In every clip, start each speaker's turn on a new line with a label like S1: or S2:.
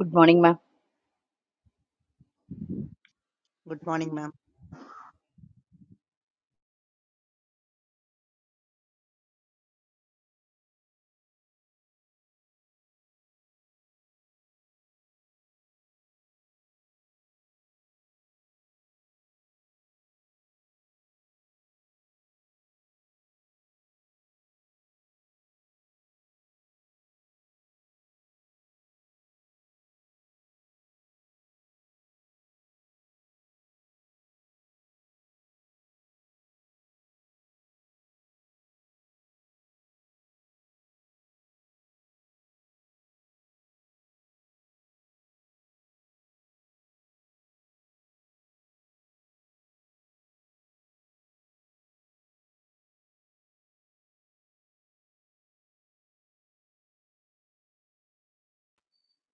S1: Good morning ma'am
S2: good morning ma'am.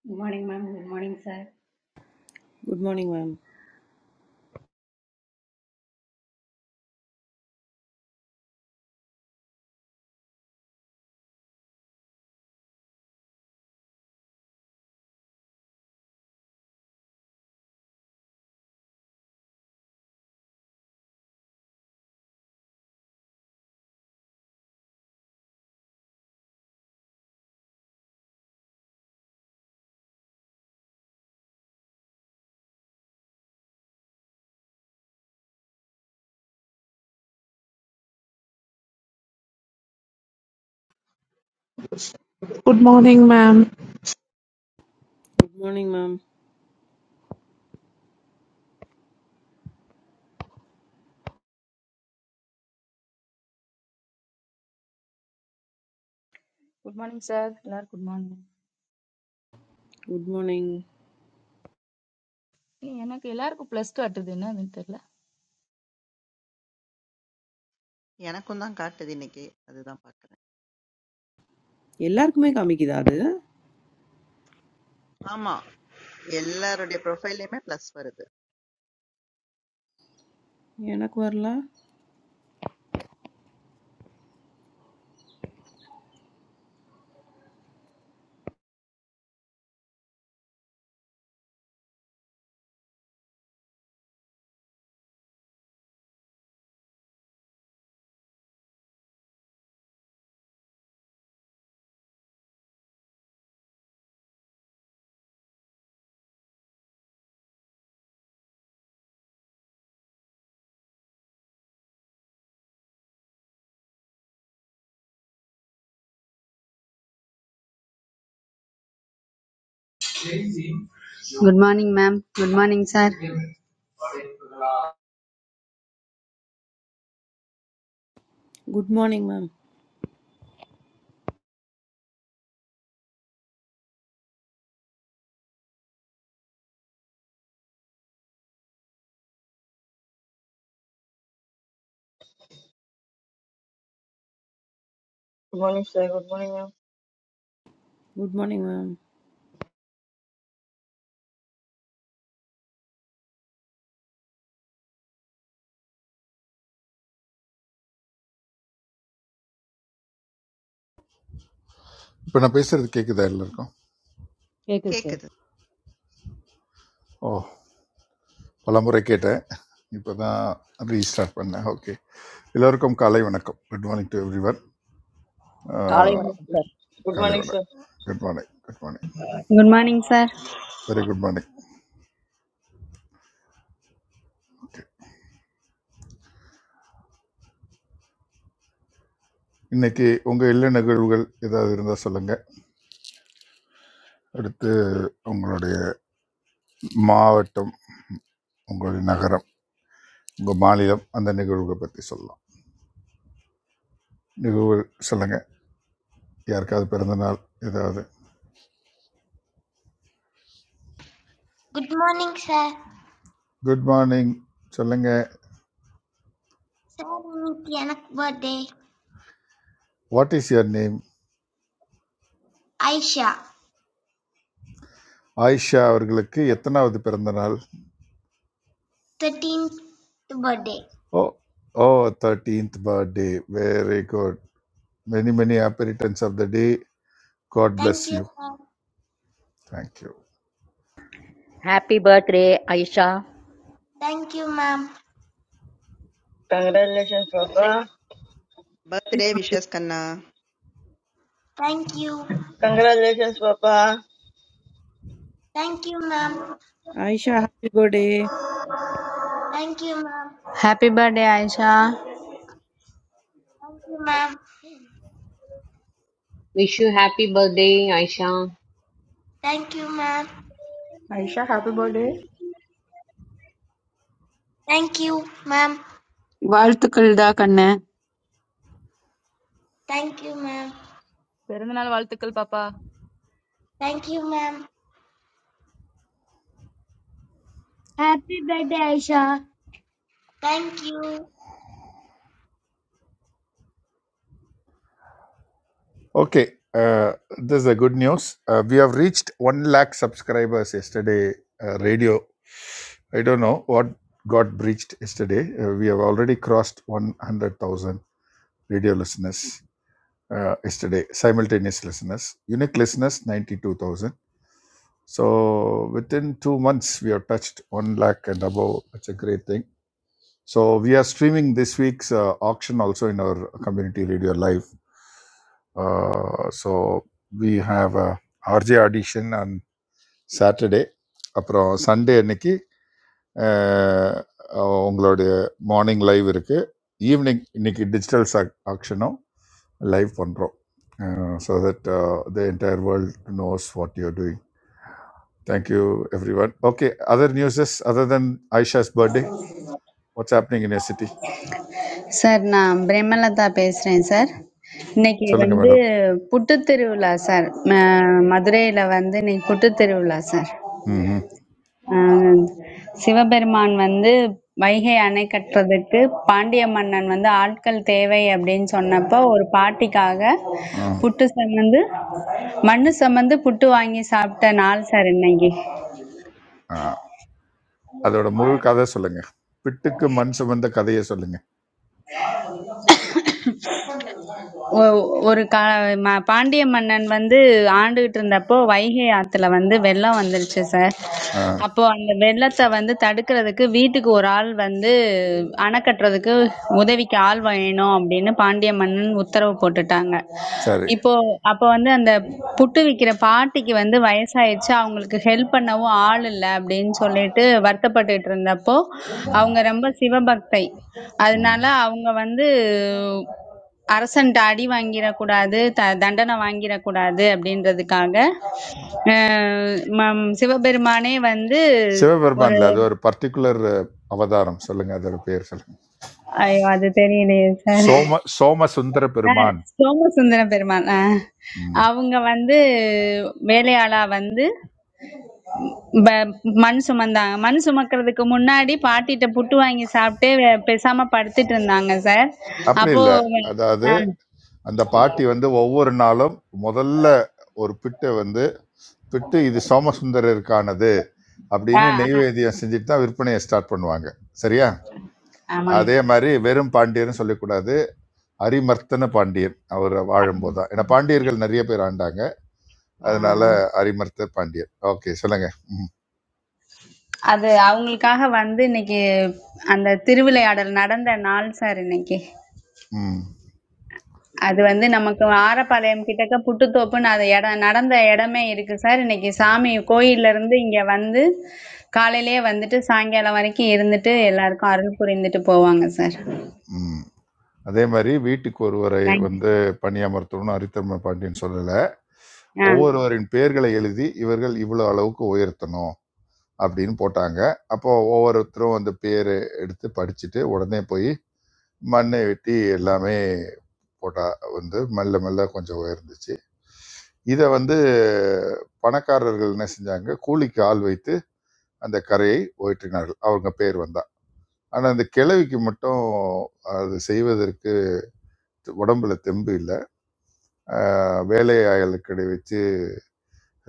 S3: Good morning, ma'am. Good morning, sir.
S4: Good morning, ma'am.
S5: Good morning, ma'am.
S4: Good morning, ma'am.
S6: Good morning sir எல்லாரும் good morning
S4: Good morning.
S6: எனக்கு எல்லாருக்கும் plus two அட்டுது என்னன்னு தெரியல
S2: எனக்கும் தான் காட்டுது இன்னைக்கு. அதுதான் பார்க்கிறேன்.
S4: ये लार्क में कामिकी दादे जा?
S2: ஆமா. எல்லாருடைய ப்ரொஃபைல்லயுமே ப்ளஸ் வருது.
S4: ये ना कुवरला.
S7: Good morning ma'am good morning sir
S4: Good morning, ma'am.
S8: Good morning, sir. Good morning, ma'am.
S4: Good morning, ma'am.
S9: இப்போ நான் பேசுறது கேட்குதா எல்லாருக்கும்
S10: Exactly.
S2: கேக்குது.
S9: ஓ பலமுறை கேட்டேன் இப்போ தான் ரீஸ்டார்ட் பண்ணேன் ஓகே எல்லோருக்கும் காலை வணக்கம் good morning to everyone
S1: காலை
S8: Good morning, sir. Good
S9: காலை
S8: morning, sir.
S9: வணக்கம் good morning good morning
S7: good morning sir
S9: very good morning okay இன்னைக்கு உங்கள் இல்ல நிகழ்வுகள் ஏதாவது இருந்தால் சொல்லுங்கள் அடுத்து உங்களுடைய மாவட்டம் உங்களுடைய நகரம் உங்கள் மாநிலம் அந்த நிகழ்வுகளை பற்றி சொல்லலாம் நிகழ்வுகள் சொல்லுங்கள் யாருக்காவது பிறந்த நாள் ஏதாவது
S11: Good morning, sir.
S9: Good morning சொல்லுங்கள்
S11: Sir, இன்னைக்கு எனக்கு birthday.
S9: What is your name
S11: Aisha,
S9: Aisha, orglakki, how many days?
S11: 13th birthday.
S9: Oh, oh, thirteenth birthday. Very good. Many, many happy events of the day. God
S11: Thank
S9: bless
S11: you,
S9: you.
S11: sir.
S9: Thank you.
S1: Happy birthday Aisha
S11: Thank you, ma'am.
S8: Congratulations, Papa.
S2: Birthday wishes கண்ணா.
S11: Thank you.
S8: Congratulations, Papa.
S11: Thank you, ma'am.
S4: Aisha happy birthday.
S11: Thank you, ma'am.
S7: Happy birthday Aisha
S11: Thank you, ma'am.
S12: Wish you happy birthday, Aisha.
S11: Thank you, ma'am.
S13: Aisha happy birthday
S11: Thank you, ma'am.
S14: World Kalda Kannae.
S11: Thank you, ma'am.
S6: பிறந்தநாள் வாழ்த்துக்கள் பாப்பா
S11: Thank you, ma'am.
S15: Happy birthday, Aisha.
S11: Thank you.
S9: Okay, uh, this is a good news. Uh, We have reached one lakh subscribers yesterday. Uh, Radio. I don't know what got breached yesterday. Uh, We have already crossed one hundred thousand radio listeners uh, yesterday. Simultaneous listeners, unique listeners, ninety-two thousand. So within two months, we have touched one lakh and above. It's a great thing. So we are streaming this week's uh, auction also in our community radio live. Uh, so we have a RJ audition on Saturday. அப்புறம் Sunday அன்னைக்கு அஹ், அஹ், உங்களுடைய morning live இருக்கு evening இன்னைக்கு digital ஆக்ஷனும் live பண்றோம் so that the entire world knows what you are doing Thank you, everyone. Okay, other news is other than Aisha's birthday, what's happening in your city?
S7: சார் நான் பிரேமலதா பேசுகிறேன் sir இன்னைக்கு
S9: சொல்லுங்க
S7: வந்து
S9: madam
S7: புட்டு திருவிழா சார் மதுரையில் வந்து இன்னைக்கு புட்டு திருவிழா சார்
S9: ம்
S7: அஹ், சிவபெருமான் வந்து வைகை அணை கட்டுறதுக்கு பாண்டிய மன்னன் வந்து ஆட்கள் தேவை அப்படின்னு சொன்னப்போ ஒரு பாட்டிக்காக புட்டு சமந்து மண்ணு சமந்து புட்டு வாங்கி சாப்பிட்ட நாள் சார் இன்னைக்கு
S9: அதோட முழு கதை சொல்லுங்க பிட்டுக்கு மண் சுமந்த கதையை சொல்லுங்க
S7: ஒ- ஒரு கா ம- பாண்டிய மன்னன் வந்து ஆண்டுகிட்டு இருந்தப்போ வைகை ஆத்துல வந்து வெள்ளம் வந்துருச்சு சார்
S9: ஆ,
S7: அப்போ அந்த வெள்ளத்தை வந்து தடுக்கிறதுக்கு வீட்டுக்கு ஒரு ஆள் வந்து அணை கட்டுறதுக்கு உதவிக்கு ஆள் வேணும் அப்படின்னு பாண்டிய மன்னன் உத்தரவு போட்டுட்டாங்க
S9: சரி
S7: இப்போ அப்போ வந்து அந்த புட்டு விற்கிற பாட்டிக்கு வந்து வயசாயிடுச்சு அவங்களுக்கு ஹெல்ப் பண்ணவும் ஆள் இல்லை அப்படின்னு சொல்லிட்டு வருத்தப்பட்டுட்டு இருந்தப்போ
S9: ம்,
S7: அவங்க ரொம்ப சிவபக்தை
S9: ம்.
S7: அதனால அவங்க வந்து அரசன்ட்ட அடி வாங்கிடக்கூடாது த தண்டனை வாங்கிடக்கூடாது அப்படின்றதுக்காக அஹ் மம் சிவபெருமானே வந்து ஒரு
S9: சிவபெருமான்ல அது ஒரு பர்டிகுலர் அவதாரம் சொல்லுங்க அதோட பேர் சொல்லுங்க
S7: ஐயோ அது தெரியலையே சார்
S9: சோம சோம சுந்தர பெருமான்
S7: சோமசுந்தர பெருமான் அஹ்
S9: ம்.
S7: அவங்க வந்து வேலையாளா வந்து ப- மண் சுமந்தாங்க மண் சுமக்கிறதுக்கு முன்னாடி பாட்டிட்ட புட்டு வாங்கி சாப்பிட்டு வே- பேசாம படுத்துட்டு இருந்தாங்க சார்
S9: அப்படி
S7: அப்போ
S9: இல்லை அதாவது
S7: அஹ்,
S9: அந்த பாட்டி வந்து ஒவ்வொரு நாளும் முதல்ல ஒரு பிட்டை வந்து விட்டு இது சோமசுந்தரருக்கானது அப்படின்னு
S7: அஹ், அஹ்,
S9: நெய்வேத்தியம் செஞ்சுட்டு தான் விற்பனையை ஸ்டார்ட் பண்ணுவாங்க சரியா அதே
S7: ஆமாங்க
S9: மாதிரி வெறும் பாண்டியர்னு சொல்லக்கூடாது அரிமர்த்தன பாண்டியர் அவர் வாழும்போது தான் ஏன்னா பாண்டியர்கள் நிறைய பேர் ஆண்டாங்க அதனால அரிமர்த்த பாண்டியர் ஓகே சொல்லுங்க ம்,
S7: அது அவங்களுக்காக வந்து இன்னைக்கு அந்த திருவிளையாடல் நடந்த நாள் சார் இன்னைக்கு
S9: ம்,
S7: அது வந்து நமக்கு ஆரப்பாளையம் கிட்டக்க புட்டுத்தோப்புன்னு அது இடம் நடந்த இடமே இருக்கு சார் இன்னைக்கு சாமி கோயில்ல இருந்து இங்க வந்து காலையிலேயே வந்துட்டு சாயங்காலம் வரைக்கும் இருந்துட்டு எல்லாருக்கும் அருள் புரிந்துட்டு போவாங்க சார்
S9: ம். அதே மாதிரி வீட்டுக்கு ஒருவரை
S7: தேங்க்யூ
S9: வந்து பணியமர்த்தணும்னு அரித்தர்ம பாண்டியன் சொல்லலை
S7: ஆ
S9: ஒவ்வொருவரின் பெயர்களை எழுதி இவர்கள் இவ்வளோ அளவுக்கு உயர்த்தணும் அப்படின்னு போட்டாங்க அப்போது ஒவ்வொருத்தரும் அந்த பேர் எடுத்து படிச்சுட்டு உடனே போய் மண்ணை வெட்டி எல்லாமே போட்டால் வந்து மெல்ல மெல்ல கொஞ்சம் உயர்ந்துச்சு இதை வந்து பணக்காரர்கள் என்ன செஞ்சாங்க கூலிக்கு ஆள் வைத்து அந்த கரையை ஓயிற்றினார்கள் அவங்க பேர் வந்தா ஆனால் அந்த கிழவிக்கு மட்டும் அது செய்வதற்கு உடம்புல தெம்பு இல்லை வேலையாளர்களை வச்சு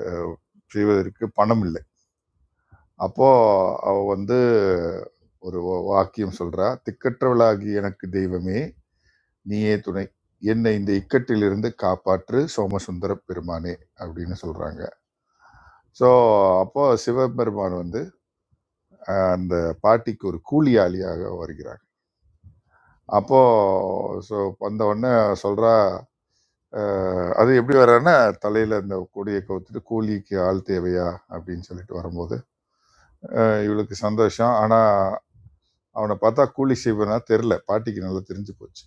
S9: அஹ், செய்வதற்கு பணம் இல்லை அப்போ அவ வந்து ஒரு வா- வாக்கியம் சொல்றா திக்கற்றவளாகி எனக்கு தெய்வமே நீயே துணை என்னை இந்த இக்கட்டிலிருந்து காப்பாற்று சோமசுந்தர பெருமானே அப்படின்னு சொல்றாங்க ஸோ அப்போ சிவபெருமான் வந்து அஹ், அந்த பாட்டிக்கு ஒரு கூலியாளியாக வருகிறார் அப்போ ஸோ வந்த உடனே சொல்றா அஹ், அது எப்படி வர்றாருன்னா தலையில அந்த கொடியை கவுத்துட்டு கூலிக்கு ஆள் தேவையா அப்படின்னு சொல்லிட்டு வரும்போது அஹ், இவளுக்கு சந்தோஷம் ஆனா அவனை பார்த்தா கூலி சீவனா தெரில பாட்டிக்கு நல்லா தெரிஞ்சு போச்சு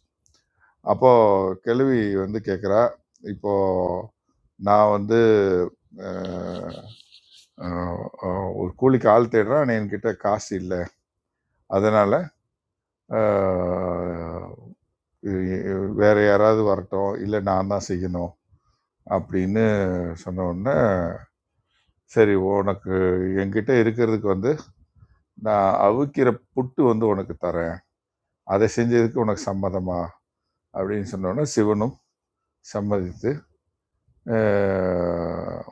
S9: அப்போ கேள்வி வந்து கேட்குறா இப்போ நான் வந்து அஹ், அஹ், அஹ், ஒரு கூலிக்கு ஆள் தேடுறேன் ஆனால் என்கிட்ட காசு இல்லை அதனால அஹ், இ- வேற யாராவது வரட்டும் இல்லை நான் தான் செய்யணும் அப்படின்னு சொன்ன உடனே சரி உனக்கு என்கிட்ட இருக்கிறதுக்கு வந்து நான் அவிக்கிற புட்டு வந்து உனக்கு தரேன் அதை செஞ்சதுக்கு உனக்கு சம்மதமா அப்படின்னு சொன்னோன்னே சிவனும் சம்மதித்து அஹ்,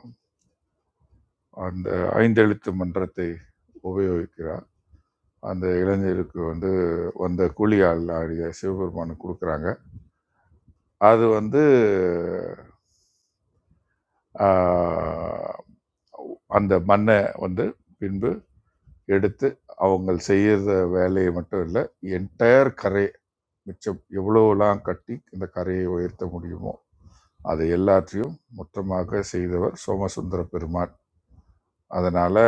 S9: அந்த ஐந்தெழுத்து மன்றத்தை உபயோகிக்கிறார் அந்த இளைஞருக்கு வந்து வந்த கூலியால் ஆடிய சிவபெருமானுக்கு கொடுக்குறாங்க அது வந்து அஹ், அந்த மண்ணை வந்து பின்பு எடுத்து அவங்க செய்யற வேலையை மட்டும் இல்லை என்டையர் கரை மிச்சம் எவ்வளோலாம் கட்டி இந்த கரையை உயர்த்த முடியுமோ அதை எல்லாற்றையும் மொத்தமாக செய்தவர் சோமசுந்தர பெருமான் அதனால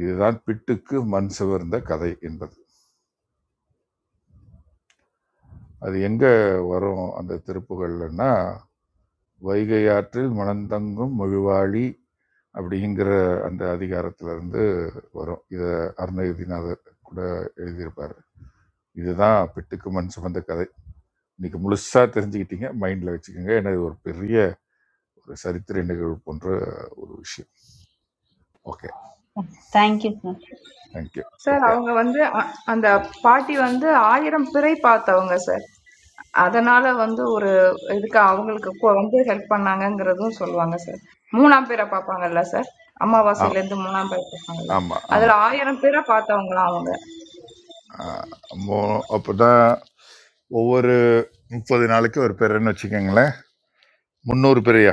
S9: இதுதான் பிட்டுக்கு மண் சிவர்ந்த கதை என்பது அது எங்க வரும் அந்த திருப்புகள்னா வைகை ஆற்றில் மணந்தங்கும் மொழிவாளி அப்படிங்கிற அந்த அதிகாரத்திலிருந்து வரும் இதை அருணகிரிநாதர் கூட எழுதியிருப்பார் இதுதான் பிட்டுக்கு மண் சுமந்த கதை இன்னைக்கு முழுசா தெரிஞ்சுக்கிட்டீங்க மைண்ட்ல வச்சுக்கோங்க ஏன்னா இது ஒரு பெரிய ஒரு சரித்திர நிகழ்வு போன்ற ஒரு விஷயம் okay
S7: thank you sir
S9: thank you
S13: sir
S9: okay
S13: அவங்க வ- பாட்டி வந்து ஆயிரம் பிறை பார்த்தவங்க சார் அதனால வந்து ஒரு இதுக்கு அவங்களுக்கு கு- வந்து ஹெல்ப் பண்ணாங்கங்கிறதும் சொல்லுவாங்க சார் மூணாம் பிறை பார்ப்பாங்கல்ல சார்
S9: ஆ
S13: அமாவாசையில இருந்து மூணாம் பிறை பார்ப்பாங்கல்ல
S9: ஆமாம்
S13: அதுல
S9: ஆமாம்
S13: ஆயிரம் பிறை பார்த்தவங்களாம் அவங்க
S9: அப்போ தான் ஒவ்வொரு முப்பது நாளைக்கு ஒரு பெருன்னு வச்சுக்கோங்களேன் முந்நூறு பெரியா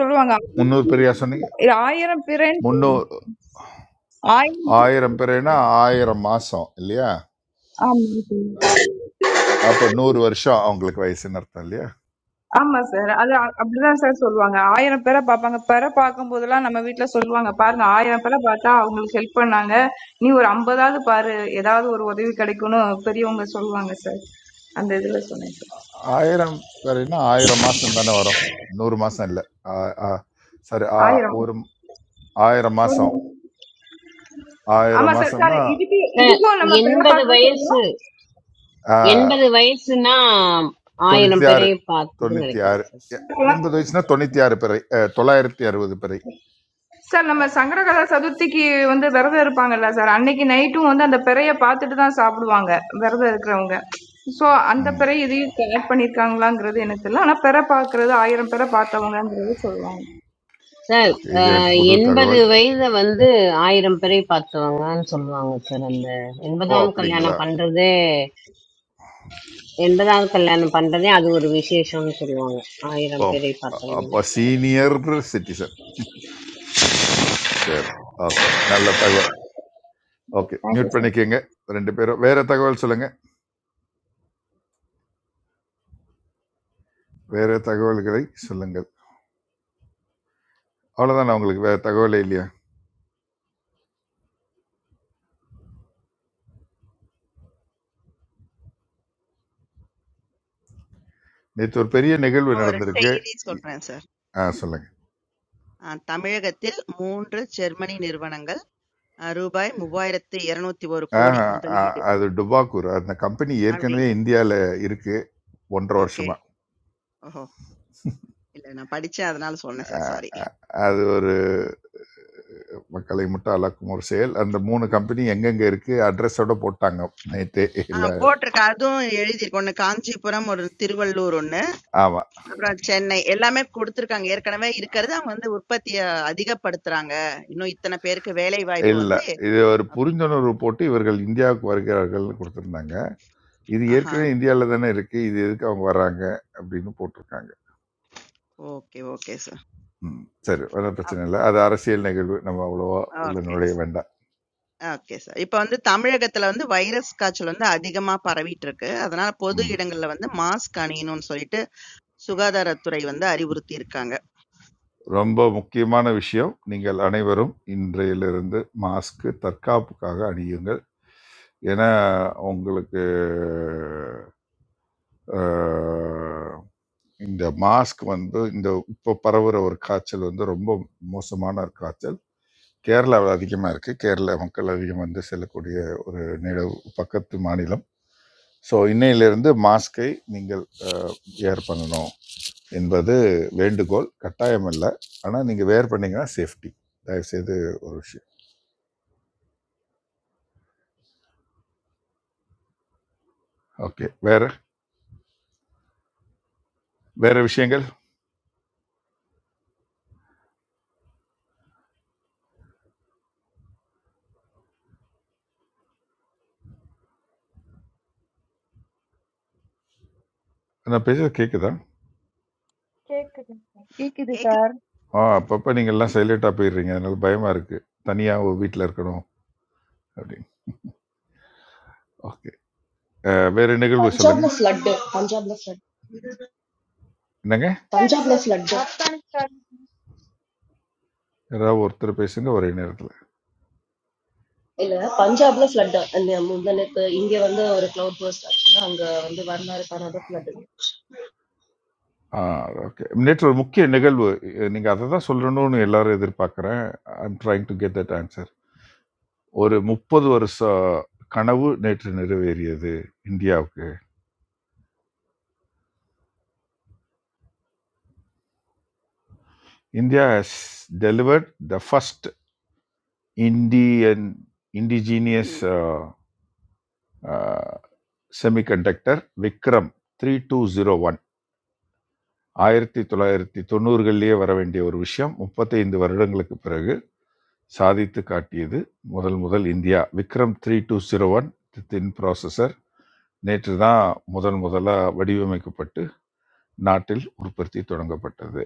S13: சொல்லுவாங்க
S9: முந்நூறு பெரியா சொன்னீங்க
S13: இது ஆயிரம் பிறைன்னு
S9: முந்நூறு
S13: ஆயிரம்
S9: ஆயிரம் பெரியனா ஆயிரம் மாதம் இல்லையா அப்போ நூறு வருஷம் அவங்களுக்கு வயசுன்னு அர்த்தம் இல்லையா
S13: ஆமா சார் அது அ- அப்படிதான் சார் சொல்லுவாங்க ஆயிரம் பேரை பார்ப்பாங்க பேரை பார்க்கும் போதெல்லாம் நம்ம வீட்ல சொல்லுவாங்க பாருங்க ஆயிரம் பேரை பார்த்தா அவங்களுக்கு ஹெல்ப் பண்ணாங்க நீ ஒரு ஐம்பதாவது பாரு ஏதாவது ஒரு உதவி கிடைக்கும்னு பெரியவங்க சொல்லுவாங்க சார் அந்த இதுல சொன்னேன் சார்
S9: ஆயிரம் பெரியனா ஆயிரம் மாதம் தானே வரும் நூறு மாதம் இல்லை சாரி ஆ-
S13: ஆயிரம்
S9: ஒரு ஆயிரம் மாதம்
S13: ஆமா
S9: ஆயிரம்
S13: சார் சார்
S9: மாதம்னா
S13: இதுக்கு
S12: Sir,
S13: இதுக்கும் நம்ம
S12: when
S13: பேரை பார்க்க
S12: was
S13: சொல்லுவோம்
S12: when was Iram
S9: தொண்ணூற்றி ஆறு
S12: peray patto that I
S9: தொண்ணூற்றி
S12: like it.
S9: ஆறு எ- எண்பது வயசுனா தொண்ணூற்றி ஆறு பிறை அஹ், தொள்ளாயிரத்தி அறுபது பிறை
S13: சார் நம்ம சங்கடகர சதுர்த்திக்கு வந்து விரதம் இருப்பாங்கல்ல சார் அன்னைக்கு நைட்டும் வந்து அந்த பிறைய பார்த்துட்டு தான் சாப்பிடுவாங்க விரதம் இருக்கிறவங்க ஸோ அந்த
S9: ம்
S13: பிறை இதையும் கனெக்ட் பண்ணியிருக்காங்களாங்கிறது எனக்கு தெரியல ஆனால் பிறை பார்க்கறது ஆயிரம் பிறை பார்த்தவங்கங்கிறது சொல்லுவாங்க
S12: Sir,
S9: ஓகே இது எனக்கு புது
S12: when
S9: தகவல்
S12: was Iram peray patto? Angan, I am saying that when
S9: oh
S12: I am
S9: அப்படிங்களா
S12: carrying, when I am carrying, I do a thing. I am saying that Iram
S9: okay
S12: peray patto.
S9: அப்போ senior citizen சரி okay நல்ல தகவல் okay
S13: thank you
S9: mute பண்ணிக்கோங்க ரெண்டு பேரும் வேற தகவல் சொல்லுங்க வேற தகவல்களை சொல்லுங்கள் அவ்வளோதான் உங்களுக்கு வேற தகவலே இல்லையா நேற்று ஒரு பெரிய நிகழ்வு
S2: நான் ஒரு
S9: நடந்திருக்கு
S2: செய்தி சொல்றேன் சார்.
S9: ஆ சொல்லுங்க
S2: அ, தமிழகத்தில் 3 ஜெர்மனி நிறுவனங்கள் அ, ரூபாய் 3201
S9: ஆ
S2: கோடி
S9: ஆ,
S2: முதலீடு
S9: அது டுபாக்கூர் அந்த கம்பெனி ஏற்கனவே
S2: அப்படிங்க.
S9: இந்தியாவில் இருக்கு ஒன்றரை
S2: ஓகே.
S9: வருஷமா
S2: ஓஹோ. இல்ல நான் படிச்சேன் அதனால சொன்னேன்
S9: ஆ,
S2: சார். சாரி.
S9: ஆ, அது ஒரு மக்களை முட்டாளாக்கும் ஒரு செயல் அந்த மூணு கம்பெனி எங்கெங்க இருக்கு அட்ரஸோட போட்டாங்க நேற்று
S2: ஆ
S9: இல்லை
S2: போட்டிருக்கு. அதுவும் எழுதியிருக்கு. ஒண்ணு காஞ்சிபுரம், ஒரு திருவள்ளூர்
S9: ஆமாம்.
S2: அப்புறம் சென்னை எல்லாமே குடுத்திருக்காங்க. ஏற்கனவே இருக்கிறது. அவங்க வந்து உற்பத்திய அதிகப்படுத்துறாங்க. இன்னும் இத்தன பேருக்கு வேலை வாய்ப்பு
S9: இல்ல.
S2: வந்து
S9: இது ஒரு
S2: அப்படின்னு.
S9: புரிந்துணர்வு போட்டு இவர்கள் இந்தியாவுக்கு வருகிறார்கள்ன்னு குடுத்திருந்தாங்க. இது
S2: ஆஹா!
S9: ஏற்கனவே இந்தியால தானே இருக்கு. இது எதுக்கு அவங்க வர்றாங்க? அப்படின்னு போட்டிருக்காங்க.
S2: Okay, okay sir.
S9: ம். சரி. ஒண்ணும்
S2: அப்
S9: பிரச்சனை இல்ல. அது அரசியல் நிகழ்வு. நம்ம அவ்வளவா உள்ள
S2: ஓகே
S9: நுழைய
S2: சார்.
S9: வேண்டாம்.
S2: Okay sir. இப்ப வந்து தமிழகத்துல வந்து வைரஸ் காய்ச்சல் வந்து அதிகமா பரவிட்டுருக்கு. அதனால பொது
S9: ம்.
S2: இடங்கள்ல வந்து மாஸ்க் அணியணும்னு சொல்லிட்டு சுகாதாரத்துறை வந்து அறிவுறுத்தியிருக்காங்க.
S9: ரொம்ப முக்கியமான விஷயம். நீங்கள் அனைவரும் இன்றையிலிருந்து மாஸ்க் தற்காப்புக்காக அணியுங்கள். ஏன்னா உங்களுக்கு அ இந்த மாஸ்க் வந்து இந்த இப்ப பரவுற ஒரு காய்ச்சல் வந்து ரொம்ப மோசமான ஒரு காய்ச்சல். கேரளாவில் அதிகமாக இருக்குது கேரள மக்கள் அதிகம் வந்து செல்லக்கூடிய ஒரு நிலவு பக்கத்து மாநிலம் ஸோ இன்னையிலிருந்து மாஸ்கை நீங்கள் அஹ், வேர் பண்ணணும் என்பது வேண்டுகோள் கட்டாயம் இல்லை ஆனால் நீங்கள் வேர் பண்ணீங்கன்னா சேஃப்டி தயவுசெய்து ஒரு விஷயம் ஓகே வேற வேற விஷயங்கள் நான் பேசுறது கேட்குதா
S15: கேக்குது
S6: கேக்குது
S2: கேக்குது.
S6: சார்
S9: ஆ அப்பப்போ நீங்கள்லாம் சைலண்ட்டாக போயிடுறீங்க அதனால பயமாக இருக்குது தனியாக வீட்டில் இருக்கணும் அப்படின்னு ஓகே வேறு நிகழ்வு
S16: Punjabla
S9: சொல்லுங்கள்
S16: flood. Punjabla flood.
S9: என்னங்க
S16: Punjabla
S15: ஆப்கானிஸ்தான்
S16: flood.
S15: ஆப்கானிஸ்தான்
S9: யாராவது ஒருத்தர் பேசுங்க ஒரே நேரத்தில்
S16: इलायह Punjabla flood. अन्यथा मुद्दा नेत इंगे वंदे औरे cloud burst ना उनका वंदे वार्नारे पारादा flood.
S9: ஆ ஓகே. நேற்று ஒரு முக்கிய நிகழ்வு. இ- நீங்க அத தான் சொல்லணும்னு எல்லாரும் எதிர்பார்க்கிறேன். I am trying to get that answer. ஒரு 30 வருஷ கனவு நேற்று நிறைவேறியது இந்தியாவுக்கு. India has delivered the first Indian indigenous uh uh semiconductor Vikram 3201. 1990கள்லயே வர வேண்டிய ஒரு விஷயம். 35 வருடங்களுக்கு பிறகு சாதித்து காட்டியது முதல் முதல் India Vikram three two zero one thin processor நேற்று தான் முதல் முதலாக வடிவமைக்கப்பட்டு நாட்டில் உற்பத்தி தொடங்கப்பட்டது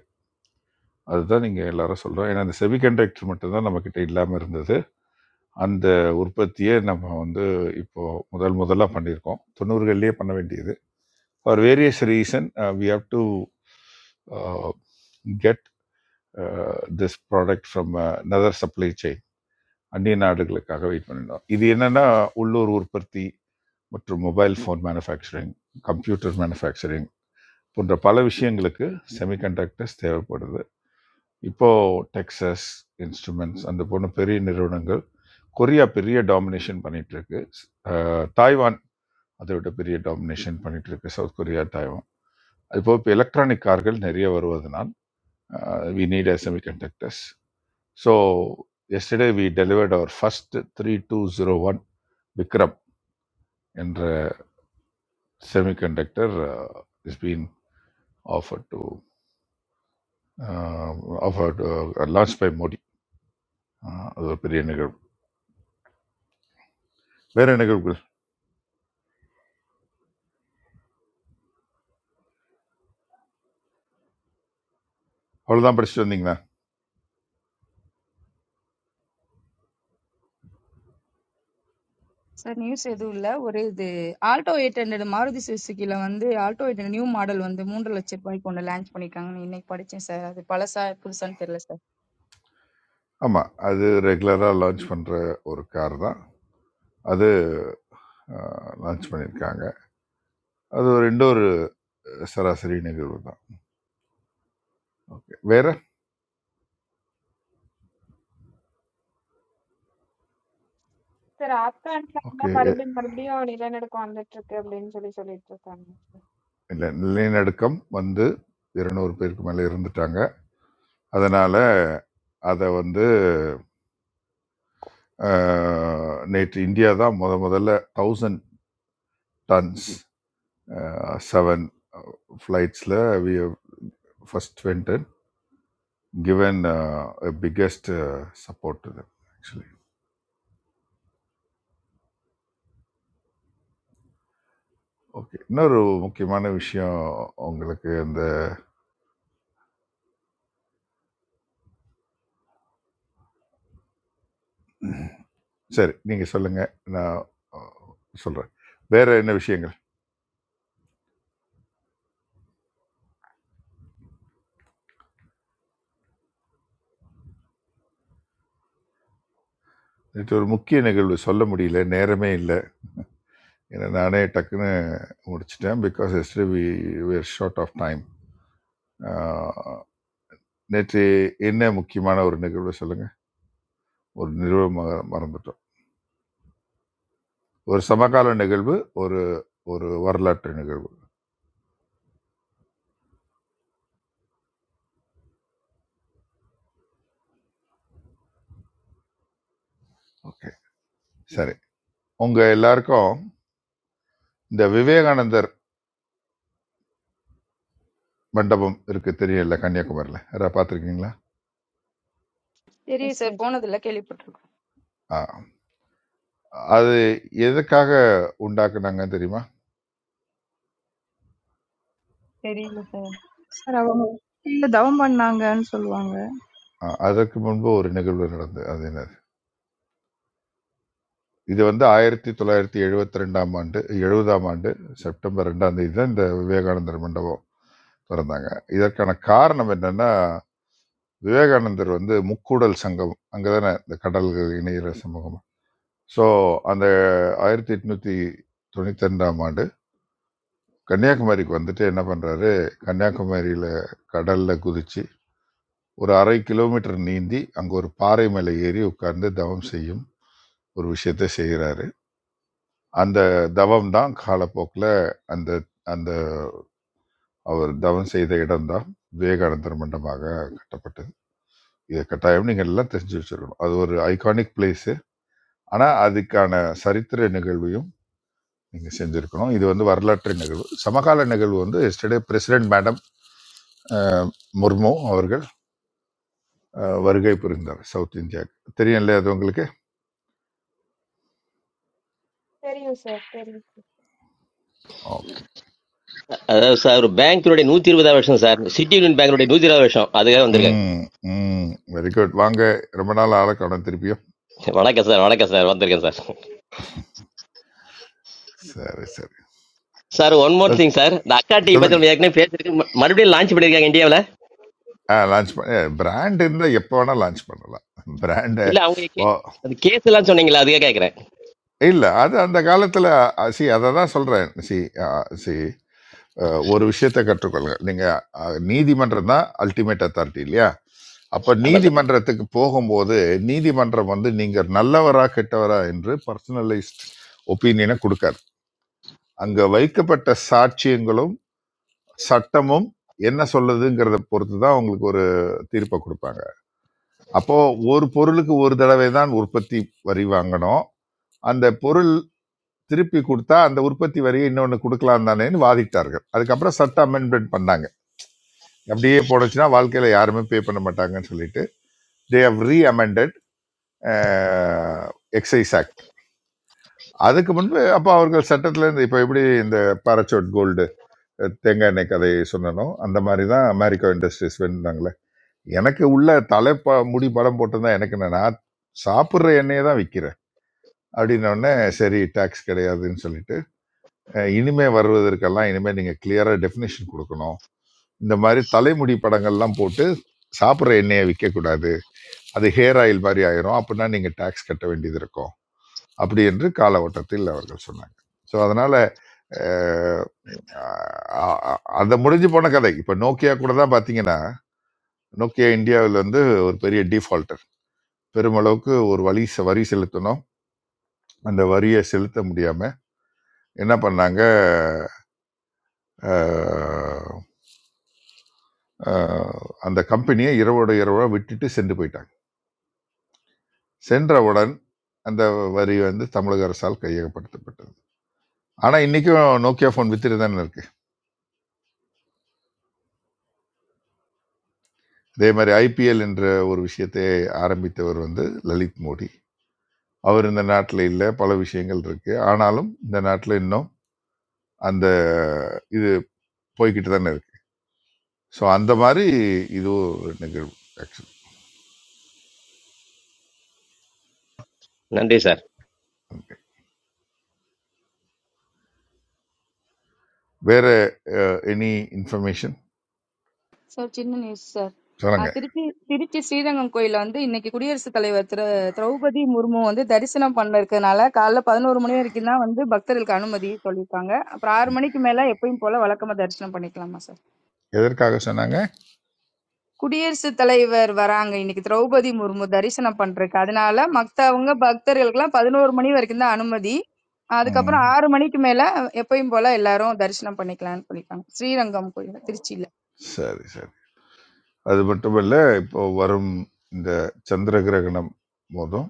S9: அதுதான் நீங்கள் எல்லாரும் சொல்கிறோம் ஏன்னா அந்த செமிகண்டக்டர் மட்டும்தான் நம்மக்கிட்ட இல்லாமல் இருந்தது அந்த உற்பத்தியை நம்ம வந்து இப்போ முதல் முதலாக பண்ணியிருக்கோம் தொண்ணூறுகள்லேயே பண்ண வேண்டியது for various reason we have to get this product from another supply chain அந்நிய நாடுகளுக்காக வெயிட் பண்ணிட்டோம் இது என்னன்னா உள்ளூர் உற்பத்தி மற்றும் mobile phone manufacturing computer manufacturing போன்ற பல விஷயங்களுக்கு செமிகண்டக்டர்ஸ் தேவைப்படுது இப்போ டெக்ஸஸ் இன்ஸ்ட்ருமெண்ட்ஸ் அந்த போன்ற பெரிய நிறுவனங்கள் கொரியா பெரிய டாமினேஷன் பண்ணிட்டு இருக்கு அஹ், தாய்வான் அதை விட பெரிய டாமினேஷன் பண்ணிட்டு இருக்கு சவுத் கொரியா தாய்வான் அதுபோல் இப்போ எலக்ட்ரானிக் கார்கள் நிறைய வருவதனால் we need semiconductors So, yesterday we delivered our first 3201 Vikram and semiconductor uh, is being offered to uh, offered uh, launched by Modi. Uh, அது ஒரு பெரிய நிகழ்வு வேற என்ன நிகழ்வுகள் அவ்வளோதான் படிச்சுட்டு வந்தீங்களா
S6: சார் நியூஸ் எதுவும் இல்ல ஒரு இது ஆல்டோ எயிட் ஹண்ட்ரட் மாருதி சுசுக்கில வந்து Alto eight hundred new model வந்து மூன்று லட்சம் ரூபாய்க்கு ஒன்று லான்ச் பண்ணிருக்காங்கன்னு இன்னைக்கு படிச்சேன் சார் அது பழசா புதுசான்னு தெரியல சார்
S9: ஆமாம் அது ரெகுலராக லான்ச் பண்ணுற ஒரு கார் தான் அது லான்ச் பண்ணியிருக்காங்க அது ஒரு இன்னொரு சராசரி நிகழ்வு தான் ஓகே வேற
S15: சார் ஆப்கானிஸ்தான்
S9: ஓகே
S15: தான் மறுபடியும் மறுபடியும் நிலநடுக்கம் வந்துட்டு இருக்கு அப்படின்னு சொல்லி சொல்லிட்டு இருக்காங்க sir.
S9: இல்லை நிலநடுக்கம் வந்து இருநூறு பேருக்கு மேலே இருந்துட்டாங்க அதனால அதை வந்து அஹ், நேற்று இந்தியா தான் முத முதல்ல தௌசண்ட் டன்ஸ் செவன் ஃப்ளைட்ஸில் we first went on given biggest support இது ஆக்சுவலி ஓகே இன்னொரு முக்கியமான விஷயம் உங்களுக்கு இந்த சரி நீங்கள் சொல்லுங்கள் நான் சொல்கிறேன் வேற என்ன விஷயங்கள் நேற்று ஒரு முக்கிய நிகழ்வு சொல்ல முடியல நேரமே இல்லை ஏன்னா நானே டக்குன்னு முடிச்சிட்டேன் because yesterday we were short of time நேற்று என்ன முக்கியமான ஒரு நிகழ்வு சொல்லுங்க ஒரு நிகழ்வு ம- மறந்துட்டோம் ஒரு சமகால நிகழ்வு ஒரு ஒரு வரலாற்று நிகழ்வு ஓகே சரி உங்க எல்லாருக்கும் இந்த விவேகானந்தர் மண்டபம் இருக்கு தெரியல கன்னியாகுமரியில் யாராவது பார்த்துருக்கீங்களா
S17: Yes,
S6: தெரியும்
S17: sir.
S6: சார் போனது இல்ல கேள்விப்பட்டிருக்கோம்
S9: ஆ. அது எதுக்காக உண்டாக்குனாங்கன்னு தெரியுமா
S6: தெரியல சார்.
S13: சார் அவங்க கீழே தவம் பண்ணாங்கன்னு சொல்லுவாங்க
S9: ஆ, அதற்கு முன்பு ஒரு நிகழ்வு நடந்தது அது என்ன இது வந்து ஆயிரத்தி தொள்ளாயிரத்தி எழுபத்தி ரெண்டாம் ஆண்டு எழுபதாம் ஆண்டு செப்டம்பர் ரெண்டாம் தேதி தான் இந்த விவேகானந்தர் மண்டபம் திறந்தாங்க இதற்கான காரணம் என்னன்னா விவேகானந்தர் வந்து முக்கூடல் சங்கம் அங்கதானே இந்த கடல்கள் இணையிற சமூகம் ஸோ அந்த ஆயிரத்தி எட்நூத்தி தொண்ணூத்தி ரெண்டாம் ஆண்டு கன்னியாகுமரிக்கு வந்துட்டு என்ன பண்றாரு கன்னியாகுமரியில கடல்ல குதிச்சு ஒரு அரை கிலோமீட்டர் நீந்தி அங்க ஒரு பாறை மேலே ஏறி உட்கார்ந்து தவம் செய்யும் ஒரு விஷயத்தை செய்கிறாரு அந்த தவம் தான் காலப்போக்கில் அந்த அந்த அவர் தவம் செய்த இடம்தான் விவேகானந்தர் மண்டபமாக கட்டப்பட்டது இது கட்டாயம் நீங்கள் எல்லாம் தெரிஞ்சு வச்சிருக்கணும் அது ஒரு ஐகானிக் பிளேஸு ஆனால் அதுக்கான சரித்திர நிகழ்வையும் நீங்கள் செஞ்சுருக்கணும் இது வந்து வரலாற்று நிகழ்வு சமகால நிகழ்வு வந்து எஸ்டர்டே பிரசிடென்ட் மேடம் முர்மு அவர்கள் அஹ், வருகை புரிந்தார் சவுத் இந்தியாவுக்கு தெரியல அது உங்களுக்கு
S15: தெரியும் சார் தெரியும் sir.
S9: Okay
S18: Sir, one more
S9: ம் ம் வெரி குட் வாங்க ரொம்ப நாள் ஆளை காணும் திருப்பியும் சரி சரி
S18: thing,
S9: okay
S18: sir. Dakka tea, but then
S9: சொல்லுங்க
S18: why are they fresh? Because Monday lunch, Monday, why?
S9: ஆ லான்ச் பண்ண பிராண்ட் இருந்தால் எப்போ வேணால் லான்ச் பண்ணலாம் பிராண்டு
S18: No, no, no.
S9: இப்போ
S18: The case lunch, only.
S9: இல்லை அது அந்த காலத்தில் சி அதை தான் சொல்கிறேன் சி சி ஒரு விஷயத்தை கற்றுக்கொள்ளுங்க நீங்கள் நீதிமன்றம் தான் அல்டிமேட் அத்தாரிட்டி இல்லையா அப்போ நீதிமன்றத்துக்கு போகும்போது நீதிமன்றம் வந்து நீங்கள் நல்லவரா கெட்டவரா என்று பர்சனலைஸ்ட் ஒப்பீனியனை கொடுக்காது அங்கே வைக்கப்பட்ட சாட்சியங்களும் சட்டமும் என்ன சொல்லுதுங்கிறத பொறுத்து தான் உங்களுக்கு ஒரு தீர்ப்பை கொடுப்பாங்க அப்போ ஒரு பொருளுக்கு ஒரு தடவை தான் உற்பத்தி வரி வாங்கணும் அந்த பொருள் திருப்பி கொடுத்தா அந்த உற்பத்தி வரியை இன்னொன்று கொடுக்கலாம் தானேன்னு வாதிட்டார்கள் அதுக்கப்புறம் சட்ட அமெண்ட்மெண்ட் பண்ணாங்க அப்படியே போனச்சுன்னா வாழ்க்கையில் யாருமே பே பண்ண மாட்டாங்கன்னு சொல்லிட்டு they have re amended excise act அதுக்கு முன்பு அப்போ அவர்கள் சட்டத்துல இருந்து இப்போ எப்படி இந்த பாராசூட் கோல்டு தேங்காய் எண்ணெய் கதையை சொன்னனோ அந்த மாதிரி தான் அமெரிக்கா இண்டஸ்ட்ரீஸ் வேணுனாங்களே எனக்கு உள்ள தலைப்பா முடி படம் போட்டிருந்தா எனக்கு என்னன்னா சாப்பிட்ற எண்ணெயை தான் விற்கிறேன் அப்படின்னோடனே சரி டாக்ஸ் கிடையாதுன்னு சொல்லிட்டு அஹ், இனிமே வருவதற்கெல்லாம் இனிமே நீங்கள் கிளியராக டெஃபினேஷன் கொடுக்கணும் இந்த மாதிரி தலைமுடி படங்கள்லாம் போட்டு சாப்பிட்ற எண்ணெயை விற்கக்கூடாது அது ஹேர் ஆயில் மாதிரி ஆயிரும் அப்படின்னா நீங்கள் டாக்ஸ் கட்ட வேண்டியது இருக்கும் அப்படி என்று காலகட்டத்தில் அவர்கள் சொன்னாங்க ஸோ அதனால் அந்த முடிஞ்சு போன கதை இப்போ நோக்கியா கூட தான் பார்த்தீங்கன்னா நோக்கியா இந்தியாவில் வந்து ஒரு பெரிய டிஃபால்ட்டர் பெருமளவுக்கு ஒரு வரி செ- வரி செலுத்தணும் அந்த வரியை செலுத்த முடியாமல் என்ன பண்ணாங்க அஹ், அஹ், அந்த கம்பெனியை இரவோட இரவாக விட்டுட்டு சென்று போயிட்டாங்க சென்றவுடன் அந்த வரி வந்து தமிழக அரசால் கையகப்படுத்தப்பட்டது ஆனால் இன்றைக்கும் நோக்கியா ஃபோன் வித்துட்டு தானே இருக்கு அதே மாதிரி ஐபிஎல் என்ற ஒரு விஷயத்தை ஆரம்பித்தவர் வந்து லலித் மோடி அவர் இந்த நாட்டில் இல்லை பல விஷயங்கள் இருக்கு ஆனாலும் இந்த நாட்டில் இன்னும் அந்த இது போய்கிட்டு தானே இருக்கு ஸோ அந்த மாதிரி இது ஒரு நிகழ்வு ஆக்சுவலி வேற எனி இன்ஃபர்மேஷன்
S6: சார் சின்ன நியூஸ் சார் அஹ்
S9: சொல்லுங்க
S6: திருச்சி திருச்சி ஸ்ரீரங்கம் கோயில்ல வந்து இன்னைக்கு குடியரசுத் தலைவர் திரு திரௌபதி முர்மு வந்து தரிசனம் பண்ண இருக்கறனால காலைல பதினோரு மணி வரைக்கும் தான் வந்து பக்தர்களுக்கு அனுமதி சொல்லியிருக்காங்க அப்புறம் ஆறு மணிக்கு மேல எப்பயும் போல வழக்கமா தரிசனம் பண்ணிக்கலாமா சார்
S9: எதற்காக
S6: குடியரசுத் தலைவர் வராங்க இன்னைக்கு திரௌபதி முர்மு தரிசனம் பண்றதுக்கு அதனால மத்தவங்க பக்தர்களுக்கெல்லாம் பதினோரு மணி வரைக்கும் தான் அனுமதி அதுக்கப்புறம்
S9: சொன்னாங்க
S6: ஆறு மணிக்கு மேல எப்பயும் போல எல்லாரும் தரிசனம் பண்ணிக்கலாம்னு சொல்லியிருக்காங்க ஸ்ரீரங்கம் கோயில் திருச்சியில
S9: சரி, சரி. அது மட்டுமல்ல, இப்போ வரும் இந்த சந்திர கிரகணம் போதும்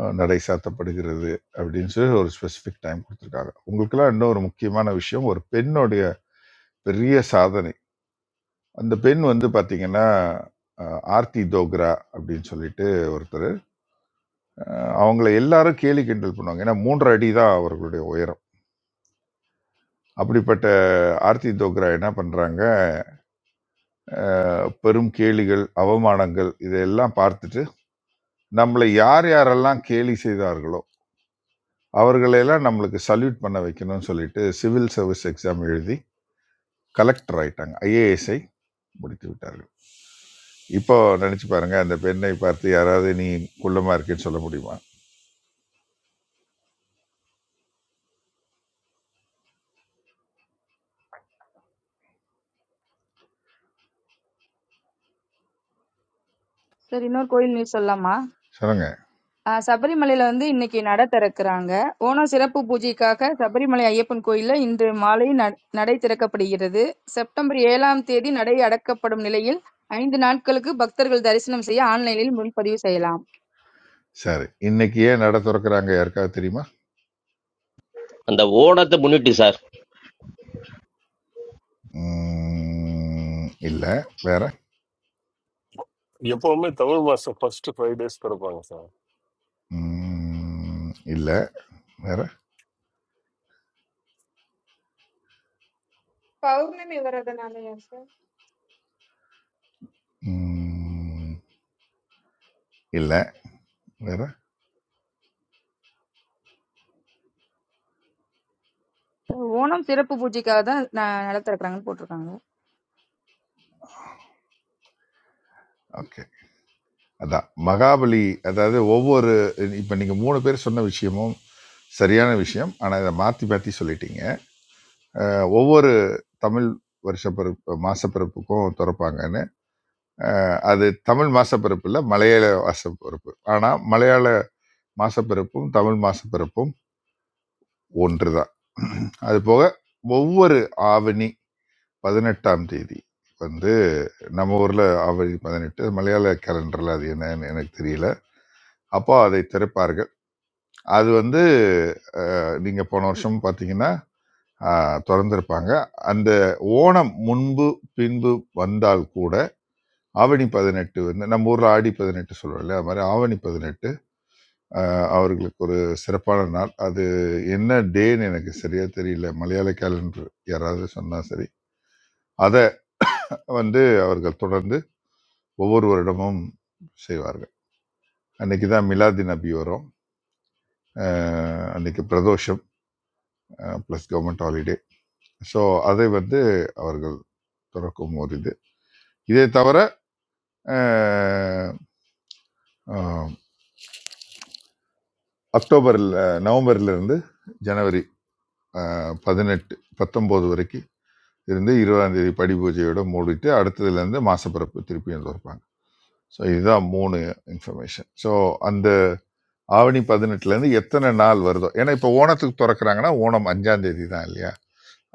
S9: அ நடை சாத்தப்படுகிறது அப்படின்னு சொல்லி ஒரு ஸ்பெசிஃபிக் டைம் குடுத்துருக்காங்க. உங்களுக்கெல்லாம் இன்னொரு முக்கியமான விஷயம், ஒரு பெண்ணுடைய பெரிய சாதனை. அந்த பெண் வந்து பார்த்தீங்கன்னா, அ ஆர்த்தி தோக்ரா அப்படின்னு சொல்லிட்டு ஒருத்தரு. அ அவங்கள எல்லாரும் கேலி கிண்டல் பண்ணுவாங்க. ஏன்னா 3 அடி தான் அவர்களுடைய உயரம். அப்படிப்பட்ட ஆர்த்தி தோக்ரா என்ன பண்றாங்க, பெரும் கேலிகள், அவமானங்கள் இதையெல்லாம் பார்த்துட்டு நம்மள யார் யாரெல்லாம் கேலி செய்தார்களோ அவர்களையெல்லாம் நம்மளுக்கு சல்யூட் பண்ண வைக்கணும்னு சொல்லிட்டு சிவில் சர்வீஸ் எக்ஸாம் எழுதி கலெக்டர் ஆயிட்டாங்க ஐஏஎஸ்ஐ முடித்து விட்டார்கள் இப்போ நினைச்சு பாருங்க அந்த பெண்ணை பார்த்து யாராவது நீ குள்ளமா இருக்கேன்னு சொல்ல முடியுமா
S6: சார் இன்னொரு கோயில் நியூஸ் சொல்லலாமா
S9: சொல்லுங்க
S6: ஆஹ் சபரிமலையில வந்து இன்னைக்கு நட திறக்கிறாங்க ஓணம் சிறப்பு பூஜைக்காக சபரிமலை ஐயப்பன் கோயில்ல இன்று மாலை நட- நடை திறக்கப்படுகிறது செப்டம்பர் ஏழாம் தேதி நடை அடக்கப்படும் நிலையில் ஐந்து நாட்களுக்கு பக்தர்கள் தரிசனம் செய்ய ஆன்லைனில் முன்பதிவு செய்யலாம்
S9: சரி இன்னைக்கு ஏன் நட திறக்கிறாங்க யாருக்காவது தெரியுமா
S18: No, no, no.
S9: உம், இல்ல வேற
S19: எப்பவுமே தமிழ் மாசம் ஃபர்ஸ்ட் ஃபைவ் டேஸ் திறப்பாங்க சார்
S9: உம், இல்ல வேற
S15: பௌர்ணமி வர்றதுனாலயா சார்
S9: உம், இல்ல வேற
S6: ஓணம் சிறப்பு பூஜைக்காக தான் ந- நட திறக்கிறாங்கன்னு போட்டிருக்காங்க
S9: ஓகே அதான் மகாபலி அதாவது ஒவ்வொரு இப்போ நீங்கள் மூணு பேர் சொன்ன விஷயமும் சரியான விஷயம் ஆனால் இதை மாற்றி மாற்றி சொல்லிட்டீங்க அஹ் ஒவ்வொரு தமிழ் வருஷப்பிறப்பு மாசப்பிறப்புக்கும் திறப்பாங்கன்னு அஹ் அது தமிழ் மாசப்பிறப்பு இல்லை மலையாள மாசப்பிறப்பு ஆனால் மலையாள மாசப்பிறப்பும் தமிழ் மாசப்பிறப்பும் ஒன்று தான் அது போக ஒவ்வொரு ஆவணி பதினெட்டாம் தேதி வந்து நம்ம ஊரில் ஆவணி பதினெட்டு மலையாள கேலண்டரில் அது என்னன்னு எனக்கு தெரியல அப்போ அதை திறப்பார்கள் அது வந்து நீங்கள் போன வருஷம் பார்த்தீங்கன்னா ஆஹ், திறந்திருப்பாங்க அந்த ஓணம் முன்பு பின்பு வந்தால் கூட ஆவணி பதினெட்டு வந்து நம்ம ஊரில் ஆடி பதினெட்டு சொல்றோம் இல்லையா அது மாதிரி ஆவணி பதினெட்டு ஆஹ், அவர்களுக்கு ஒரு சிறப்பான நாள் அது என்ன டேன்னு எனக்கு சரியா தெரியல மலையாள கேலண்டர் யாராவது சொன்னா சரி அதை வந்து அவர்கள் தொடர்ந்து ஒவ்வொரு வருடமும் செய்வார்கள் அன்னைக்கு தான் மிலாதி நபி வரும் ஆஹ், அன்னைக்கு Pradosham plus government holiday so அதை வந்து அவர்கள் திறக்கும் ஒரு இது இதை தவிர அஹ், அஹ், அக்டோபர்ல நவம்பர்ல இருந்து ஜனவரி அஹ், பதினெட்டு பத்தொன்பது வரைக்கும் இருந்து இருபதாம் தேதி படி பூஜையோட மூடிட்டு அடுத்ததுல இருந்து மாசப்பிறப்பு திருப்பியும் திறப்பாங்க ஸோ இதுதான் மூணு இன்ஃபர்மேஷன் ஸோ அந்த ஆவணி பதினெட்டுல இருந்து எத்தனை நாள் வருதோ ஏன்னா இப்போ ஓணத்துக்கு திறக்கிறாங்கன்னா ஓணம் அஞ்சாம் தேதி தான் இல்லையா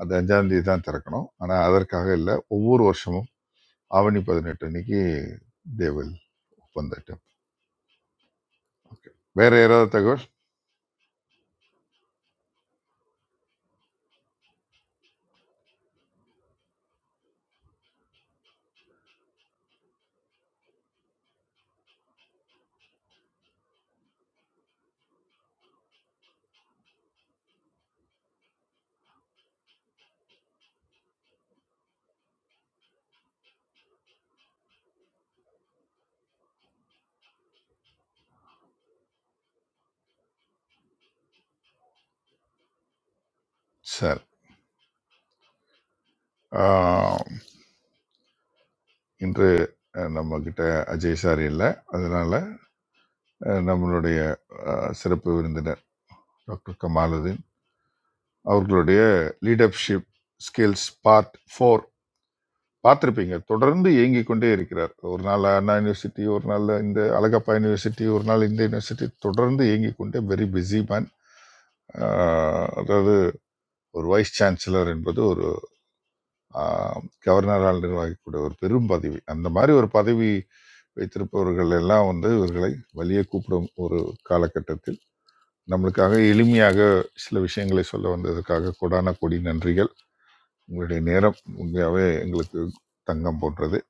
S9: அந்த அஞ்சாம் தேதி தான் திறக்கணும் ஆனால் அதற்காக இல்லை ஒவ்வொரு வருஷமும் ஆவணி பதினெட்டு அன்னைக்கு தேவல் ஒப்பந்த வேற யாராவது தகவல் சார் இன்று அஹ், நம்ம கிட்ட அஜய் சார் இல்லை அதனால அஹ், நம்மளுடைய அஹ், சிறப்பு விருந்தினர் டாக்டர் கமாலுதீன் அவர்களுடைய லீடர்ஷிப் ஸ்கில்ஸ் பார்ட் ஃபோர் பார்த்துருப்பீங்க தொடர்ந்து இயங்கி கொண்டே இருக்கிறார் ஒரு நாள் அண்ணா யூனிவர்சிட்டி ஒரு நாள் இந்த அழகப்பா யூனிவர்சிட்டி ஒரு நாள் இந்த யூனிவர்சிட்டி தொடர்ந்து இயங்கி கொண்டே வெரி பிஸி மேன் அதாவது ஒரு வைஸ் சான்சலர் என்பது ஒரு ஆஹ் கவர்னரால் நிர்வகிக்கக்கூடிய ஒரு பெரும் பதவி அந்த மாதிரி ஒரு பதவி வைத்திருப்பவர்கள் எல்லாம் வந்து இவர்களை வெளியே கூப்பிடும் ஒரு காலகட்டத்தில் நம்மளுக்காக எளிமையாக சில விஷயங்களை சொல்ல வந்ததற்காக கொடான கொடி நன்றிகள் உங்களுடைய நேரம் உண்மையாகவே எங்களுக்கு தங்கம் போன்றது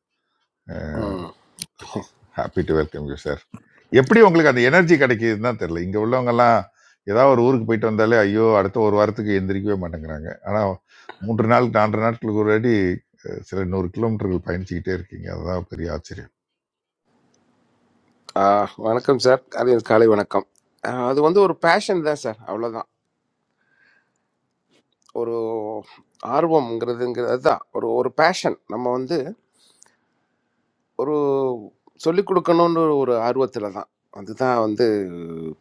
S9: happy to welcome you sir எப்படி உங்களுக்கு அந்த எனர்ஜி கிடைக்குதுன்னு தான் தெரில இங்கே உள்ளவங்கெல்லாம் ஏதாவது ஒரு ஊருக்கு போயிட்டு வந்தாலே ஐயோ அடுத்த ஒரு வாரத்துக்கு எந்திரிக்கவே மாட்டேங்கிறாங்க ஆனால் மூன்று நாள் நான்கு நாட்களுக்கு ஒரு அடி சில நூறு கிலோமீட்டர்கள் பயணிச்சுக்கிட்டே இருக்கீங்க அதுதான் பெரிய ஆச்சரியம்
S20: ஆ, வணக்கம் சார் அது எனக்கு காலை வணக்கம் ஆ, அது வந்து ஒரு பேஷன் தான் சார் அவ்வளோதான் ஒரு ஆர்வம்ங்கிறதுங்கிறது தான் ஒரு ஒரு பேஷன் நம்ம வந்து ஒரு சொல்லிக் கொடுக்கணும்னு ஒரு ஆர்வத்தில் தான் அதுதான் வந்து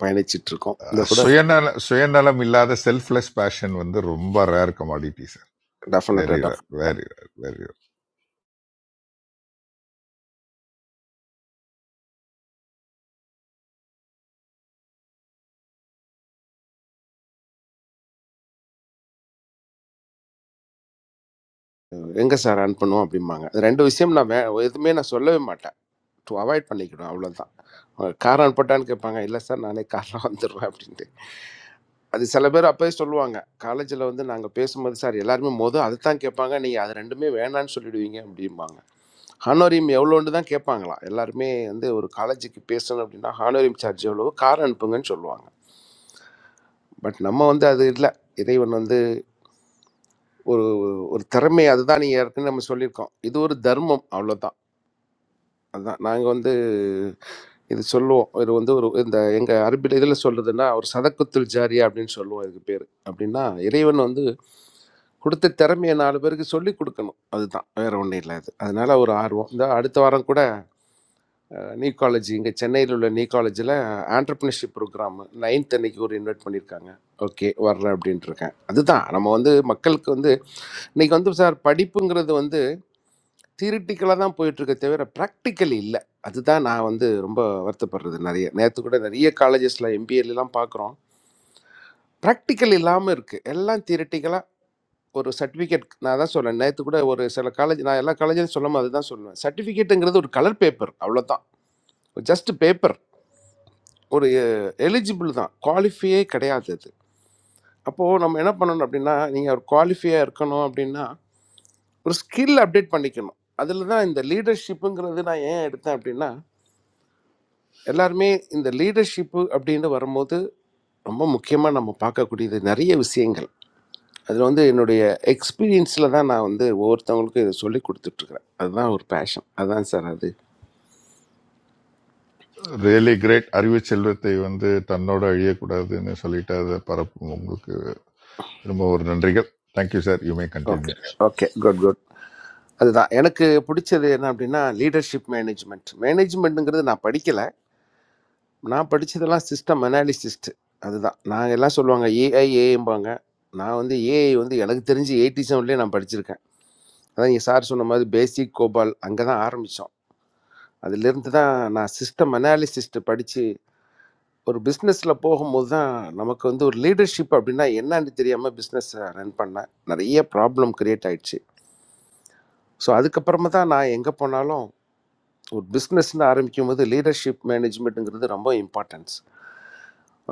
S20: பயணிச்சிட்டு இருக்கோம் இந்த
S9: அஹ்
S20: கூட
S9: சுயநல சுயநலம் இல்லாத செல்ஃப்லெஸ் பேஷன் வந்து ரொம்ப ரேர் கமாடிட்டி சார் வெரி
S20: டெஃபினட்டாக
S9: ரேர் வெரி ரேர் வெரி
S20: எங்கே சார் ரன் பண்ணுவோம் அப்படிம்பாங்க இது ரெண்டு விஷயம் நான் வே எதுவுமே நான் சொல்லவே மாட்டேன் டு அவாய்ட் பண்ணிக்கணும் அவ்வளோதான் கார் அனுப்பட்டான்னு கேட்பாங்க இல்லை சார் நானே காரில் வந்துடுவேன் அப்படின்ட்டு அது சில பேர் அப்பயே சொல்லுவாங்க காலேஜில் வந்து நாங்கள் பேசும்போது சார் எல்லாருமே மொதல் அதை தான் கேட்பாங்க நீங்கள் அது ரெண்டுமே வேணான்னு சொல்லிடுவீங்க அப்படிம்பாங்க ஹானோரியம் எவ்வளோன்னு தான் கேட்பாங்களாம் எல்லாருமே வந்து ஒரு காலேஜுக்கு பேசணும் அப்படின்னா ஹானோரியம் சார்ஜ் எவ்வளவோ கார் அனுப்புங்கன்னு சொல்லுவாங்க பட் நம்ம வந்து அது இல்லை இறைவன் வந்து ஒரு ஒரு திறமை அதுதான் நீங்கள் ஏற்கனவே நம்ம சொல்லியிருக்கோம் இது ஒரு தர்மம் அவ்வளோதான் அதுதான் நாங்கள் வந்து இது சொல்லுவோம் இது வந்து ஒரு இந்த எங்கள் அரபில் இதில் சொல்றதுன்னா ஒரு சதக்கத்துல் ஜாரியா அப்படின்னு சொல்லுவோம் இதுக்கு பேர் அப்படின்னா இறைவன் வந்து கொடுத்த திறமையை நாலு பேருக்கு சொல்லி கொடுக்கணும் அதுதான் வேற ஒன்றும் இல்லை அது அதனால ஒரு ஆர்வம் இந்த அடுத்த வாரம் கூட நீ காலேஜ் இங்கே சென்னையில் உள்ள நீ காலேஜில் ஆண்டர்பிரினர்ஷிப் ப்ரோக்ராம் நைன்த் அன்னைக்கு ஒரு இன்வைட் பண்ணியிருக்காங்க ஓகே வர்றேன் அப்படின்ட்டு இருக்கேன் அதுதான் நம்ம வந்து மக்களுக்கு வந்து இன்னைக்கு வந்து சார் படிப்புங்கிறது வந்து தியரிட்டிக்கலாக தான் போயிட்டு இருக்க தவிர ப்ராக்டிக்கல் இல்லை அதுதான் நான் வந்து ரொம்ப வருத்தப்படுறது நிறைய நேற்று கூட நிறைய காலேஜஸில் எம்பிஏலாம் பார்க்குறோம் ப்ராக்டிக்கல் இல்லாமல் இருக்குது எல்லாம் தியரிட்டிக்கலாக ஒரு சர்டிஃபிகேட் நான் தான் சொல்றேன் நேற்று கூட ஒரு சில காலேஜ் நான் எல்லா காலேஜிலும் சொல்லாமல் அதுதான் சொல்லுவேன் சர்டிஃபிகேட்டுங்கிறது ஒரு கலர் பேப்பர் அவ்வளோதான் ஜஸ்ட் பேப்பர் ஒரு எலிஜிபிள் தான் குவாலிஃபையே கிடையாது அது அப்போது நம்ம என்ன பண்ணணும் அப்படின்னா நீங்கள் ஒரு குவாலிஃபையாக இருக்கணும் அப்படின்னா ஒரு ஸ்கில் அப்டேட் பண்ணிக்கணும் அதில் தான் இந்த லீடர்ஷிப்புங்கிறது நான் ஏன் எடுத்தேன் அப்படின்னா எல்லாருமே இந்த லீடர்ஷிப்பு அப்படின்னு வரும்போது ரொம்ப முக்கியமாக நம்ம பார்க்கக்கூடியது நிறைய விஷயங்கள் அதில் வந்து என்னுடைய எக்ஸ்பீரியன்ஸில் தான் நான் வந்து ஒவ்வொருத்தவங்களுக்கும் இதை சொல்லி கொடுத்துட்ருக்குறேன் அதுதான் ஒரு பேஷன் அதுதான் சார் அது
S9: ரேர் ரியலி கிரேட் அறிவு செல்வத்தை வந்து தன்னோட அழியக்கூடாதுன்னு சொல்லிட்டு அதை பரப்பும் உங்களுக்கு திரும்ப ஒரு நன்றிகள் thank you sir you may continue
S20: okay okay good good அதுதான் எனக்கு பிடிச்சது என்ன அப்படின்னா லீடர்ஷிப் மேனேஜ்மெண்ட் மேனேஜ்மெண்ட்டுங்கிறது நான் படிக்கலை நான் படித்ததெல்லாம் சிஸ்டம் அனாலிசிஸ்ட் அதுதான் நான் எல்லாம் சொல்லுவாங்க ஏஐ ஏஎம்பாங்க நான் வந்து ஏஐ வந்து எனக்கு தெரிஞ்சு எயிட்டி செவன்லேயே நான் படிச்சிருக்கேன் அதான் என் சார் சொன்ன மாதிரி பேசிக் கோபால் அங்கே தான் ஆரம்பித்தோம் அதுலேருந்து தான் நான் சிஸ்டம் அனாலிசிஸ்ட் படித்து ஒரு பிஸ்னஸில் போகும்போது தான் நமக்கு வந்து ஒரு லீடர்ஷிப் அப்படின்னா என்னன்னு தெரியாமல் பிஸ்னஸை ரன் பண்ணேன் நிறைய ப்ராப்ளம் கிரியேட் ஆயிடுச்சு ஸோ அதுக்கப்புறமா தான் நான் எங்கே போனாலும் ஒரு பிஸ்னஸ்னு ஆரம்பிக்கும் போது லீடர்ஷிப் மேனேஜ்மெண்ட்டுங்கிறது ரொம்ப இம்பார்ட்டன்ஸ்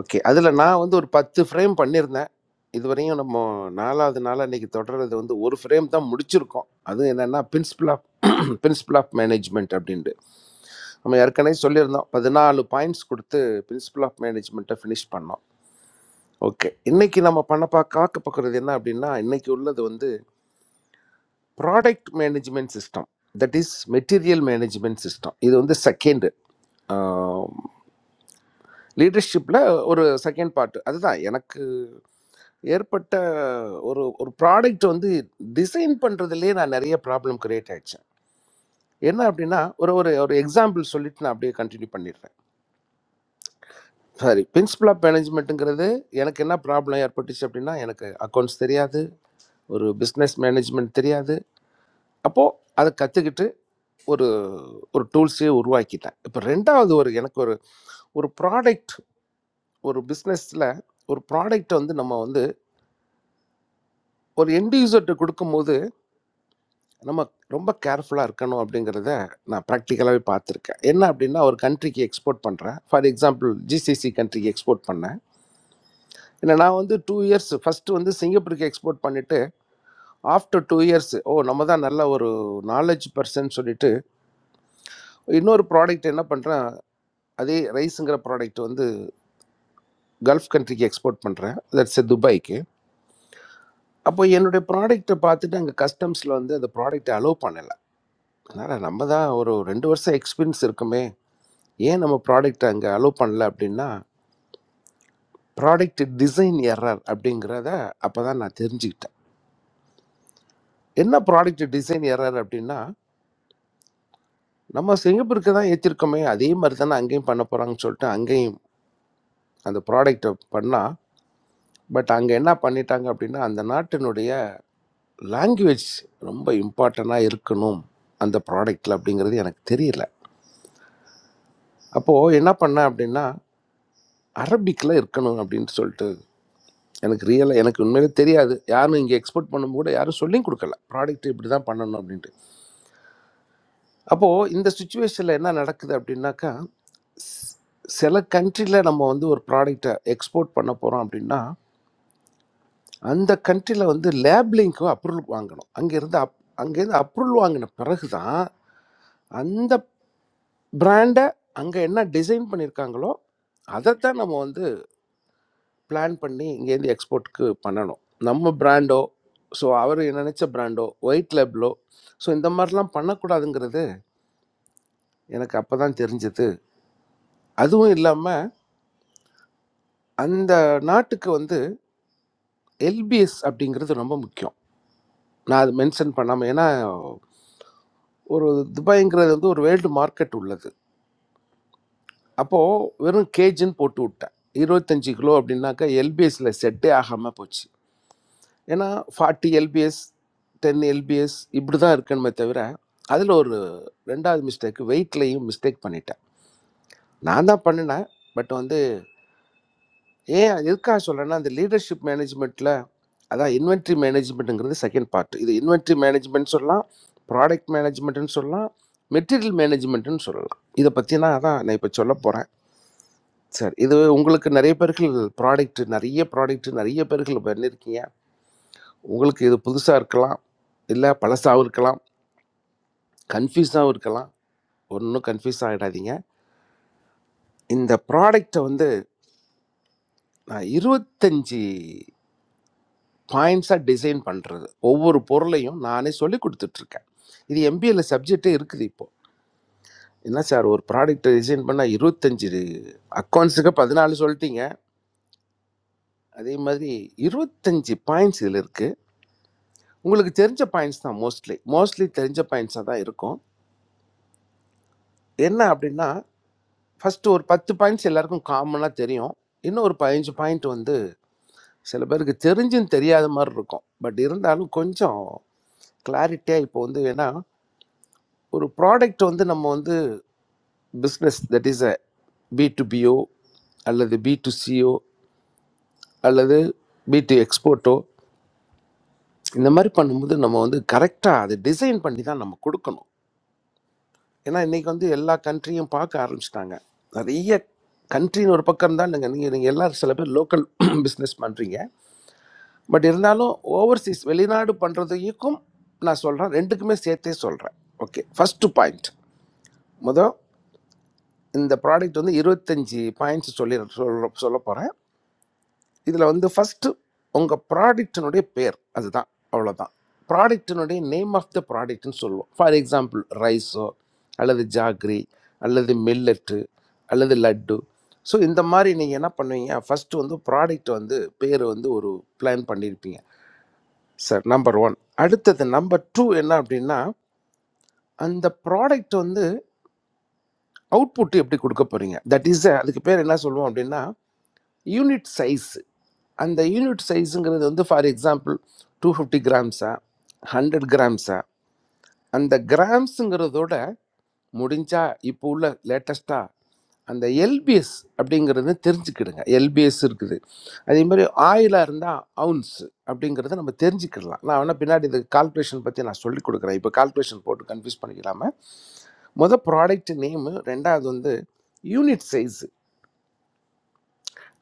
S20: ஓகே அதில் நான் வந்து ஒரு பத்து ஃப்ரேம் பண்ணியிருந்தேன் இதுவரையும் நம்ம நாலாவது நாளாக இன்னைக்கு தொடர்றது வந்து ஒரு ஃப்ரேம் தான் முடிச்சிருக்கோம் அதுவும் என்னென்னா principle of principle of management அப்படின்ட்டு நம்ம ஏற்கனவே சொல்லியிருந்தோம் பதினாலு பாயிண்ட்ஸ் கொடுத்து பிரின்சிபல் ஆஃப் மேனேஜ்மெண்ட்டை ஃபினிஷ் பண்ணோம் ஓகே இன்னைக்கு நம்ம பண்ண பார்க்க பார்க்க பார்க்கறது என்ன அப்படின்னா இன்னைக்கு உள்ளது வந்து product management system that is material management system இது வந்து செகண்டு லீடர்ஷிப்பில் ஒரு செகண்ட் பார்ட் அதுதான் எனக்கு ஏற்பட்ட ஒரு ஒரு ப்ராடக்ட் வந்து டிசைன் பண்ணுறதுலேயே நான் நிறைய ப்ராப்ளம் கிரியேட் ஆயிடுச்சேன் என்ன அப்படின்னா ஒரு ஒரு ஒரு எக்ஸாம்பிள் சொல்லிட்டு நான் அப்படியே கண்டினியூ பண்ணிடுறேன் சரி பிரின்சிபல் ஆஃப் மேனேஜ்மெண்ட்டுங்கிறது எனக்கு என்ன ப்ராப்ளம் ஏற்பட்டுச்சு அப்படின்னா எனக்கு அக்கௌண்ட்ஸ் தெரியாது ஒரு பிஸ்னஸ் மேனேஜ்மெண்ட் தெரியாது அப்போது அதை கற்றுக்கிட்டு ஒரு ஒரு டூல்ஸே உருவாக்கிட்டேன் இப்போ ரெண்டாவது ஒரு எனக்கு ஒரு ஒரு ப்ராடக்ட் ஒரு பிஸ்னஸில் ஒரு ப்ராடக்ட்டை வந்து நம்ம வந்து ஒரு எண்ட் யூசர்கிட்ட கொடுக்கும்போது நம்ம ரொம்ப கேர்ஃபுல்லாக இருக்கணும் அப்படிங்கிறத நான் ப்ராக்டிக்கலாகவே பார்த்துருக்கேன் என்ன அப்படின்னா ஒரு கண்ட்ரிக்கு எக்ஸ்போர்ட் பண்ணுறேன் ஃபார் எக்ஸாம்பிள் ஜிசிசி கண்ட்ரிக்கு எக்ஸ்போர்ட் பண்ணேன் இல்லை நான் வந்து டூ இயர்ஸ் ஃபஸ்ட்டு வந்து சிங்கப்பூருக்கு எக்ஸ்போர்ட் பண்ணிவிட்டு ஆஃப்டர் டூ இயர்ஸ் ஓ நம்ம தான் நல்ல ஒரு நாலேஜ் பர்சன் சொல்லிட்டு இன்னொரு ப்ராடக்ட் என்ன பண்ணுறேன் அதே ரைஸுங்கிற ப்ராடக்ட் வந்து கல்ஃப் கண்ட்ரிக்கு எக்ஸ்போர்ட் பண்ணுறேன் தட்ஸ் துபாய்க்கு அப்போ என்னுடைய ப்ராடக்ட்டை பார்த்துட்டு அங்கே கஸ்டம்ஸில் வந்து அந்த ப்ராடக்ட்டை அலோவ் பண்ணலை அதனால் நம்ம தான் ஒரு ரெண்டு வருஷம் எக்ஸ்பீரியன்ஸ் இருக்குமே ஏன் நம்ம ப்ராடக்ட்டை அங்கே அலோவ் பண்ணல அப்படின்னா ப்ராடக்ட் டிசைன் எரர் அப்படிங்கிறத அப்போ தான் நான் தெரிஞ்சுக்கிட்டேன் என்ன ப்ராடக்ட் டிசைன் எரர் அப்படின்னா நம்ம சிங்கப்பூருக்கு தான் ஏற்றிருக்கோமே அதே மாதிரி தானே அங்கேயும் பண்ண போகிறாங்கன்னு சொல்லிட்டு அங்கேயும் அந்த ப்ராடக்ட்டை பண்ணால் பட் அங்கே என்ன பண்ணிட்டாங்க அப்படின்னா அந்த நாட்டினுடைய லாங்குவேஜ் ரொம்ப இம்பார்ட்டண்ட்டாக இருக்கணும் அந்த ப்ராடக்டில் அப்படிங்கிறது எனக்கு தெரியல அப்போது என்ன பண்ணேன் அப்படின்னா அரபிக்கில் இருக்கணும் அப்படின்னு சொல்லிட்டு எனக்கு ரியலாக எனக்கு உண்மையிலே தெரியாது யாரும் இங்கே எக்ஸ்போர்ட் பண்ணும் கூட யாரும் சொல்லியும் கொடுக்கல ப்ராடக்ட் இப்படி தான் பண்ணணும் அப்படின்ட்டு அப்போது இந்த சுச்சுவேஷனில் என்ன நடக்குது அப்படின்னாக்கா ஸ்- சில கண்ட்ரியில் நம்ம வந்து ஒரு ப்ராடக்ட்டை எக்ஸ்போர்ட் பண்ண போகிறோம் அப்படின்னா அந்த கண்ட்ரியில் வந்து லேப்லிங்க்கு அப்ரூவல் வாங்கணும் அங்கேருந்து அப் அங்கேருந்து அப்ரூவல் வாங்கின பிறகு தான் அந்த பிராண்டை அங்கே என்ன டிசைன் பண்ணியிருக்காங்களோ அதைத்தான் நம்ம வந்து பிளான் பண்ணி இங்கேருந்து எக்ஸ்போர்ட்டுக்கு பண்ணணும் நம்ம பிராண்டோ ஸோ அவர் நினச்ச பிராண்டோ ஒயிட் லேபிளோ ஸோ இந்த மாதிரிலாம் பண்ணக்கூடாதுங்கிறது எனக்கு அப்போ தான் தெரிஞ்சது அதுவும் இல்லாமல் அந்த நாட்டுக்கு வந்து எல்பிஎஸ் அப்படிங்கிறது ரொம்ப முக்கியம் நான் அது மென்ஷன் பண்ணாமல் ஏன்னா ஒரு துபாய்ங்கிறது வந்து ஒரு வேர்ல்டு மார்க்கெட் உள்ளது அப்போது வெறும் கேஜின்னு போட்டு விட்டேன் இருபத்தஞ்சு கிலோ அப்படின்னாக்கா எல்பிஎஸ்ல செட்டே ஆகாமல் போச்சு ஏன்னா ஃபார்ட்டி எல்பிஎஸ் டென் எல்பிஎஸ் இப்படி தான் இருக்கணுமே தவிர அதில் ஒரு ரெண்டாவது மிஸ்டேக் வெயிட்லேயும் மிஸ்டேக் பண்ணிட்டேன் நான் தான் பண்ணினேன் பட் வந்து ஏன் அது எதுக்காக சொல்கிறேன்னா அந்த லீடர்ஷிப் மேனேஜ்மெண்ட்டில் அதான் இன்வென்ட்ரி மேனேஜ்மெண்ட்டுங்கிறது செகண்ட் பார்ட் இது இன்வென்ட்ரி மேனேஜ்மெண்ட் சொல்லலாம் ப்ராடக்ட் மேனேஜ்மெண்ட்னு சொல்லலாம் மெட்டீரியல் மேனேஜ்மெண்ட்னு சொல்லலாம் இதை பற்றினா அதான் நான் இப்போ சொல்ல போகிறேன் சார் இது உங்களுக்கு நிறைய பேர்கள் ப்ராடக்ட் நிறைய ப்ராடக்ட் நிறைய பேர்கள் பண்ணியிருக்கீங்க உங்களுக்கு இது புதுசாக இருக்கலாம் இல்லை பழசாகவும் இருக்கலாம் கன்ஃபியூஸாகவும் இருக்கலாம் ஒன்றும் கன்ஃபியூஸ் ஆகிடாதீங்க இந்த ப்ராடக்டை வந்து நான் இருபத்தஞ்சி பாயிண்ட்ஸாக டிசைன் பண்ணுறது ஒவ்வொரு பொருளையும் நானே சொல்லி கொடுத்துட்ருக்கேன் இது எம்பிஏல சப்ஜெக்டே இருக்குது இப்போது என்ன சார் ஒரு ப்ராடக்ட்டை டிசைன் பண்ணால் இருபத்தஞ்சி அக்கௌண்ட்ஸுக்கு பதினாலு சொல்லிட்டீங்க அதே மாதிரி இருபத்தஞ்சி பாயிண்ட்ஸ் இதில் இருக்குது உங்களுக்கு தெரிஞ்ச பாயிண்ட்ஸ் தான் மோஸ்ட்லி மோஸ்ட்லி தெரிஞ்ச பாயிண்ட்ஸாக தான் இருக்கும் என்ன அப்படின்னா ஃபஸ்ட்டு ஒரு பத்து பாயிண்ட்ஸ் எல்லாருக்கும் காமனாக தெரியும் இன்னும் ஒரு பதினஞ்சு பாயிண்ட் வந்து சில பேருக்கு தெரிஞ்சும் தெரியாத மாதிரி இருக்கும் பட் இருந்தாலும் கொஞ்சம் கிளாரிட்டியாக இப்போ வந்து ஏன்னா ஒரு ப்ராடக்ட் வந்து நம்ம வந்து business that is a B to B O அல்லது பி டு சிஓ அல்லது பி டு எக்ஸ்போர்ட்டோ இந்த மாதிரி பண்ணும்போது நம்ம வந்து கரெக்டாக அதை டிசைன் பண்ணி தான் நம்ம கொடுக்கணும் ஏன்னா இன்றைக்கி வந்து எல்லா கண்ட்ரியும் பார்க்க ஆரம்பிச்சிட்டாங்க நிறைய கண்ட்ரின்னு ஒரு பக்கம் தான் நீங்கள் நீங்கள் நீங்கள் எல்லோரும் சில பேர் லோக்கல் பிஸ்னஸ் பண்ணுறீங்க பட் இருந்தாலும் ஓவர்சீஸ் வெளிநாடு பண்ணுறதுக்கும் நான் சொல்கிறேன் ரெண்டுக்குமே சேர்த்தே சொல்கிறேன் ஓகே ஃபஸ்ட்டு பாயிண்ட் முதல் இந்த ப்ராடக்ட் வந்து இருபத்தஞ்சி பாயிண்ட்ஸ் சொல்லி சொல்ல சொல்ல போகிறேன் இதில் வந்து ஃபஸ்ட்டு உங்கள் ப்ராடக்டினுடைய பேர் அதுதான் அவ்வளோதான் ப்ராடக்டினுடைய நேம் ஆஃப் த ப்ராடக்ட்னு சொல்லுவோம் ஃபார் எக்ஸாம்பிள் ரைஸோ அல்லது ஜாக்ரி அல்லது மில்லட்டு அல்லது லட்டு ஸோ இந்த மாதிரி நீங்கள் என்ன பண்ணுவீங்க ஃபஸ்ட்டு வந்து ப்ராடக்ட் வந்து பேர் வந்து ஒரு பிளான் பண்ணியிருப்பீங்க சார் நம்பர் ஒன் அடுத்தது நம்பர் டூ என்ன அப்படின்னா அந்த ப்ராடக்ட் வந்து அவுட்புட் எப்படி கொடுக்க போறீங்க தட் இஸ் அதுக்கு பேர் என்ன சொல்லுவோம் அப்படின்னா யூனிட் சைஸ் அந்த யூனிட் சைஸுங்கிறது வந்து ஃபார் எக்ஸாம்பிள் டூ ஃபிஃப்டி கிராம்ஸா ஹண்ட்ரட் கிராம்ஸா அந்த கிராம்ஸுங்கிறதோட முடிஞ்சா இப்போ உள்ள லேட்டஸ்ட்டாக அந்த எல்பிஎஸ் அப்படிங்கிறது தெரிஞ்சுக்கிடுங்க எல்பிஎஸ் இருக்குது அதே மாதிரி ஆயிலாக இருந்தால் அவுன்ஸ் அப்படிங்கிறத நம்ம தெரிஞ்சுக்கிடலாம் நான் வேணால் பின்னாடி இது கால்குலேஷன் பற்றி நான் சொல்லிக் கொடுக்குறேன் இப்போ கால்குலேஷன் போட்டு கன்ஃபியூஸ் பண்ணிக்கலாம முத ப்ராடக்ட் நேமு ரெண்டாவது வந்து யூனிட் சைஸ்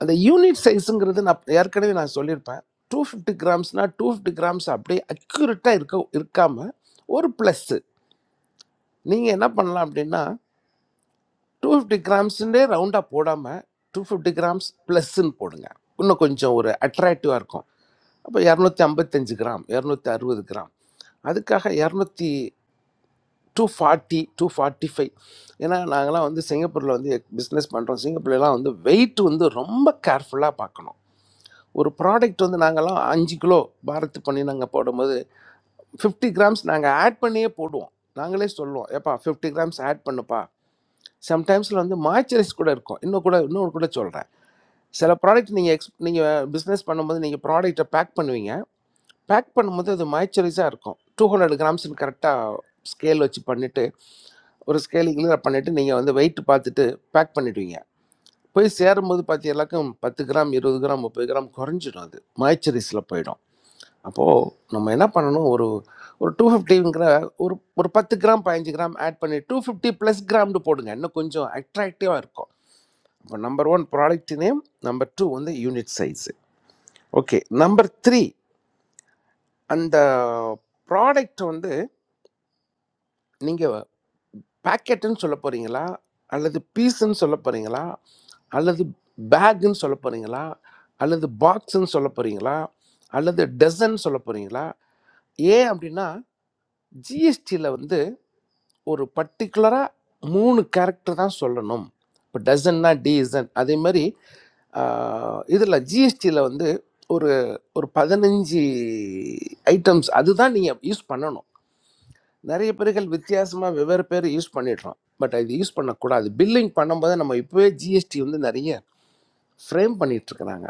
S20: அந்த யூனிட் சைஸுங்கிறது நான் ஏற்கனவே நான் சொல்லியிருப்பேன் டூ ஃபிஃப்டி கிராம்ஸ்னால் டூ ஃபிஃப்டி கிராம்ஸ் அப்படியே அக்யூரேட்டாக இருக்க இருக்காமல் ஒரு ப்ளஸ்ஸு நீங்கள் என்ன பண்ணலாம் அப்படின்னா டூ ஃபிஃப்டி கிராம்ஸுன்றே ரவுண்டாக போடாமல் டூ ஃபிஃப்டி கிராம்ஸ் ப்ளஸ்ன்னு போடுங்க இன்னும் கொஞ்சம் ஒரு அட்ராக்டிவாக இருக்கும் அப்போ இரநூத்தி ஐம்பத்தஞ்சு கிராம் இரநூத்தி அறுபது கிராம் அதுக்காக இரநூத்தி two forty two forty five ஏன்னா நாங்களாம் வந்து சிங்கப்பூரில் வந்து பிஸ்னஸ் பண்ணுறோம் சிங்கப்பூர்லாம் வந்து வெயிட் வந்து ரொம்ப கேர்ஃபுல்லாக பார்க்கணும் ஒரு ப்ராடக்ட் வந்து நாங்கள்லாம் அஞ்சு கிலோ பாரத் பண்ணி நாங்கள் போடும்போது ஃபிஃப்டி கிராம்ஸ் நாங்கள் ஆட் பண்ணியே போடுவோம் நாங்களே சொல்லுவோம் ஏப்பா ஃபிஃப்டி கிராம்ஸ் ஆட் பண்ணுப்பா சம்டைம்ஸில் வந்து மாய்ச்சரைஸ் கூட இருக்கும் இன்னும் கூட இன்னொரு கூட சொல்கிறேன் சில ப்ராடக்ட் நீங்கள் எக்ஸ் நீங்கள் பிஸ்னஸ் பண்ணும்போது நீங்கள் ப்ராடக்ட்டை பேக் பண்ணுவீங்க பேக் பண்ணும்போது அது மாய்ச்சரைஸாக இருக்கும் டூ ஹண்ட்ரட் கிராம்ஸ்னு கரெக்டாக ஸ்கேல் வச்சு பண்ணிவிட்டு ஒரு ஸ்கேலிங்கில் பண்ணிவிட்டு நீங்கள் வந்து வெயிட் பார்த்துட்டு பேக் பண்ணிடுவீங்க போய் சேரும்போது பார்த்தீங்களாக்கும் பத்து கிராம் இருபது கிராம் முப்பது கிராம் குறைஞ்சிடும் அது மாய்ச்சரைஸில் போயிடும் அப்போது நம்ம என்ன பண்ணணும் ஒரு ஒரு டூ ஃபிஃப்டிங்கிற ஒரு ஒரு பத்து கிராம் பதினஞ்சு கிராம் ஆட் பண்ணி டூ ஃபிஃப்டி ப்ளஸ் கிராம்னு போடுங்க இன்னும் கொஞ்சம் அட்ராக்டிவாக இருக்கும் இப்போ number one product name number two வந்து unit size okay number three அந்த ப்ராடக்ட் வந்து நீங்கள் பேக்கெட்டுன்னு சொல்ல போகிறீங்களா அல்லது பீஸுன்னு சொல்ல போகிறீங்களா அல்லது பேக்குன்னு சொல்ல போகிறீங்களா அல்லது பாக்ஸுன்னு சொல்ல போகிறீங்களா அல்லது டசன் சொல்ல போகிறீங்களா ஏன் அப்படின்னா ஜிஎஸ்டியில் வந்து ஒரு பர்டிகுலராக மூணு கேரக்டர் தான் சொல்லணும் இப்போ டசன்னா டிஎஸ்என் அதே மாதிரி இதில் ஜிஎஸ்டியில் வந்து ஒரு ஒரு பதினஞ்சு ஐட்டம்ஸ் அதுதான் நீங்கள் யூஸ் பண்ணணும் நிறைய பேர்கள் வித்தியாசமாக வெவ்வேறு பேர் யூஸ் பண்ணிடுறோம் பட் இது யூஸ் பண்ணக்கூடாது பில்லிங் பண்ணும்போது நம்ம இப்போவே ஜிஎஸ்டி வந்து நிறைய ஃப்ரேம் பண்ணிகிட்ருக்குறாங்க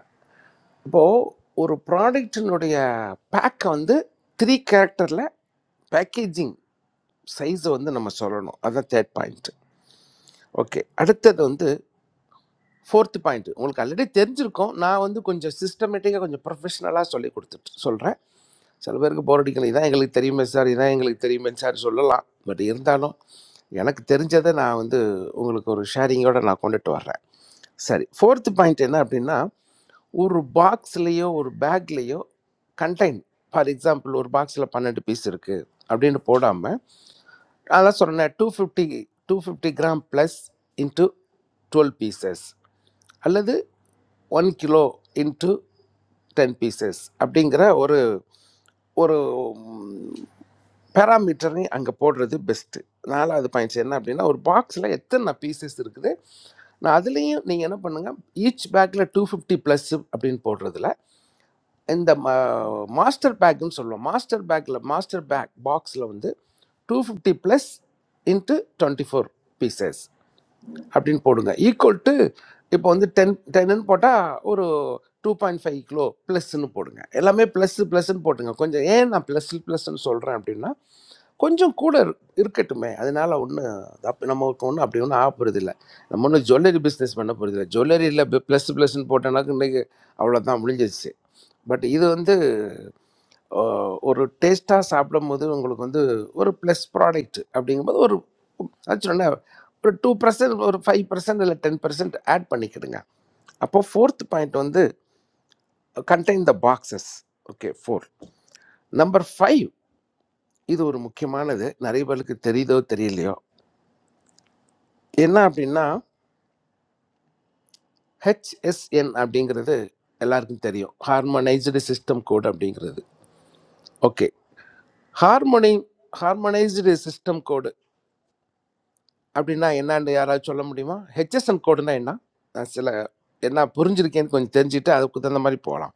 S20: இப்போது ஒரு ப்ராடக்டினுடைய பேக்கை வந்து த்ரீ கேரக்டரில் பேக்கேஜிங் சைஸை வந்து நம்ம சொல்லணும் அதுதான் தேர்ட் பாயிண்ட் ஓகே அடுத்தது வந்து ஃபோர்த் பாயிண்ட் உங்களுக்கு ஆல்ரெடி தெரிஞ்சிருக்கும் நான் வந்து கொஞ்சம் சிஸ்டமேட்டிக்காக கொஞ்சம் ப்ரொஃபஷனலாக சொல்லி கொடுத்துட்டு சொல்கிறேன் சில பேருக்கு போர் அடிக்கல இதான் எங்களுக்கு தெரியுமே சார் இதான் எங்களுக்கு தெரியுமே சார் சொல்லலாம் பட் இருந்தாலும் எனக்கு தெரிஞ்சதை நான் வந்து உங்களுக்கு ஒரு ஷேரிங்கோட நான் கொண்டுட்டு வர்றேன் சரி ஃபோர்த் பாயிண்ட் என்ன அப்படின்னா ஒரு பாக்ஸ்லேயோ ஒரு பேக்லேயோ கண்டெய்ன் ஃபார் எக்ஸாம்பிள் ஒரு பாக்ஸில் பன்னெண்டு பீஸ் இருக்குது அப்படின்னு போடாமல் அதான் சொன்னேன் two fifty two fifty gram plus into twelve pieces அல்லது one kilo into ten pieces அப்படிங்கிற ஒரு ஒரு பேராமீட்டரையும் அங்கே போடுறது பெஸ்ட்டு நாலாவது பாயிண்ட்ஸ் என்ன அப்படின்னா ஒரு பாக்ஸில் எத்தனை பீசஸ் இருக்குது நான் அதுலேயும் நீங்கள் என்ன பண்ணுங்கள் ஈச் பேக்கில் டூ ஃபிஃப்டி ப்ளஸ் அப்படின்னு போடுறதுல இந்த மா மாஸ்டர் பேக்குன்னு சொல்லுவோம் மாஸ்டர் பேக்கில் மாஸ்டர் பேக் பாக்ஸில் வந்து two fifty plus into twenty four pieces அப்படின்னு போடுங்க ஈக்குவல் டு இப்போ வந்து டென் டென்னு போட்டால் ஒரு டூ பாயிண்ட் ஃபைவ் கிலோ ப்ளஸ்ன்னு போடுங்க எல்லாமே ப்ளஸ் ப்ளஸ்ன்னு போட்டுங்க கொஞ்சம் ஏன் நான் ப்ளஸ் ப்ளஸ்ன்னு சொல்கிறேன் அப்படின்னா கொஞ்சம் கூட இரு- இருக்கட்டுமே அதனால ஒன்றும் தப்பு நமக்கு ஒன்றும் அப்படி ஒன்றும் ஆக போகிறது இல்லை நம்ம ஒன்றும் ஜுவல்லரி பிஸ்னஸ் பண்ண போகிறது இல்லை ஜுவல்லரியில் ப்ளஸ் ப்ளஸ்ன்னு போட்டோம்னாக்க இன்றைக்கி அவ்வளோதான் முடிஞ்சிருச்சு பட் இது வந்து ஆஹ், ஒரு டேஸ்ட்டாக சாப்பிடும்போது உங்களுக்கு வந்து ஒரு ப்ளஸ் ப்ராடக்ட் அப்படிங்கும்போது ஒரு அது சொன்னேன் ஒரு டூ பர்சன்ட் ஒரு ஃபைவ் பர்சன்ட் இல்லை டென் பர்சன்ட் ஆட் பண்ணிக்கிடுங்க அப்போ ஃபோர்த் பாயிண்ட் வந்து contain the boxes okay four number five இது ஒரு முக்கியமானது நிறைய பேருக்கு தெரியுதோ தெரியலையோ என்ன அப்படின்னா ஹெச்எஸ்என் அப்படிங்கிறது எல்லாருக்கும் தெரியும் ஹார்மோனைஸ்டு சிஸ்டம் கோடு அப்படிங்கிறது okay harmony harmonised system code அப்படின்னா என்னன்னு யாராவது சொல்ல முடியுமா ஹெச்எஸ்என் கோடுனா என்ன நான் சில என்ன புரிஞ்சிருக்கேன்னு கொஞ்சம் தெரிஞ்சுட்டு அதுக்கு தகுந்த மாதிரி போகலாம்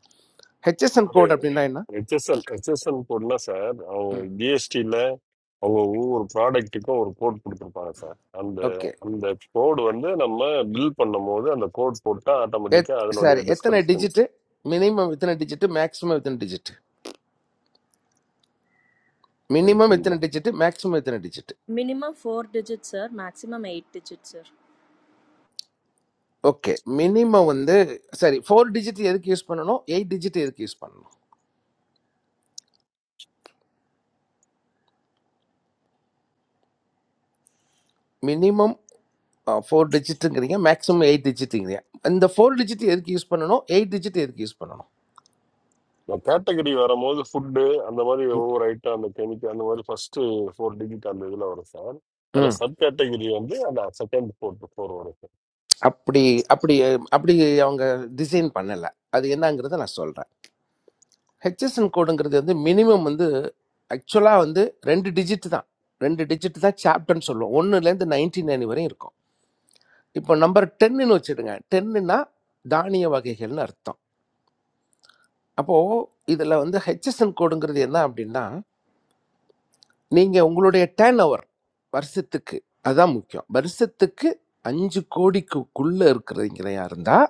S20: ஹெச்எஸ்என்
S19: அது
S20: கோடு அப்படின்னா என்ன
S19: ஹெச்எஸ்என் ஹெச்எஸ்என் கோட்னா சார் அவங்க
S20: ம்
S19: ஜிஎஸ்டியில் அவங்க ஒவ்வொரு ப்ராடக்ட்டுக்கும் ஒரு கோட் கொடுத்துருப்பாங்க சார் அந்த
S20: ஓகே
S19: அந்த கோடு வந்து நம்ம பில் பண்ணும்போது அந்த கோட் போட்டால்
S20: எத்
S19: ஆட்டோமேட்டிக்காக அதனுடைய
S20: சாரி எத்தனை
S19: டிஸ்கிரிப்ஷன்ஸ்
S20: டிஜிட்டு மினிமம் இத்தனை டிஜிட்டு மேக்ஸிமம் இத்தனை டிஜிட்டு
S19: அது
S20: மினிமம்
S19: தெரியல
S20: இத்தனை டிஜிட்டு மேக்ஸிமம் இத்தனை digit
S21: Minimum four digits, sir. Maximum eight digits, sir.
S20: Okay minimum வந்து சரி ஃபோர் டிஜிட் எதுக்கு யூஸ் பண்ணணும் எயிட் டிஜிட் எதுக்கு யூஸ் பண்ணணும் மினிமம் ஃபோர் டிஜிட்டுங்கிறீங்க மேக்ஸிமம் எயிட் டிஜிட்டுங்கிறீங்க இந்த ஃபோர் டிஜிட் எதுக்கு யூஸ் பண்ணணும் எயிட் டிஜிட் எதுக்கு யூஸ் பண்ணணும்
S19: இந்த கேட்டகரி வரும்போது ஃபுட்டு அந்த மாதிரி ஒவ்வொரு ஐட்டம் அந்த கெமிக்கல் அந்த மாதிரி ஃபர்ஸ்ட் ஃபோர் டிஜிட் அந்த இதில் வரும் சார் அதில்
S20: ம்
S19: சப் கேட்டகரி வந்து அந்த செகண்ட் ஃபோர் ஃபோர் வரும் சார்
S20: அப்படி அப்படி அப்படி அவங்க டிசைன் பண்ணலை அது என்னங்கிறத நான் சொல்கிறேன் ஹெச்எஸ்என் கோடுங்கிறது வந்து மினிமம் வந்து ஆக்சுவலாக வந்து ரெண்டு டிஜிட் தான் ரெண்டு டிஜிட் தான் சாப்டர்னு சொல்லுவோம் ஒன்றுலேருந்து நைன்டி நைன் வரையும் இருக்கும் இப்போ நம்பர் டென்னுன்னு வச்சுடுங்க டென்னுன்னா தானிய வகைகள்னு அர்த்தம் அப்போது இதில் வந்து ஹெச்எஸ்என் கோடுங்கிறது என்ன அப்படின்னா நீங்கள் உங்களுடைய டேர்ன் ஓவர் வருஷத்துக்கு அதுதான் முக்கியம் வருஷத்துக்கு அஞ்சு கோடிக்குள்ளே இருக்கிறீங்கிறயா இருந்தால்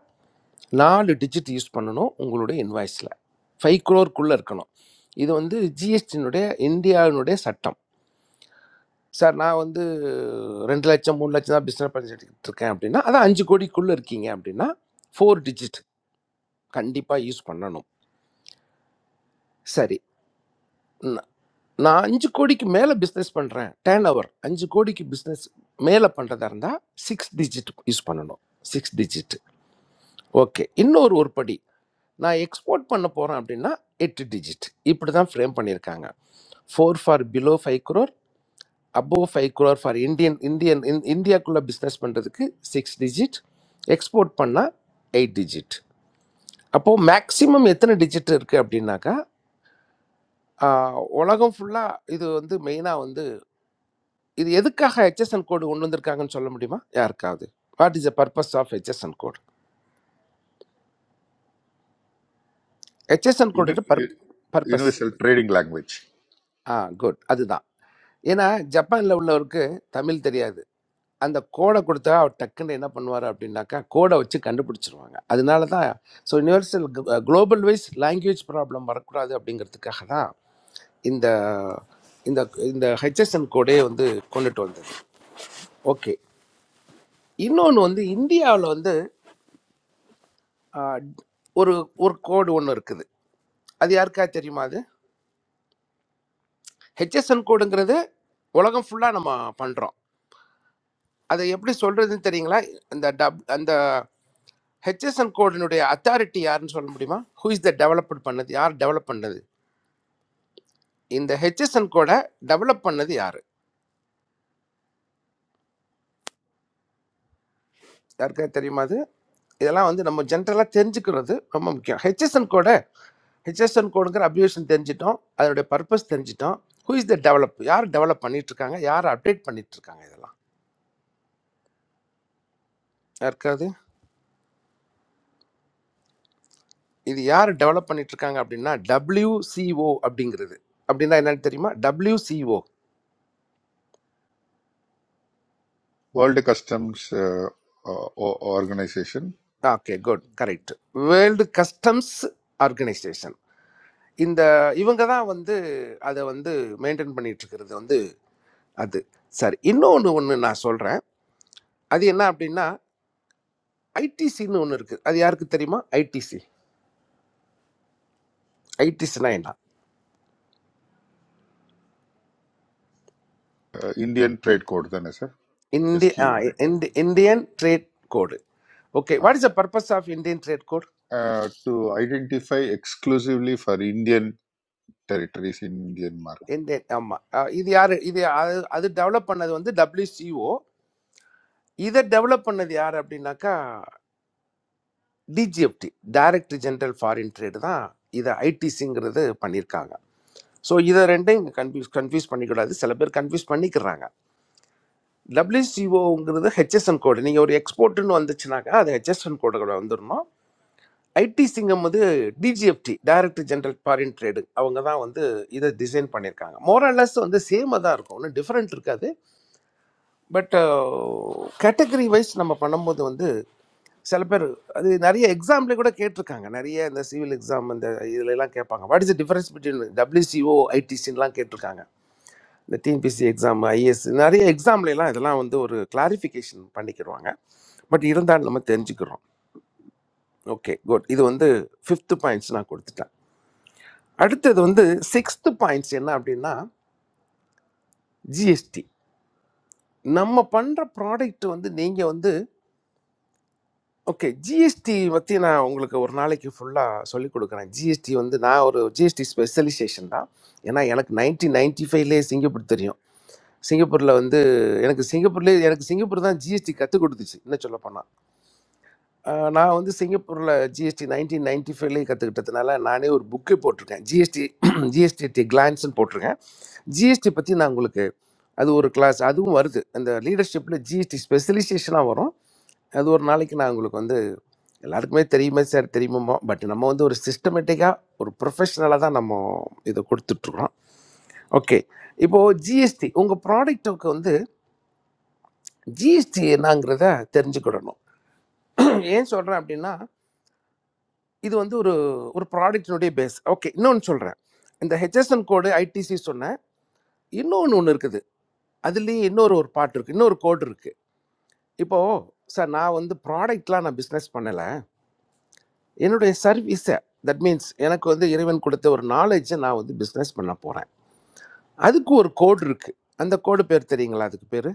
S20: நாலு டிஜிட் யூஸ் பண்ணணும் உங்களுடைய இன்வாய்ஸில் ஃபைவ் குரோர்க்குள்ளே இருக்கணும் இது வந்து ஜிஎஸ்டினுடைய இந்தியாவினுடைய சட்டம் சார் நான் வந்து ரெண்டு லட்சம் மூணு லட்சம் தான் பிஸ்னஸ் பண்ணிட்டு இருக்கேன் அப்படின்னா அதான் அஞ்சு கோடிக்குள்ளே இருக்கீங்க அப்படின்னா ஃபோர் டிஜிட் கண்டிப்பாக யூஸ் பண்ணணும் சரி நான் அஞ்சு கோடிக்கு மேலே பிஸ்னஸ் பண்ணுறேன் டேன் ஓவர் அஞ்சு கோடிக்கு பிஸ்னஸ் மேலே பண்ணுறதா இருந்தால் சிக்ஸ் டிஜிட் யூஸ் பண்ணணும் சிக்ஸ் டிஜிட் ஓகே இன்னொரு ஒரு படி நான் எக்ஸ்போர்ட் பண்ண போகிறேன் அப்படின்னா எட்டு டிஜிட் இப்படி தான் ஃப்ரேம் பண்ணியிருக்காங்க four for below five crore above five crore for Indian Indian in இந்தியாக்குள்ளே பிஸ்னஸ் பண்ணுறதுக்கு சிக்ஸ் டிஜிட் எக்ஸ்போர்ட் பண்ணால் எயிட் டிஜிட் அப்போது மேக்ஸிமம் எத்தனை டிஜிட் இருக்குது அப்படின்னாக்கா ஆஹ், உலகம் ஃபுல்லாக இது வந்து மெயினாக வந்து இது எதுக்காக ஹெச்எஸ்என் கோடு கொண்டு வந்திருக்காங்கன்னு சொல்ல முடியுமா யாருக்காவது what is the purpose of HSN code HSN
S9: Uni-
S20: code pur
S9: u-
S20: purpose
S9: Universal Trading Language,
S20: ஆ குட் அதுதான் ஏன்னா ஜப்பானில் உள்ளவருக்கு தமிழ் தெரியாது அந்த கோடை கொடுத்தா அவர் டக்குன்னு என்ன பண்ணுவார் அப்படின்னாக்கா கோடை வச்சு கண்டுபிடிச்சிருவாங்க அதனால தான் so universal global wise language problem வரக்கூடாது அப்படிங்கிறதுக்காக தான் இந்த இந்த இந்த ஹெச்எஸ்என் கோடே வந்து கொண்டுட்டு வந்தது ஓகே இன்னொன்று வந்து இந்தியாவில் வந்து ஆஹ் ஒரு ஒரு கோடு ஒன்று இருக்குது அது யாருக்கா தெரியுமா அது ஹெச்எஸ்என் கோடுங்கிறது உலகம் ஃபுல்லாக நம்ம பண்ணுறோம் அதை எப்படி சொல்கிறதுன்னு தெரியுங்களா இந்த டப் அந்த ஹெச்எஸ்என் கோடினுடைய அத்தாரிட்டி யாருன்னு சொல்ல முடியுமா ஹூ இஸ் த டெவலப்டு பண்ணது யார் டெவலப் பண்ணது இந்த ஹெச்எஸ்என் கோடை டெவலப் பண்ணது யார் யாருக்கா தெரியுமா அது இதெல்லாம் வந்து நம்ம ஜென்ரலாக தெரிஞ்சுக்கிறது ரொம்ப முக்கியம் ஹெச்எஸ்என் கோடை ஹெச்எஸ்என் கோடுங்கிற அப்ரிவேஷன் தெரிஞ்சிட்டோம் அதனுடைய பர்பஸ் தெரிஞ்சிட்டோம் ஹூ இஸ் த டெவலப் யார் டெவலப் பண்ணிட்டு இருக்காங்க யார் அப்டேட் பண்ணிட்டு இருக்காங்க இதெல்லாம் யாருக்காவது இது யார் டெவலப் பண்ணிட்டு இருக்காங்க அப்படின்னா WCO அப்படிங்கிறது அப்படின்னா என்னன்னு தெரியுமா WCO
S9: World Customs uh, o- o- Organization,
S20: okay good correct world customs organisation இந்த இவங்க தான் வந்து அதை வந்து மெயின்டைன் பண்ணிட்டு இருக்கிறது வந்து அது சரி இன்னொன்று ஒன்று நான் சொல்கிறேன் அது என்ன அப்படின்னா ஐடிசின்னு ஒன்று இருக்குது அது யாருக்கு தெரியுமா ஐடிசி ஐடிசினா என்ன
S9: uh, Indian Trade Code, then, sir, SQ. மாதிரி.
S20: இந்திய இந்தியன் ட்ரேட் கோடு ஓகே
S9: ஆ.
S20: What is the purpose of Indian trade code
S9: Uh, to identify exclusively for Indian territories in Indian market.
S20: இண்டேன் ஆமா அஹ் இது யாரு இது அது அது டெவலப் பண்ணது வந்து டபிள்யூசிஓ இதை டெவலப் பண்ணது யார் அப்படின்னாக்கா DGFT director general foreign trade தான் இதை ஐடிசிங்கிறது பண்ணியிருக்காங்க ஸோ இதை ரெண்டையும் கன்ஃபியூஸ் கன்ஃபியூஸ் பண்ணிக்கூடாது சில பேர் கன்ஃபியூஸ் பண்ணிக்கிறாங்க டபிள்யூசிஓங்கிறது ஹெச்எஸ்என் கோடு நீங்கள் ஒரு எக்ஸ்போர்ட்டுன்னு வந்துச்சுனாக்கா அது ஹெச்எஸ்என் கோடுகளை வந்துடணும் ஐடிசிங்கும் வந்து DGFT director general foreign trade அவங்க தான் வந்து இதை டிசைன் பண்ணியிருக்காங்க மோரல்லஸ் வந்து சேமாக தான் இருக்கும் ஒன்றும் டிஃப்ரெண்ட் இருக்காது பட் கேட்டகரி வைஸ் நம்ம பண்ணும்போது வந்து சில பேர் அது நிறைய எக்ஸாம்பிளே கூட கேட்டிருக்காங்க நிறைய இந்த சிவில் எக்ஸாம் இந்த இதுல எல்லாம் கேட்பாங்க what is the difference between WCO ஐடிசின்லாம் கேட்டிருக்காங்க இந்த டிஎன்பிசி எக்ஸாம் ஐஏஎஸ் நிறைய examல எல்லாம் இதெல்லாம் வந்து ஒரு கிளாரிஃபிகேஷன் பண்ணிக்கிடுவாங்க பட் இருந்தாலும் நம்ம தெரிஞ்சுக்கிறோம் ஓகே குட் இது வந்து ஃபிஃப்த்து பாயிண்ட்ஸ் நான் கொடுத்துட்டேன் அடுத்தது வந்து சிக்ஸ்த்து பாயிண்ட்ஸ் என்ன அப்படின்னா ஜிஎஸ்டி நம்ம பண்ணுற ப்ராடக்ட் வந்து நீங்கள் வந்து ஓகே. ஜிஎஸ்டி பத்தி நான் உங்களுக்கு ஒரு நாளைக்கு ஃபுல்லா சொல்லிக் குடுக்குறேன். ஜிஎஸ்டி வந்து நான் ஒரு ஜிஎஸ்டி ஸ்பெஷலைசேஷன் தான். ஏன்னா, எனக்கு 1995 லேயே சிங்கப்பூர் தெரியும். சிங்கப்பூர்ல வந்து எனக்கு சிங்கப்பூர்லயே எனக்கு சிங்கப்பூர் தான் ஜிஎஸ்டி கத்துக் குடுத்துச்சு, இன்னும் சொல்லப்போனா. அ நான் வந்து சிங்கப்பூர்ல ஜிஎஸ்டி 1995 லேயே கத்துக்கிட்டதுனால, நானே ஒரு புக்கே போட்டிருக்கேன். ஜிஎஸ்டி ஜிஎஸ்டி அட் எ கிளான்ஸ்ன்னு போட்டிருக்கேன். ஜிஎஸ்டி பத்தி நான் உங்களுக்கு அது ஒரு கிளாஸ் அதுவும் வருது. அந்த லீடர்ஷிப்ல ஜிஎஸ்டி ஸ்பெஷலைசேஷனா வரும். அது ஒரு நாளைக்கு நான் உங்களுக்கு வந்து எல்லாருக்குமே தெரியுமே சார் தெரியுமோ பட் நம்ம வந்து ஒரு சிஸ்டமேட்டிக்காக ஒரு ப்ரொஃபஷ்னலாக தான் நம்ம இதை கொடுத்துட்ருக்குறோம் ஓகே இப்போது ஜிஎஸ்டி உங்கள் ப்ராடக்ட்டுக்கு வந்து ஜிஎஸ்டி என்னங்கிறத தெரிஞ்சுக்கிடணும் ஏன் சொல்கிறேன் அப்படின்னா இது வந்து ஒரு ஒரு ப்ராடக்டினுடைய பேஸ் ஓகே இன்னொன்று சொல்கிறேன் இந்த ஹெச்எஸ்என் கோடு ஐடிசி சொன்னேன் இன்னொன்று ஒன்று இருக்குது அதுலேயே இன்னொரு ஒரு பாட்டு இருக்குது இன்னொரு கோடு இருக்குது இப்போது சார் நான் வந்து ப்ராடக்ட்லாம் நான் பிஸ்னஸ் பண்ணல என்னுடைய சர்வீஸை தட் மீன்ஸ் எனக்கு வந்து இறைவன் கொடுத்த ஒரு நாலேஜை நான் வந்து பிஸ்னஸ் பண்ண போகிறேன் அதுக்கு ஒரு கோடு இருக்குது அந்த கோடு பேர் தெரியுங்களா அதுக்கு பேர்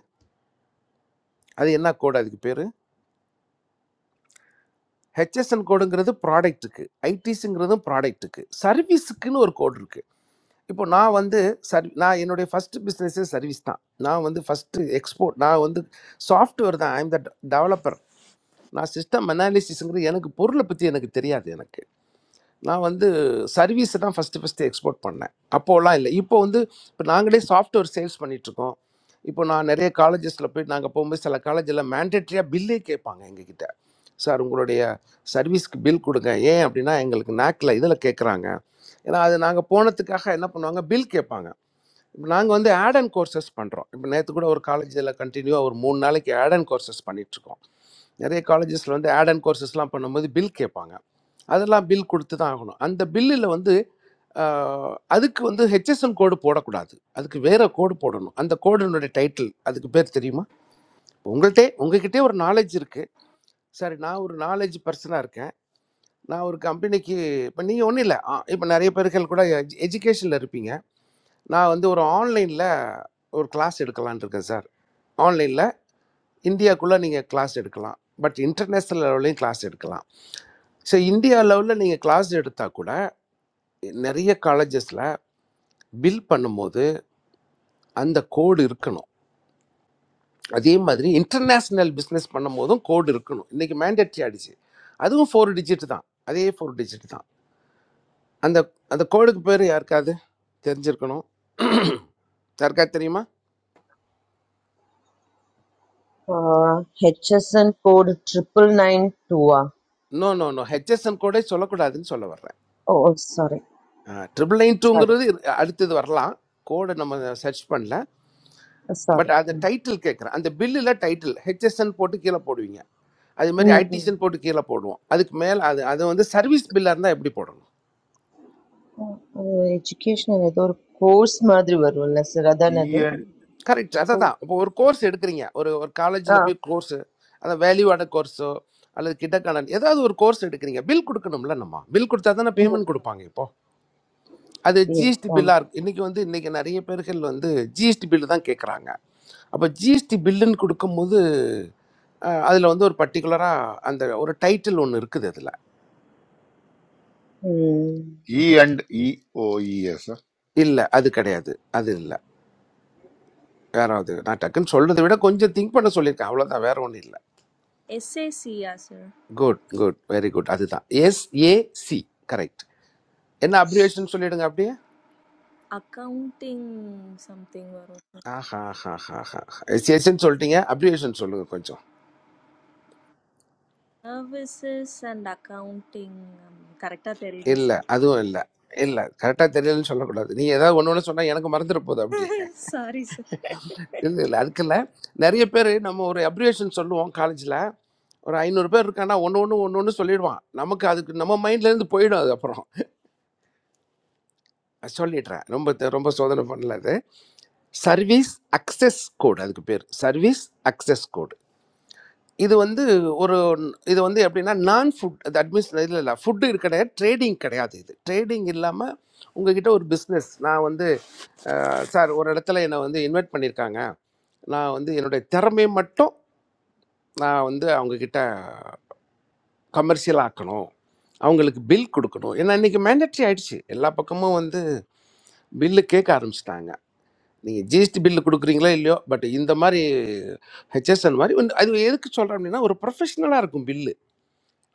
S20: அது என்ன கோடு அதுக்கு பேர் ஹெச்எஸ்என் கோடுங்கிறது ப்ராடக்ட்டுக்கு ஐடிஸுங்கிறதும் ப்ராடக்ட்டுக்கு சர்வீஸுக்குன்னு ஒரு கோடு இருக்குது இப்போ நான் வந்து சர்வ் நான் என்னுடைய ஃபஸ்ட்டு பிஸ்னஸே சர்வீஸ் தான் நான் வந்து ஃபஸ்ட்டு எக்ஸ்போர்ட் நான் வந்து சாஃப்ட்வேர் தான் ஐம் த டெவலப்பர் நான் சிஸ்டம் அனாலிசிஸுங்கிறது எனக்கு பொருளை பற்றி எனக்கு தெரியாது எனக்கு நான் வந்து சர்வீஸை தான் ஃபஸ்ட்டு ஃபஸ்ட்டு எக்ஸ்போர்ட் பண்ணேன் அப்போலாம் இல்லை இப்போ வந்து இப்போ நாங்களே சாஃப்ட்வேர் சேல்ஸ் பண்ணிகிட்ருக்கோம் இப்போ நான் நிறைய காலேஜஸில் போய் நாங்கள் போகும்போது சில காலேஜில் மேண்டேட்ரியாக பில்லே கேட்பாங்க எங்ககிட்ட சார் உங்களுடைய சர்வீஸ்க்கு பில் கொடுங்க ஏன் அப்படின்னா எங்களுக்கு நாக்கில் இதில் கேட்குறாங்க ஏன்னா அது நாங்கள் போனதுக்காக என்ன பண்ணுவாங்க பில் கேட்பாங்க இப்போ நாங்கள் வந்து ஆட் அண்ட் கோர்சஸ் பண்ணுறோம் இப்போ நேற்று கூட ஒரு காலேஜில் கண்டினியூவாக ஒரு மூணு நாளைக்கு ஆட் அண்ட் கோர்சஸ் பண்ணிகிட்ருக்கோம் நிறைய காலேஜஸில் வந்து ஆட் அண்ட் கோர்சஸ்லாம் பண்ணும்போது பில் கேட்பாங்க அதெல்லாம் பில் கொடுத்து தான் ஆகணும் அந்த பில்லில் வந்து ஆஹ், அதுக்கு வந்து ஹெச்எஸ்எம் கோடு போடக்கூடாது அதுக்கு வேற கோடு போடணும் அந்த கோடினுடைய டைட்டில் அதுக்கு பேர் தெரியுமா உங்கள்கிட்ட உங்ககிட்டே ஒரு நாலேஜ் இருக்குது சரி நான் ஒரு நாலேஜ் பர்சனாக இருக்கேன் நான் ஒரு கம்பெனிக்கு இப்போ நீங்கள் ஒன்றும் இல்லை இப்போ நிறைய பேர்கள் கூட எஜுகேஷனில் இருப்பீங்க நான் வந்து ஒரு ஆன்லைனில் ஒரு கிளாஸ் எடுக்கலாம்னு இருக்கேன் சார் ஆன்லைனில் இந்தியாக்குள்ளே நீங்கள் கிளாஸ் எடுக்கலாம் பட் இன்டர்நேஷ்னல் லெவல்லையும் கிளாஸ் எடுக்கலாம் ஸோ இந்தியா லெவலில் நீங்கள் கிளாஸ் எடுத்தால் கூட நிறைய காலேஜஸில் பில் பண்ணும்போது அந்த கோடு இருக்கணும் அதே மாதிரி இன்டர்நேஷ்னல் பிஸ்னஸ் பண்ணும்போதும் கோடு இருக்கணும் இன்றைக்கி மேண்டேட்ரி ஆடிச்சு அதுவும் ஃபோர் டிஜிட் தான் அதே ஃபோர் டிஜிட் தான் அந்த அந்த கோடுக்கு பேர் யாருக்காவது தெரிஞ்சிருக்கணும் யாருக்காவது தெரியுமா
S22: Uh, HSN code triple nine two. ah.
S20: No no no HSN கோடே சொல்லக்கூடாதுன்னு சொல்ல வர்றேன்
S22: Oh, oh, sorry,
S20: triple nine
S22: sorry,
S20: டூங்கிறது அடுத்தது வரலாம் கோடை நம்ம சர்ச் பண்ணல
S22: Uh, sorry.
S20: பட் அந்த
S22: Mm
S20: டைட்டில் கேட்குறேன் அந்த பில்லில் டைட்டில் ஹெச்எஸ்என் போட்டு கீழே போடுவீங்க அது மாதிரி
S22: mm. mm.
S20: ஐடிசின்னு போட்டு கீழே போடுவோம் அதுக்கு மேலே அது அது வந்து சர்வீஸ் பில்லாக இருந்தால் எப்படி போடணும்
S22: Uh, education is a course madri varu. Unless rather
S9: E
S22: than that.
S9: and
S20: correct அதை தான் இப்போ ஒரு கோர்ஸ் எடுக்கிறீங்க ஒரு ஒரு காலேஜில்
S22: Ah.
S20: போய் கோர்ஸு அந்த வேல்யூவான கோர்ஸோ அல்லது கிட்டக்கடன் ஏதாவது ஒரு கோர்ஸ் எடுக்கிறீங்க பில் கொடுக்கணும்ல நம்ம பில் கொடுத்தா தானே
S22: mm,
S20: பேமெண்ட் கொடுப்பாங்க இப்போ அது
S22: Yes.
S20: ஜிஎஸ்டி பில்லாக இருக்கும் இன்றைக்கி வந்து இன்றைக்கி நிறைய பேர்கள் வந்து ஜிஎஸ்டி பில்லு தான் கேட்குறாங்க அப்போ ஜிஎஸ்டி பில்லுன்னு கொடுக்கும்போது அதில் வந்து ஒரு பர்டிகுலராக அந்த ஒரு டைட்டில் ஒன்று இருக்குது அதில்
S22: Um.
S9: E and EOES, sir.
S20: இல்லை அது கிடையாது அது இல்லை யாராவது நான் டக்குன்னு சொல்றதை விட கொஞ்சம் திங்க் பண்ண சொல்லியிருக்கேன் அவ்வளோதான் வேற ஒன்றும் இல்லை
S21: SAC, yeah, sir.
S20: Good good very good அதுதான் எஸ் ஏ சி கரெக்ட் என்ன அப்ரிவேஷன் சொல்லிடுங்க அப்படியே
S21: Accounting something. or
S20: ஆஹா ஹா ஹா ஹா எஸ்ஏசின்னு சொல்லிட்டீங்க அப்ரிவேஷன் சொல்லுங்க கொஞ்சம்
S21: Services and accounting. um, Correct, ah,
S20: இல்லை
S21: sir.
S20: அதுவும் இல்லை இல்லை கரெக்டாக தெரியலன்னு சொல்லக்கூடாது நீ ஏதாவது ஒன்று ஒன்று சொன்னால் எனக்கு மறந்துட போகுது அப்படியே
S21: Sorry, sir.
S20: இல்லை இல்லை அதுக்கு இல்லை நிறைய பேர் நம்ம ஒரு அப்ரிவேஷன் சொல்லுவோம் காலேஜில் ஒரு ஐநூறு பேர் இருக்கானா ஒன்று ஒன்று ஒன்று ஒன்று சொல்லிடுவான் நமக்கு அதுக்கு நம்ம மைண்ட்லேருந்து போயிடும் அது அப்புறம் சொல்லிடுறேன் ரொம்ப ரொம்ப சோதனை பண்ணல அது சர்வீஸ் அக்சஸ் கோட் அதுக்கு பேர் சர்வீஸ் அக்சஸ் கோட் இது வந்து ஒரு இது வந்து எப்படின்னா நான் ஃபுட் தட் மீன்ஸ் இல்லை இல்லை ஃபுட்டு இது கிடையாது ட்ரேடிங் கிடையாது இது ட்ரேடிங் இல்லாமல் உங்ககிட்ட ஒரு பிஸ்னஸ் நான் வந்து சார் ஒரு இடத்துல என்னை வந்து இன்வைட் பண்ணியிருக்காங்க நான் வந்து என்னுடைய திறமையை மட்டும் நான் வந்து அவங்கக்கிட்ட கமர்ஷியல் ஆக்கணும் அவங்களுக்கு பில் கொடுக்கணும் ஏன்னா இன்றைக்கி மேண்டட்ரி ஆயிடுச்சு எல்லா பக்கமும் வந்து பில்லு கேட்க ஆரம்பிச்சிட்டாங்க நீங்கள் ஜிஎஸ்டி பில்லு கொடுக்குறீங்களோ இல்லையோ பட் இந்த மாதிரி ஹெச்எஸ்என் மாதிரி வந்து அது எதுக்கு சொல்கிறேன் அப்படின்னா ஒரு ப்ரொஃபஷனலாக இருக்கும் பில்லு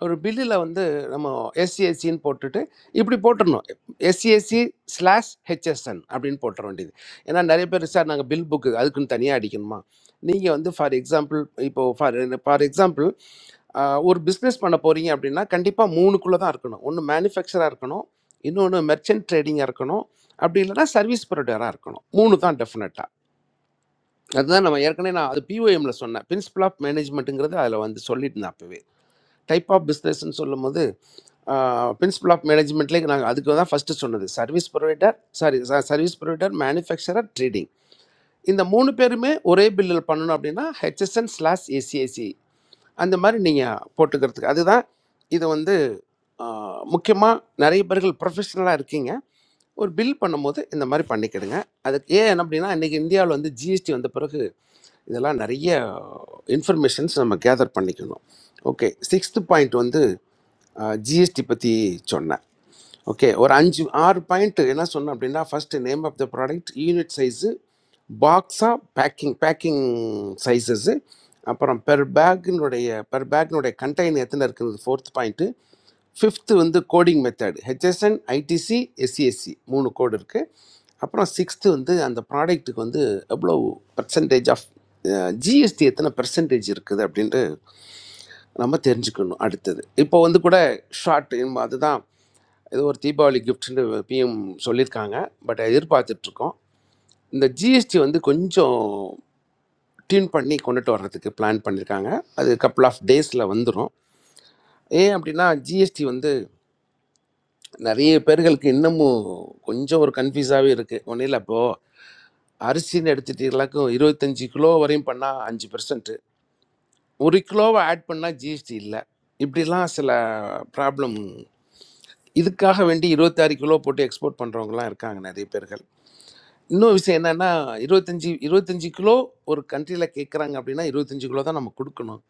S20: ஒரு பில்லில் வந்து நம்ம எஸ்சிஎஸ்சின்னு போட்டுட்டு இப்படி போட்டுடணும் எஸ்சிஎஸ்சி ஸ்லாஷ் ஹெச்எஸ்என் அப்படின்னு போட்டுற வேண்டியது ஏன்னா நிறைய பேர் சார் நாங்கள் பில் புக்கு அதுக்குன்னு தனியாக அடிக்கணுமா நீங்கள் வந்து ஃபார் எக்ஸாம்பிள் இப்போ ஃபார் ஃபார் எக்ஸாம்பிள் ஒரு பிஸ்னஸ் பண்ண போகிறீங்க அப்படின்னா கண்டிப்பாக மூணுக்குள்ளே தான் இருக்கணும் ஒன்று மேனுஃபேக்சராக இருக்கணும் இன்னொன்று மெர்ச்சன்ட் ட்ரேடிங்காக இருக்கணும் அப்படி இல்லைன்னா சர்வீஸ் ப்ரொவைடராக இருக்கணும் மூணு தான் டெஃபினட்டாக அதுதான் நம்ம ஏற்கனவே நான் அது பிஓஎம்ல சொன்னேன் பிரின்சிபல் ஆஃப் மேனேஜ்மெண்ட்டுங்கிறது அதில் வந்து சொல்லியிருந்தேன் அப்போவே டைப் ஆஃப் பிஸ்னஸ்ன்னு சொல்லும்போது பிரின்சிபல் ஆஃப் மேனேஜ்மெண்ட்லேயே நாங்கள் அதுக்கு தான் ஃபஸ்ட்டு சொன்னது service provider sorry service provider manufacturer trading இந்த மூணு பேருமே ஒரே பில்லில் பண்ணணும் அப்படின்னா ஹெச்எஸ்என் ஸ்லாஸ் ஏசிஏசி அந்த மாதிரி நீங்கள் போட்டுக்கிறதுக்கு அதுதான் இது வந்து முக்கியமாக நிறைய பேர்கள் ப்ரொஃபஷனலாக இருக்கீங்க ஒரு பில் பண்ணும்போது இந்த மாதிரி பண்ணிக்கிடுங்க அதுக்கு ஏன் அப்படின்னா இன்றைக்கி இந்தியாவில் வந்து ஜிஎஸ்டி வந்த பிறகு இதெல்லாம் நிறைய இன்ஃபர்மேஷன்ஸ் நம்ம கேதர் பண்ணிக்கணும் ஓகே சிக்ஸ்த்து பாயிண்ட் வந்து ஜிஎஸ்டி பற்றி சொன்னேன் ஓகே ஒரு அஞ்சு ஆறு பாயிண்ட் என்ன சொன்னேன் அப்படின்னா first name of the product unit size பாக்ஸாக பேக்கிங் பேக்கிங் சைஸஸ்ஸு அப்புறம் பெர் பேக்கினுடைய பெர் பேக்கினுடைய கண்டெய்னர் எத்தனை இருக்குது ஃபோர்த் பாயிண்ட்டு ஃபிஃப்த்து வந்து coding method HSN ITC SCSC மூணு கோடு இருக்குது அப்புறம் சிக்ஸ்த்து வந்து அந்த ப்ராடக்ட்டுக்கு வந்து எவ்வளோ பர்சன்டேஜ் ஆஃப் ஜிஎஸ்டி எத்தனை பெர்சன்டேஜ் இருக்குது அப்படின்ட்டு நம்ம தெரிஞ்சுக்கணும் அடுத்தது இப்போ வந்து கூட ஷார்ட் அதுதான் இது ஒரு தீபாவளி கிஃப்ட்னு பிஎம் சொல்லியிருக்காங்க பட் எதிர்பார்த்துட்ருக்கோம் இந்த ஜிஎஸ்டி வந்து கொஞ்சம் டியூன் பண்ணி கொண்டுட்டு வர்றதுக்கு பிளான் பண்ணியிருக்காங்க அது கப்புள் ஆஃப் டேஸில் வந்துடும் ஏன் அப்படின்னா ஜிஎஸ்டி வந்து நிறைய பேர்களுக்கு இன்னமும் கொஞ்சம் ஒரு கன்ஃபியூஸாகவே இருக்குது ஒன்றும் இல்லை இப்போது அரிசின்னு எடுத்துட்டீங்களாக்கும் இருபத்தஞ்சி கிலோ வரையும் பண்ணால் அஞ்சு பெர்சன்ட்டு ஒரு கிலோவை ஆட் பண்ணால் ஜிஎஸ்டி இல்லை இப்படிலாம் சில ப்ராப்ளம் இதுக்காக வேண்டி இருபத்தாறு கிலோ போட்டு எக்ஸ்போர்ட் பண்ணுறவங்களாம் இருக்காங்க நிறைய பேர்கள் இன்னொரு விஷயம் என்னென்னா இருபத்தஞ்சி இருபத்தஞ்சி கிலோ ஒரு கண்ட்ரியில் கேட்குறாங்க அப்படின்னா இருபத்தஞ்சி கிலோ தான் நம்ம கொடுக்கணும்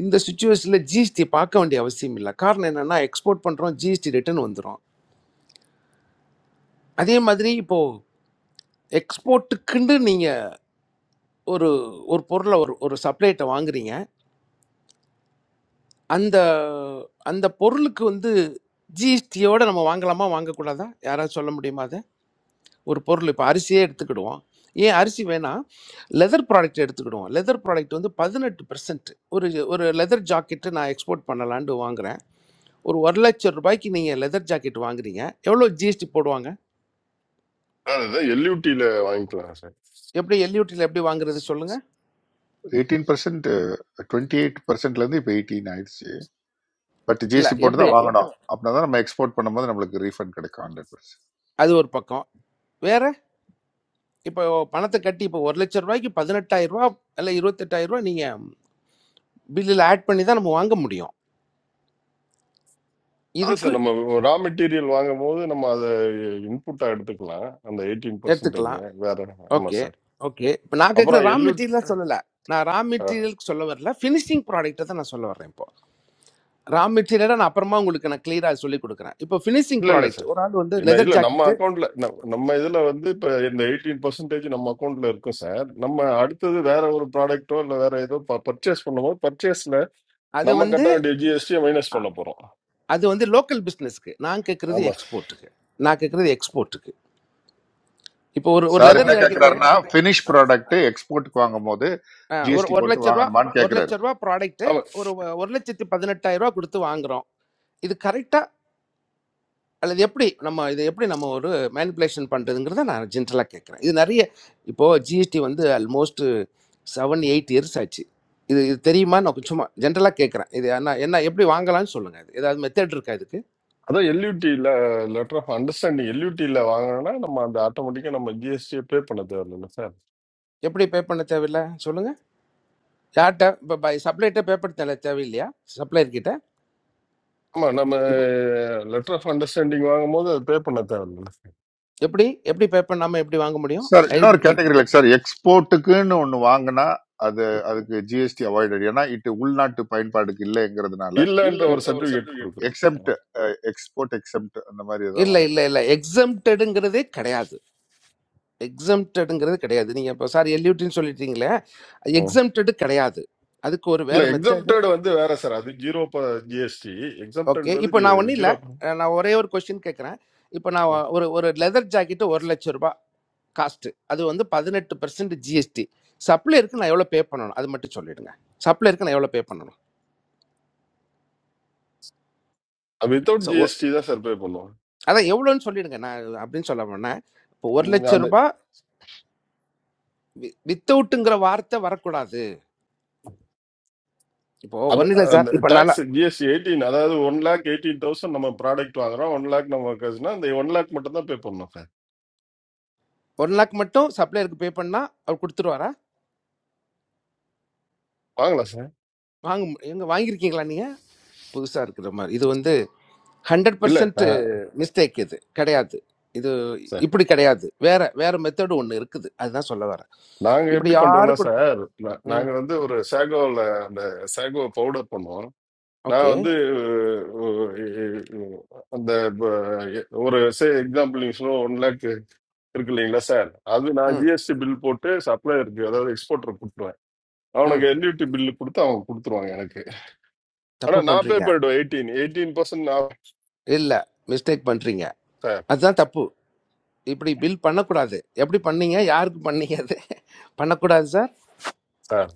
S20: இந்த சுச்சுவேஷனில் ஜிஎஸ்டி பார்க்க வேண்டிய அவசியம் இல்லை காரணம் என்னென்னா எக்ஸ்போர்ட் பண்ணுறோம் ஜிஎஸ்டி ரிட்டர்ன் வந்துடும் அதே மாதிரி இப்போது எக்ஸ்போர்ட்டுக்குன்னு நீங்கள் ஒரு ஒரு பொருளை ஒரு ஒரு சப்ளைட்டை வாங்குறீங்க அந்த அந்த பொருளுக்கு வந்து ஜிஎஸ்டியோட நம்ம வாங்கலாமா வாங்கக்கூடாதா யாராவது சொல்ல முடியுமா அதை ஒரு பொருள் இப்போ அரிசியே எடுத்துக்கிடுவோம் ஏன் அரிசி வேணாம் லெதர் ப்ராடக்ட் எடுத்துக்கிடுவோம் லெதர் ப்ராடக்ட் வந்து பதினெட்டு பெர்சன்ட் ஒரு ஒரு லெதர் ஜாக்கெட்டு நான் எக்ஸ்போர்ட் பண்ணலான்ட்டு வாங்குறேன் ஒரு ஒரு லட்சம் ரூபாய்க்கு நீங்கள் லெதர் ஜாக்கெட் வாங்குறீங்க எவ்வளோ ஜிஎஸ்டி போடுவாங்க
S19: அதுதான் எல்யூடியில் வாங்கிக்கலாம் சார்
S20: எப்படி எல்யூட்டியில் எப்படி வாங்குறது சொல்லுங்கள்
S9: 18%, uh, 28% லேருந்து இப்போ 18 ஆயிடுச்சு பட்
S20: இல்லை
S9: ஜிஎஸ்டி போட்டு
S20: எப்படி
S9: தான் வாங்கணும் அப்படின்னா தான் நம்ம எக்ஸ்போர்ட் பண்ணும்போது நம்மளுக்கு ரீஃபண்ட் கிடைக்கும் 100%
S20: அது ஒரு பக்கம் வேற இப்போ பணத்தை கட்டி இப்போ ஒரு லட்ச ரூபாய்க்கு பதினெட்டாயிரம் ரூபா இல்லை இருபத்தெட்டாயிரம் ரூபா நீங்கள் பில்லில் ஆட் பண்ணி தான் நம்ம வாங்க முடியும்
S19: அதான்
S20: இதுக்கு
S19: சார் நம்ம ரா மெட்டீரியல் வாங்கும் போது நம்ம அதை இன்புட்டா எடுத்துக்கலாம் அந்த எயிட்டீன் பர்சன்டேஜ்
S20: எடுத்துக்கலாம்
S19: வேற ஆமா
S20: ஓகே
S19: சார்
S20: ஓகே இப்போ நான் கேட்குற
S19: அப்புறம்
S20: ரா
S19: எல்யூட்
S20: மெட்டீரியலாக சொல்லலை நான் ரா மெட்டீரியலுக்கு சொல்ல வரல ஃபினிஷிங் ப்ராடக்ட்டை தான் நான் சொல்ல வர்றேன் இப்போ ரா மெட்டீரியலை நான் அப்புறமா உங்களுக்கு நான் கிளியராக சொல்லி கொடுக்குறேன் இப்போ ஃபினிஷிங்
S19: இல்ல இல்ல
S20: ப்ராடக்ட்
S19: சார்
S20: ஒரு ஆள் வந்து
S19: இல்ல
S20: லெதர்
S19: இல்ல நம்ம
S20: ஜாக்கெட்டு
S19: அக்கௌண்ட்ல நம்ம இதுல வந்து இப்ப இந்த எயிட்டீன் பர்சன்டேஜ் நம்ம அக்கௌண்ட்ல இருக்கும் சார் நம்ம அடுத்தது வேற ஒரு ப்ராடக்ட்டோ இல்ல வேற ஏதோ பர்ச்சேஸ் பண்ணும்போது பர்ச்சேஸ்ல
S20: அது
S19: நம்ம
S20: வந்து
S19: கட்ட வேண்டிய ஜிஎஸ்டியை மைனஸ்
S20: அ-
S19: பண்ண போறோம்
S20: அது வந்து லோக்கல் பிஸ்னஸ்க்கு நான் கேட்குறது
S19: ஆமா sir.
S20: எக்ஸ்போர்ட்டுக்கு நான் கேட்குறது எக்ஸ்போர்ட்டுக்கு இப்போ ஒரு ஒரு
S9: சார் என்ன
S20: லெதர் ஜாக்கெட்
S9: கேக்குறாருன்னா பினிஷ் ப்ராடக்ட் எக்ஸ்போர்ட்டுக்கு வாங்கும்போது
S20: ஆ, ஒரு
S9: ஜிஎஸ்டி
S20: ஒரு லட்ச
S9: போட்டு
S20: ரூபா
S9: வாங்கணுமான்னு
S20: ஒரு லட்ச
S9: கேக்குறாரு
S20: ரூபா ப்ராடக்ட்டு
S19: ஆமா
S20: ஒரு ஒ- ஒரு லட்சத்தி பதினெட்டாயிரம் ரூபா கொடுத்து வாங்குறோம் இது கரெக்டாக அல்லது எப்படி நம்ம இது எப்படி நம்ம ஒரு மேனிப்புலேஷன் பண்ணுறதுங்கிறத நான் ஜென்ரலாக கேட்குறேன் இது நிறைய இப்போது ஜிஎஸ்டி வந்து ஆல்மோஸ்ட் செவன் எயிட் இயர்ஸ் ஆச்சு இது இது தெரியுமா நான் சும்மா ஜென்ரலாக கேட்குறேன் இது என்ன என்ன எப்படி வாங்கலாம்னு சொல்லுங்கள் இது ஏதாவது மெத்தட் இருக்கா இதுக்கு
S19: அதான் எல்யூடியில் லெட்டர் ஆஃப் அண்டர்ஸ்டாண்டிங் எல்யூடியில் வாங்கினோம்னா நம்ம அந்த ஆட்டோமேட்டிக்காக நம்ம ஜிஎஸ்டியை பே பண்ண தேவையில்ல
S20: எப்படி பே பண்ண தேவையில்லை சொல்லுங்கள் யார்கிட்ட இப்போ பை சப்ளைட்டே பே பண்ண தேவை- தேவையில்லையா சப்ளையர் கிட்ட
S19: ஆமா நம்ம
S20: இப்போ
S19: லெட்டர் ஆஃப் அண்டர்ஸ்டாண்டிங் வாங்கும்போது அது பே பண்ண தேவையில்ல
S20: எப்படி எப்படி பே பண்ணாமல் எப்படி வாங்க முடியும்
S9: சார் இன்னொரு கேட்டகரி
S20: எப்படி
S9: இருக்கு சார் எக்ஸ்போர்ட்டுக்குன்னு ஒன்னு வாங்கினா அது அதுக்கு ஜிஎஸ்டி அவாய்டட் ஏன்னா இட்டு உள்நாட்டு பயன்பாடுக்கு இல்லைங்கிறதுனால
S19: இல்லைன்ற ஒரு
S9: இல்லன்ற ஒரு
S19: சர்டிபிகேட்
S9: சர்டிபிகேட்
S19: கொடுக்குறோம்
S9: எக்ஸம்ட் எக்ஸ்போர்ட் எக்ஸம்ட் அந்த மாதிரி ஏதாவது
S20: இல்லை
S9: வாங்கணும்
S20: இல்லை இல்லை எக்ஸம்டடுங்கிறதே கிடையாது எக்ஸம்டடுங்கிறது கிடையாது நீங்கள் இப்போ சார் எல்யூட்டின்னு சொல்லிட்டீங்களே
S19: ஓ.
S20: எக்ஸம்டடு கிடையாது அதுக்கு ஒரு
S19: இல்ல
S20: வேறு மெத்தடு
S19: எக்ஸம்டட் வந்து வேற சார் அது ஜீரோ ஜிஎஸ்டி
S20: ஓகே
S19: எக்ஸம்டன்றது
S20: இப்போ நான் ஒன்றும் இல்லை
S19: ஜீரோ
S20: நான் ஒரே ஒரு கொஸ்டின் கேட்குறேன் இப்போ நான் ஒரு ஒரு லெதர் ஜாக்கெட்டு ஒரு லட்ச ரூபா காஸ்ட்டு அது வந்து பதினெட்டு பர்சன்ட் ஜிஎஸ்டி சப்ளையருக்கு நான் எவ்வளோ பே பண்ணணும் அது மட்டும் சொல்லிடுங்க சப்ளையருக்கு நான் எவ்வளோ பே பண்ணணும்
S19: வித்தவுட்
S20: ஸோ
S19: ஜிஎஸ்டி தான் சார் பே பண்ணுவோம்
S20: அதான் எவ்வளோன்னு சொல்லிடுங்க நான் அப்படின்னு சொல்ல போனேன் இப்போ ஒரு
S19: நீங்க
S20: லட்ச
S19: அந்த
S20: ரூபா வித்தவுட்டுங்கிற வார்த்தை வரக்கூடாது இப்போ
S19: அது
S20: ஒன்றும் இல்லை
S19: அந்த
S20: சார் இப்போ நல்லா
S19: டாக்ஸ் ஜிஎஸ்டி எயிட்டீன் அதாவது ஒன் லேக் எயிட்டீன் தௌசண்ட் நம்ம ப்ராடக்ட் வாங்குறோம் ஒன் லேக் நம்ம கழிச்சுனா அந்த ஒன் லேக் மட்டும் தான் பே பண்ணணும் சார்
S20: ஒன் லேக் மட்டும் சப்ளையருக்கு பே பண்ணால் அவர் கொடுத்துருவாரா
S19: வாங்கலாம் சார்
S20: வாங்க எங்கே வாங்கியிருக்கீங்களா நீங்கள் புதுசாக இருக்கிற மாதிரி இது வந்து ஹண்ட்ரட்
S19: இல்ல
S20: பர்சன்ட்
S19: நான்
S20: மிஸ்டேக் இது கிடையாது இது
S19: சார்
S20: இப்படி கிடையாது வேற வேற மெத்தடு ஒன்று இருக்குது அதுதான் சொல்ல வரேன்
S19: நாங்க
S20: இப்படி
S19: எப்படி பண்றோம்னா
S20: யாரும் கொடுக்க
S19: சார் நா-
S20: ம்
S19: நாங்க வந்து ஒரு சேகோல அந்த சேகோ பவுடர் பண்ணுவோம் நான்
S20: ஓகே
S19: வந்து அஹ், அந்த அஹ், ஒரு சே எக்ஸாம்பிள் நீங்கள் சொல்லுவோம் ஒன் லேக் இருக்கு இல்லைங்களா சார் அது நான்
S20: ம்
S19: ஜிஎஸ்டி பில் போட்டு சப்ளையருக்கு அதாவது எக்ஸ்போர்ட்டர் கொடுத்துருவேன் அவனுக்கு
S20: ம்
S19: எல்இடி பில்லு கொடுத்து அவங்க கொடுத்துருவாங்க எனக்கு
S20: தப்பு
S19: ஆனால் நான் பே
S20: பண்ணுறீங்க
S19: பண்ணிடுவேன் எயிட்டீன் எயிட்டீன் பர்சன்ட் நான்
S20: இல்லை மிஸ்டேக் பண்ணுறீங்க
S19: சார்
S20: அதுதான் தப்பு இப்படி பில் பண்ணக்கூடாது எப்படி பண்ணீங்க யாருக்கு பண்ணீங்க அது பண்ணக்கூடாது சார்
S19: சார்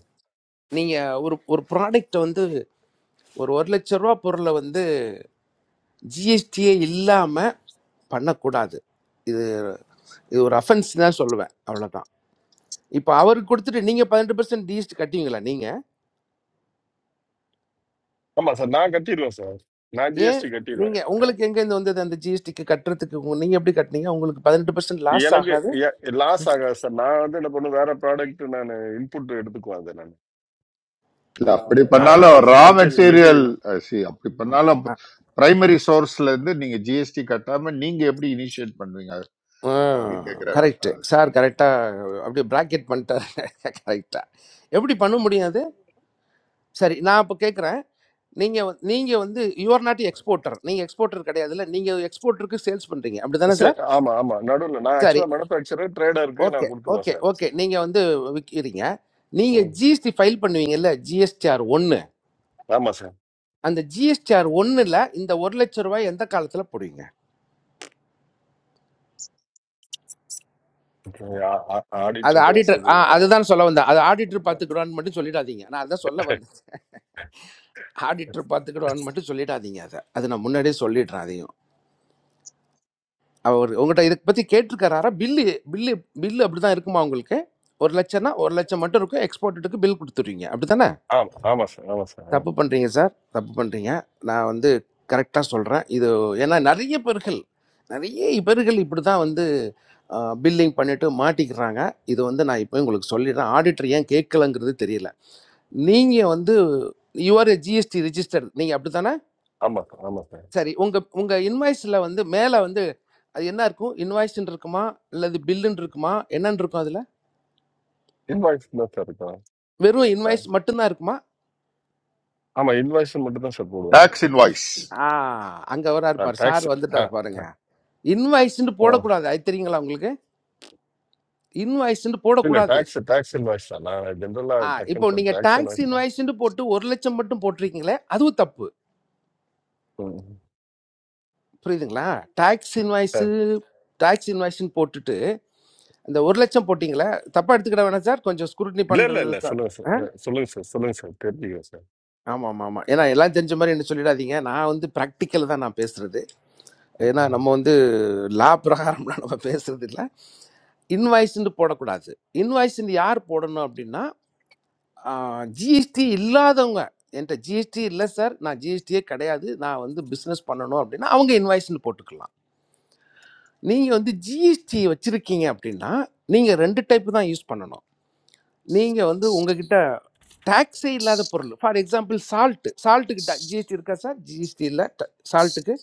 S20: நீங்கள் ஒரு ஒரு ப்ராடக்ட்டை வந்து ஒரு ஒரு லட்ச ரூபா பொருளை வந்து ஜிஎஸ்டியே இல்லாமல் பண்ணக்கூடாது இது இது ஒரு அஃபென்ஸ் தான் சொல்லுவேன் அவ்வளோதான் இப்போ அவருக்கு கொடுத்துட்டு நீங்கள் பதினெட்டு பர்சன்ட் ஜிஎஸ்டி கட்டிங்களா நீங்கள்
S19: ஆமாம் சார் நான் கட்டிடுவேன் சார் நான்
S20: ஏன்
S19: ஜிஎஸ்டி கட்டிடுவேன்
S20: நீங்கள்
S19: அஹ்,
S20: உங்களுக்கு எங்கேருந்து வந்தது அந்த ஜிஎஸ்டிக்கு கட்டுறதுக்கு உங்க- நீங்கள் எப்படி கட்டினீங்க உங்களுக்கு பதினெட்டு பர்சன்ட் லாஸ்
S19: எனக்கு
S20: ஆகாது
S19: லாஸ் ஆகாது சார் நான் வந்து என்ன பண்ணுவேன் வேற ப்ராடக்ட் நான் இன்புட் எடுத்துக்குவேன் அதை நான்
S9: இல்ல அப்படி
S20: ஆஹா
S9: பண்ணாலும்
S19: நான்
S9: ரா
S19: பர்ச்சேஸ்
S9: மெட்டீரியல்
S19: மெட்டீரியல்
S9: சி அப்படி பண்ணாலும் பிரைமரி சோர்ஸ்ல இருந்து நீங்க ஜிஎஸ்டி கட்டாம நீங்க எப்படி இனிஷியேட் பண்ணுவீங்க அப்படின்னு கேக்குறாரு
S20: கரெக்டு
S9: அவர்
S20: சார் கரெக்டாக அப்படியே ப்ராக்கெட் பண்ணிட்டார் கரெக்டாக எப்படி பண்ண முடியாது சரி நான் இப்போ கேட்குறேன் நீங்கள் நீங்கள் வந்து யுவர் நாட் எக்ஸ்போர்ட்டர் நீங்கள் எக்ஸ்போர்ட்டர் கிடையாதுல்ல நீங்கள் எக்ஸ்போர்ட்டருக்கு சேல்ஸ் பண்ணுறீங்க அப்படி தானே
S19: சார்
S20: சார்
S19: ஆமா ஆமா நடுவுல நான்
S20: சரி
S19: ஆக்சுவலா மேனுஃபேக்சரர் ட்ரேடருக்கு
S20: ஓகே
S19: நான் கொடுத்துருவேன்
S20: ஓகே
S19: சார்
S20: ஓகே நீங்கள் வந்து விற்கிறீங்க நீங்கள்
S19: ம்
S20: ஜிஎஸ்டி ஃபைல் பண்ணுவீங்கல்ல ஜிஎஸ்டிஆர் ஒன்று
S19: ஆமா சார்
S20: அந்த ஜிஎஸ்டிஆர் ஒன்றில் இந்த ஒரு லட்ச ரூபாய் எந்த காலத்தில் போடுவீங்க அது
S19: ஆடிட்டு தான்
S20: ஆடிட்டர்
S19: சார்
S20: ஆ
S19: கொடுவேன்
S20: அதுதான் சொல்ல வந்தேன் அது ஆடிட்டர் பார்த்துக்கிடுவான்னு மட்டும் சொல்லிடாதீங்க நான் அதான் சொல்ல வந்தேன் ஆடிட்டர் பார்த்துக்கிடுவான்னு மட்டும் சொல்லிடாதீங்க அதை அது நான் முன்னாடியே சொல்லிடுறேன் அதையும் அவர் உங்கள்கிட்ட இதை பற்றி கேட்டிருக்காரா பில்லு பில்லு பில்லு அப்படி தான் இருக்குமா உங்களுக்கு ஒரு லட்சம்னா ஒரு லட்சம் மட்டும் இருக்கும் எக்ஸ்போர்ட்டுக்கு பில் கொடுத்துருவீங்க அப்படி தானே?
S19: ஆமா ஆமா சார் ஆமா சார் ஆமா
S20: தப்பு பண்ணுறீங்க சார் தப்பு பண்ணுறீங்க நான் வந்து கரெக்டாக சொல்கிறேன் இது ஏன்னா நிறைய பேர்கள் நிறைய பேர்கள் இப்படி தான் வந்து பில்லிங் பண்ணிட்டு மாட்டிக்கிறாங்க இது வந்து நான் இப்போ உங்களுக்கு சொல்லிடுறேன் ஆடிட்டர் ஏன் கேட்கலங்கிறது தெரியல நீங்கள் வந்து யுவர் ஜிஎஸ்டி ரிஜிஸ்டர் நீங்கள் அப்படி தானே
S19: ஆமா சார் ஆமா சார்
S20: சரி உங்கள் உங்கள் இன்வாய்ஸில் வந்து மேலே வந்து அது என்ன இருக்கும் இன்வாய்ஸ்ன்னு இருக்குமா அல்லது பில்லுன்னு இருக்குமா என்னன்னு இருக்கும் அதில்
S19: இன்வாய்ஸ் தான் சார் இருக்கும்
S20: வெறும்
S19: அஹ்,
S20: இன்வாய்ஸ் மட்டும்தான் இருக்குமா
S19: ஆமா இன்வாய்ஸ் மட்டும் தான் சார் போடுவேன்
S9: டாக்ஸ் இன்வாய்ஸ்
S20: ஆ அங்கே வராரு பாரு சார்
S19: டேக்ஸ்
S20: வந்துட்டார் பாருங்க இன்வாய்ஸ்ன்னு போடக்கூடாது அது தெரியுங்களா உங்களுக்கு இன்வாய்ஸ்ன்னு
S19: இல்ல
S20: போடக்கூடாது
S19: டேக்ஸ் டேக்ஸ் இன்வாய்ஸ் தான் நான் ஜென்ரலா
S20: ஆ இப்போ
S19: டக்குன்னு சொல்லி
S20: நீங்கள்
S19: டேக்ஸ்
S20: டேக்ஸ்
S19: இன்வாய்ஸ் தான்
S20: இன்வாய்ஸ்ன்னு போட்டு ஒரு லட்சம் மட்டும் போட்டிருக்கீங்களே அதுவும் தப்பு
S19: ம்.
S20: புரியுதுங்களா டேக்ஸ் இன்வாய்ஸு
S19: சார்
S20: டேக்ஸ் இன்வாய்ஸ்ன்னு போட்டுட்டு இந்த ஒரு லட்சம் போட்டிங்களே தப்பாக எடுத்துக்கிட வேணாம் சார் கொஞ்சம் ஸ்க்ரூட்னி
S19: இல்ல இல்ல
S20: பண்ணுறது
S19: இல்ல
S20: தான்.
S19: சொல்லுங்க சார்
S20: ஆ
S19: அஹ், சொல்லுங்க சார் சொல்லுங்க சார் தெரிஞ்சுக்கோ சார்
S20: ஆமாம் ஆமாம் ஆமாம் ஏன்னா எல்லாம் தெரிஞ்ச மாதிரி என்ன சொல்லிடாதீங்க நான் வந்து ப்ராக்டிக்கல் தான் நான் பேசுறது ஏன்னா நம்ம வந்து லா பிரகாரம்லாம் நம்ம பேசுறது இல்லை இன்வாய்ஸ்ன்னு போடக்கூடாது இன்வாய்ஸ்ன்னு யார் போடணும் அப்படின்னா ஜிஎஸ்டி இல்லாதவங்க என்கிட்ட ஜிஎஸ்டி இல்லை சார் நான் ஜிஎஸ்டியே கிடையாது நான் வந்து பிஸ்னஸ் பண்ணணும் அப்படின்னா அவங்க இன்வாய்ஸ்னு போட்டுக்கலாம் நீங்கள் வந்து ஜிஎஸ்டி வச்சுருக்கீங்க அப்படின்னா நீங்கள் ரெண்டு டைப் தான் யூஸ் பண்ணணும் நீங்கள் வந்து உங்ககிட்ட டேக்ஸே இல்லாத பொருள் ஃபார் எக்ஸாம்பிள் சால்ட்டு சால்ட்டுக்கு ஜிஎஸ்டி இருக்கா சார் ஜிஎஸ்டி இல்லை சால்ட்டுக்கு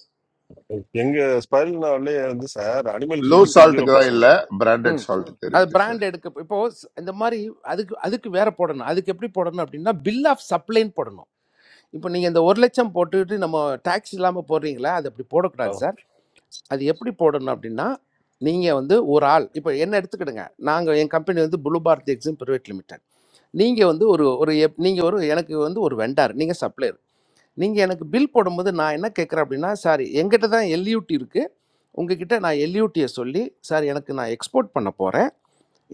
S19: எங்க ஸ்பைரல் நாவலே வந்து சார் அனிமல்
S9: லோ
S19: ஃபீடுக்கு ஜீரோ
S9: சால்ட்டுக்கு தான் இல்ல
S19: பர்சன்ட்,
S9: பிராண்டட்
S20: ம்
S9: சால்ட்டுக்கு
S20: அது
S9: இருக்கு
S20: பிராண்ட்
S9: சார்
S20: எடுக்க இப்போ ஸ்- இந்த மாதிரி அதுக்கு அதுக்கு வேற போடணும் அதுக்கு எப்படி போடணும் அப்படின்னா பில் ஆஃப் சப்ளைன்னு போடணும் இப்போ நீங்கள் இந்த ஒரு லட்சம் போட்டுக்கிட்டு நம்ம டேக்ஸ் இல்லாமல் போடுறீங்களா அது அப்படி
S19: ஓ
S20: போடக்கூடாது சார் அது எப்படி போடணும் அப்படின்னா நீங்கள் வந்து ஒரு ஆள் இப்போ என்ன எடுத்துக்கிடுங்க நாங்கள் என் கம்பெனி வந்து Blue Bharat Exim Private Limited நீங்கள் வந்து ஒரு ஒரு எப் நீங்கள் ஒரு எனக்கு வந்து ஒரு வெண்டார் நீங்கள் சப்ளையர் நீங்கள் எனக்கு பில் போடும்போது நான் என்ன கேட்குறேன் அப்படின்னா சார் எங்கிட்ட தான் எல்யூட்டி இருக்குது உங்ககிட்ட நான் எல்யூட்டியை சொல்லி சார் எனக்கு நான் எக்ஸ்போர்ட் பண்ண போகிறேன்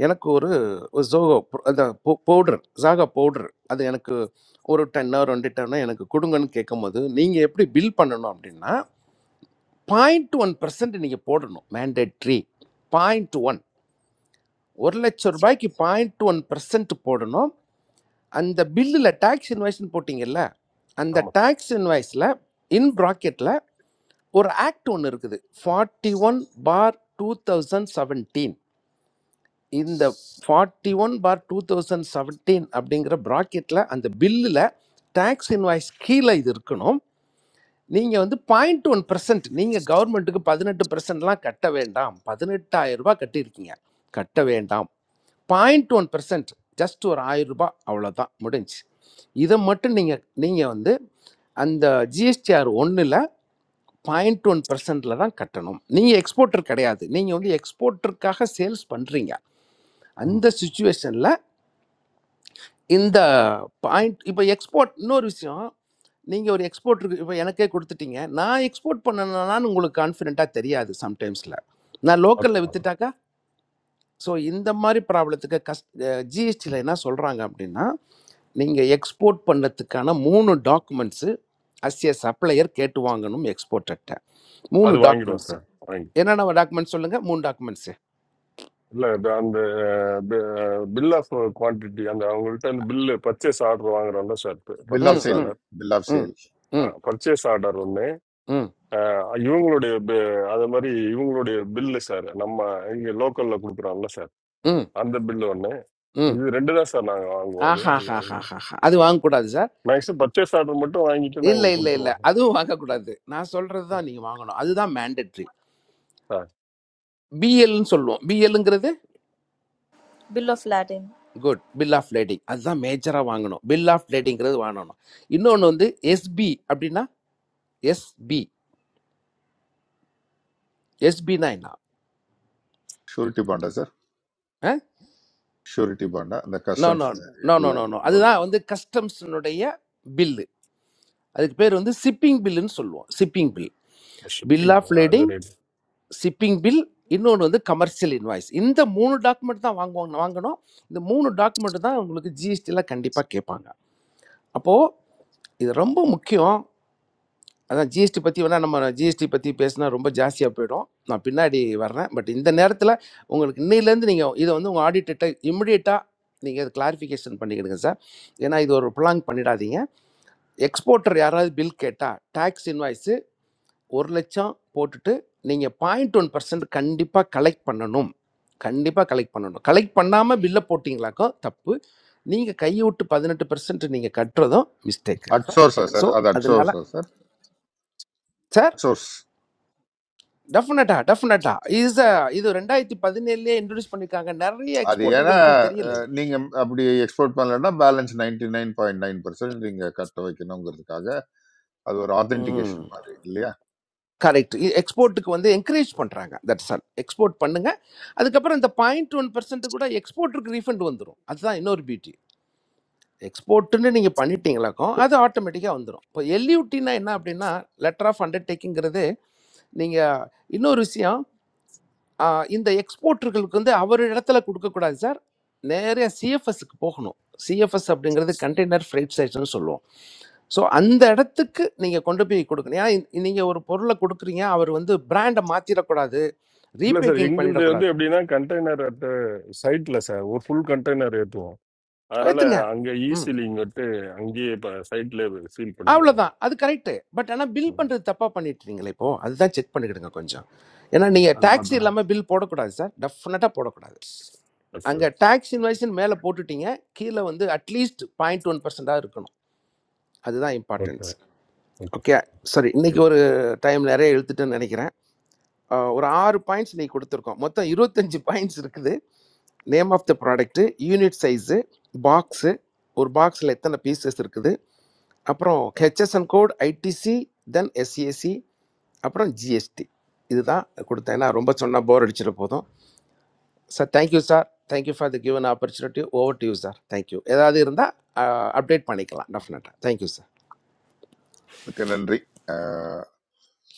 S20: எனக்கு ஒரு ஒரு ஜோகோ ப்- அந்த பவுடர் ஜாகா பவுடர் அது எனக்கு ஒரு டன்னோ ரெண்டு டன்னோ எனக்கு கொடுங்கன்னு கேட்கும்போது நீங்கள் எப்படி பில் பண்ணணும் அப்படின்னா பாயிண்ட் ஒன் பர்சன்ட் நீங்கள் போடணும் மேண்டேட்ரி பாயிண்ட் ஒன் ஒரு லட்சம்
S19: சார்
S20: ரூபாய்க்கு பாயிண்ட் ஒன் பர்சன்ட் போடணும் அந்த பில்லில் டேக்ஸ் இன்வாய்ஸ்னு போட்டிங்கல்ல அந்த
S19: ஆமாம்
S20: டேக்ஸ் இன்வாய்ஸில் இன் ப்ராக்கெட்டில் ஒரு ஆக்ட் ஒன்று இருக்குது forty one bar two thousand seventeen இந்த forty one bar two thousand seventeen அப்படிங்கிற ப்ராக்கெட்டில் அந்த பில்லில் டேக்ஸ் இன்வாய்ஸ் கீழே இது இருக்கணும் நீங்கள் வந்து பாயிண்ட் ஒன் பர்சன்ட் நீங்கள் கவர்மெண்ட்டுக்கு பதினெட்டு பர்சன்ட்லாம் கட்ட வேண்டாம் பதினெட்டாயிரம் ரூபாய் கட்டியிருக்கீங்க கட்ட வேண்டாம் பாயிண்ட் ஒன் பர்சன்ட் ஜஸ்ட் ஒரு ஆயிரம் ரூபாய் அவ்வளோதான் முடிஞ்சு இதை மட்டும் நீங்கள் நீங்கள் வந்து அந்த ஜிஎஸ்டிஆர் ஒன்றில் பாயிண்ட் ஒன் பர்சன்டில் தான் கட்டணும் நீங்கள் எக்ஸ்போர்ட்டர் கிடையாது நீங்கள் வந்து எக்ஸ்போர்ட்டருக்காக சேல்ஸ் பண்ணுறீங்க அந்த
S19: ஆமாம்
S20: சுச்சுவேஷனில் இந்த பாயிண்ட் இப்போ எக்ஸ்போர்ட் இன்னொரு விஷயம் நீங்கள் ஒரு எக்ஸ்போர்ட் இப்போ எனக்கே கொடுத்துட்டீங்க நான் எக்ஸ்போர்ட் பண்ணணும்னான்னு உங்களுக்கு கான்ஃபிடென்ட்டாக தெரியாது சம்டைம்ஸில் நான்
S19: ஓகே
S20: லோக்கலில் விற்றுட்டாக்கா ஸோ இந்த மாதிரி ப்ராப்ளத்துக்கு கஸ் ஜிஎஸ்டியில் என்ன சொல்கிறாங்க அப்படின்னா நீங்கள் எக்ஸ்போர்ட் பண்ணுறதுக்கான மூணு டாக்குமெண்ட்ஸு அஸ்ய சப்ளையர் கேட்டு வாங்கணும் எக்ஸ்போர்ட்டர்கிட்ட மூணு
S19: அது வாங்கிடுவோம்
S20: டாக்குமெண்ட்ஸு
S19: சார் வாங்கி
S20: என்னென்ன டாக்குமெண்ட்ஸ் சொல்லுங்கள் மூணு டாக்குமெண்ட்ஸு
S19: இல்லை அந்த பில் ஆஃப் குவான்டிட்டி அந்த அவங்கள்ட்ட அந்த பில்லு பர்ச்சேஸ் ஆர்டர் வாங்குறோம்ல சார்
S9: பில் ஆஃப்
S20: ம்
S19: பர்ச்சேஸ்
S9: சேல்
S20: ம்
S19: ஆர்டர்
S9: பில் ஆஃப்
S20: ம்
S9: சேல்
S20: ம்
S19: பர்ச்சேஸ் ஆர்டர் ஒன்று
S20: ம்
S19: இவங்களுடைய bi- அது மாதிரி இவங்களுடைய பில்லு சார் நம்ம இங்கே லோக்கலில் கொடுக்குறோம்ல சார்
S20: ம்
S19: அந்த பில்லு ஒன்று
S20: ம்
S19: இது ரெண்டு தான் சார் நாங்கள் வாங்குவோம் அது இது அது
S20: ஆஹாஹாஹாஹா. அது வாங்கக்கூடாது சார்
S19: மேக்ஸிமம் பர்ச்சேஸ் ஆர்டர் மட்டும் வாங்கிட்டு
S20: இல்ல
S19: நாங்கள்
S20: இல்ல இல்ல
S19: கொடுத்துருவோம்
S20: அதுவும் வாங்கக்கூடாது நான் சொல்றது தான் நீங்க வாங்கணும் அதுதான் மேண்டட்ரி
S19: சார்
S20: பிஎல்னு சொல்லுவோம் பிஎல்ங்கிறது
S21: Bill of lading.
S20: Good bill of lading அதுதான் மேஜரா வாங்கணும் பில் ஆஃப் லேடிங்கிறது வாங்கணும் இன்னொன்று வந்து எஸ்பி அப்படின்னா எஸ்பி எஸ்பினா என்ன
S9: ஷூரிட்டி பாண்டா சார்
S20: ஆ
S9: ஷூரிட்டி பாண்டா அந்த
S20: no
S9: customs
S20: no no no
S9: இல்ல
S20: நோ நோ அதுதான் வந்து கஸ்டம்ஸினுடைய பில்லு அதுக்கு பேர் வந்து சிப்பிங் பில்லுன்னு சொல்லுவோம் shipping bill bill
S19: shifting
S20: of
S19: அது
S20: லேடிங்
S19: ரைட்
S20: ஷிப்பிங் பில் இன்னொன்று வந்து கமர்ஷியல் இன்வாய்ஸ் இந்த மூணு டாக்குமெண்ட் தான் வாங்குவாங்க வாங்கணும் இந்த மூணு டாக்குமெண்ட் தான் உங்களுக்கு ஜிஎஸ்டியில் கண்டிப்பாக கேட்பாங்க அப்போது இது ரொம்ப முக்கியம் அதான் ஜிஎஸ்டி பற்றி வேணால் நம்ம ஜிஎஸ்டி பற்றி பேசினா ரொம்ப ஜாஸ்தியாக போயிடும் நான் பின்னாடி வர்றேன் பட் இந்த நேரத்தில் உங்களுக்கு இன்னிலேருந்து நீங்கள் இதை வந்து உங்கள் ஆடிட்டர்கிட்ட இமிடியேட்டாக நீங்கள் இது கிளாரிஃபிகேஷன் பண்ணிக்கிடுங்க சார் ஏன்னா இது ஒரு பிளாங் பண்ணிடாதீங்க எக்ஸ்போர்ட்டர் யாராவது பில் கேட்டால் டேக்ஸ் இன்வாய்ஸு ஒரு லட்சம் போட்டுட்டு நீங்கள் பாயிண்ட் ஒன் பர்சன்ட் கண்டிப்பாக கலெக்ட் பண்ணணும் கண்டிப்பாக கலெக்ட் பண்ணணும் கலெக்ட் பண்ணாமல் பில்லை போட்டிங்களாக்கோ தப்பு நீங்கள் கையை விட்டு பதினெட்டு பர்சன்ட் நீங்கள் கட்டுறதும் மிஸ்டேக்கு
S9: அட் சோர்ஸா சார்
S20: ஸோ
S9: அது அட்
S20: அதனால
S9: சோர்ஸா சார்
S20: சார்
S9: அட் சோர்ஸ்
S20: டெஃபினட்டா டெஃபினட்டா இஸ் இது ரெண்டாயிரத்தி பதினேழுலேயே இன்ட்ரடியூஸ் பண்ணியிருக்காங்க நிறைய
S9: அது ஏன்னா
S20: எக்ஸ்போர்ட்டர்களுக்கு இது தெரியல
S9: அஹ்,
S20: இது
S9: நீங்க அப்படி எக்ஸ்போர்ட் பண்ணலன்னா balance ninety nine point nine percent நீங்க கட்ட வைக்கணுங்கிறதுக்காக அது ஒரு ஆத்தென்டிகேஷன் மாதிரி இல்லையா
S20: கரெக்ட் எக்ஸ்போர்ட்டுக்கு வந்து என்கரேஜ் பண்ணுறாங்க தட்ஸ் ஆல் எக்ஸ்போர்ட் பண்ணுங்க அதுக்கப்புறம் இந்த பாயிண்ட் ஒன் பர்சன்ட் கூட எக்ஸ்போர்ட்டுக்கு ரீஃபண்ட் வந்துடும் அதுதான் இன்னொரு பியூட்டி எக்ஸ்போர்ட்டுன்னு நீங்கள் பண்ணிட்டீங்களாக்கும் அது ஆட்டோமேட்டிக்காக வந்துடும் இப்போ எல்யூட்டினா என்ன அப்படின்னா லெட்டர் ஆஃப் அண்டர்டேக்கிங்கிறது நீங்கள் இன்னொரு விஷயம் ஆஹ் இந்த எக்ஸ்போர்ட்டர்களுக்கு வந்து அவர் இடத்துல கொடுக்கக்கூடாது சார் நேரே சிஎஃப்எஸ்க்கு போகணும் சிஎஃப்எஸ் அப்படிங்கிறது கண்டெய்னர் ஃப்ரைட் சைஸ்னு சொல்லுவோம் ஸோ அந்த இடத்துக்கு நீங்கள் கொண்டு போய் கொடுக்கணும் ஏன்னா நீங்கள் ஒரு பொருளை கொடுக்குறீங்க அவர் வந்து பிராண்டை மாற்றிடக்கூடாது
S19: இல்ல சார்
S20: ரீபேக்கிங்
S19: எங்களுது வந்து
S20: பண்ணிடக்கூடாது
S19: எப்படின்னா கண்டெய்னர் அட் சைட்ல சார் ஒரு ஃபுல் கண்டெய்னர் ஏற்றுவோம் அதனால
S20: ஏற்றுங்க
S19: அங்க
S20: ம்
S19: ஈஸிலி இங்கிட்டு அங்கேயே இப்போ சைட்ல சீல் பண்ணிடுவாங்க
S20: அவ்வளோதான் அது கரெக்டு பட் ஆனால் பில்
S19: ம்.
S20: பண்ணுறது தப்பாக பண்ணிட்டுறீங்களே இப்போ அதுதான் செக் பண்ணிக்கிடுங்க கொஞ்சம் ஏன்னா
S19: அது
S20: நீங்கள்
S19: அது
S20: டாக்ஸி
S19: பார்த்தோன்னா
S20: இல்லாமல் பில் போடக்கூடாது சார் டெஃபினட்டாக போடக்கூடாது
S19: ஓகே
S20: அங்கே டாக்ஸ் இன்வாய்ஸ்னு மேலே போட்டுட்டீங்க கீழே வந்து அட்லீஸ்ட் பாயிண்ட் ஒன் பர்சண்டாக இருக்கணும் அதுதான்
S19: ஓகே
S20: இம்பார்ட்டன்ஸ்
S19: ஓகே
S20: ஓகே சரி இன்னைக்கு
S19: ஓகே.
S20: ஒரு டைம் நிறைய எழுத்துட்டேன்னு நினைக்கிறேன் ஆஹ் ஒரு ஆறு பாயிண்ட்ஸ் நீங்கள் கொடுத்துருக்கோம் மொத்தம் இருபத்தஞ்சு பாயிண்ட்ஸ் இருக்குது name of the product unit size box ஒரு பாக்ஸில் எத்தனை பீசஸ் இருக்குது அப்புறம் HSN code ITC then SAC அப்புறம் ஜிஎஸ்டி இதுதான் கொடுத்தேன் நான் ரொம்ப சொன்னால் போர் அடிச்சிட போதும் sir thank you sir thank you for the given opportunity over to you sir thank you ஏதாவது இருந்தால் அப்டேட் பண்ணிக்கலாம் டெஃபினட்டாக தேங்க்யூ சார்
S9: மிக்க நன்றி அஹ்,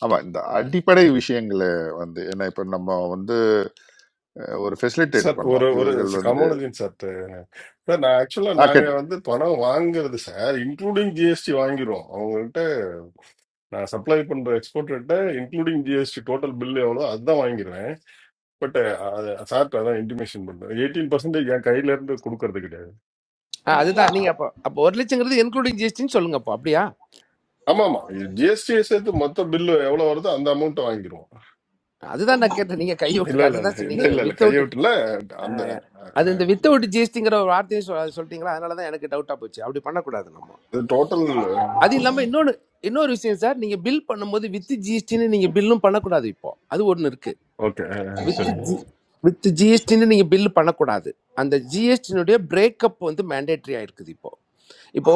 S9: ஆமா இந்த அடிப்படை விஷயங்களை வந்து ஏன்னா இப்ப நம்ம வந்து அஹ், ஒரு ஃபெசிலிட்டேட்
S19: சார்
S9: பண்ணோம்
S19: ஒரு ஒரு
S9: இவர்கள் வந்து
S19: கமலுதீன் சார் சார் நான் ஆக்சுவலா நாங்க வந்து பணம் வாங்குறது சார் இன்க்ளூடிங் ஜிஎஸ்டி வாங்கிடுவோம் அவங்கள்ட்ட நான் சப்ளை பண்ற எக்ஸ்போர்ட்டர்கிட்ட இன்க்ளூடிங் ஜிஎஸ்டி டோட்டல் பில் எவ்வளோ அதுதான் வாங்கிடுவேன் பட் சார்ட்ட அதான் இன்டிமேஷன் பண்ணேன் எயிட்டீன் பர்சன்டேஜ் என் கையில இருந்து கொடுக்கறது கிடையாது
S20: ஆ அதுதான் நீங்கள் அப்போ அப்போ ஒரு லட்சங்கிறது இன்க்ளூடிங் ஜிஎஸ்டின்னு சொல்லுங்க அப்போ அப்படியா
S19: ஆமா ஆமா ஜிஎஸ்டியை சேர்த்து மொத்த பில்லு எவ்வளவு வருதோ அந்த அமௌண்ட்டை வாங்கிடுவோம்
S20: அதுதான் நான் கேட்டேன் நீங்கள்
S19: இல்ல
S20: கைவிட்டுருக்கு
S19: இல்ல
S20: அதுதான்
S19: இல்ல
S20: சார்
S19: இல்ல
S20: நீங்கள்
S19: இல்ல இல்ல கையை
S20: வித்தவுட்
S19: விட்டுல அந்த
S20: அது இந்த வித்தவுட் ஜிஎஸ்டிங்கிற ஒரு வார்த்தையும் சொல் சொல்லிட்டீங்களா அதனால தான் எனக்கு டவுட்டாக போச்சு அப்படி பண்ணக்கூடாது நம்ம
S19: டோட்டல்
S20: அது இல்லாமல் இன்னொன்று இன்னொரு விஷயம் சார் நீங்கள் பில் பண்ணும்போது வித் ஜிஎஸ்டின்னு நீங்கள் பில்லும் பண்ணக்கூடாது இப்போ அது ஒன்று இருக்குது
S19: ஓகே
S20: வித்
S19: சரி
S20: ஜி வித் ஜிஎஸ்டின்னு நீங்கள் பில் பண்ணக்கூடாது அந்த ஜிஎஸ்டினுடைய பிரேக்கப் வந்து மேண்டேட்ரி ஆயிருக்குது இப்போ இப்போ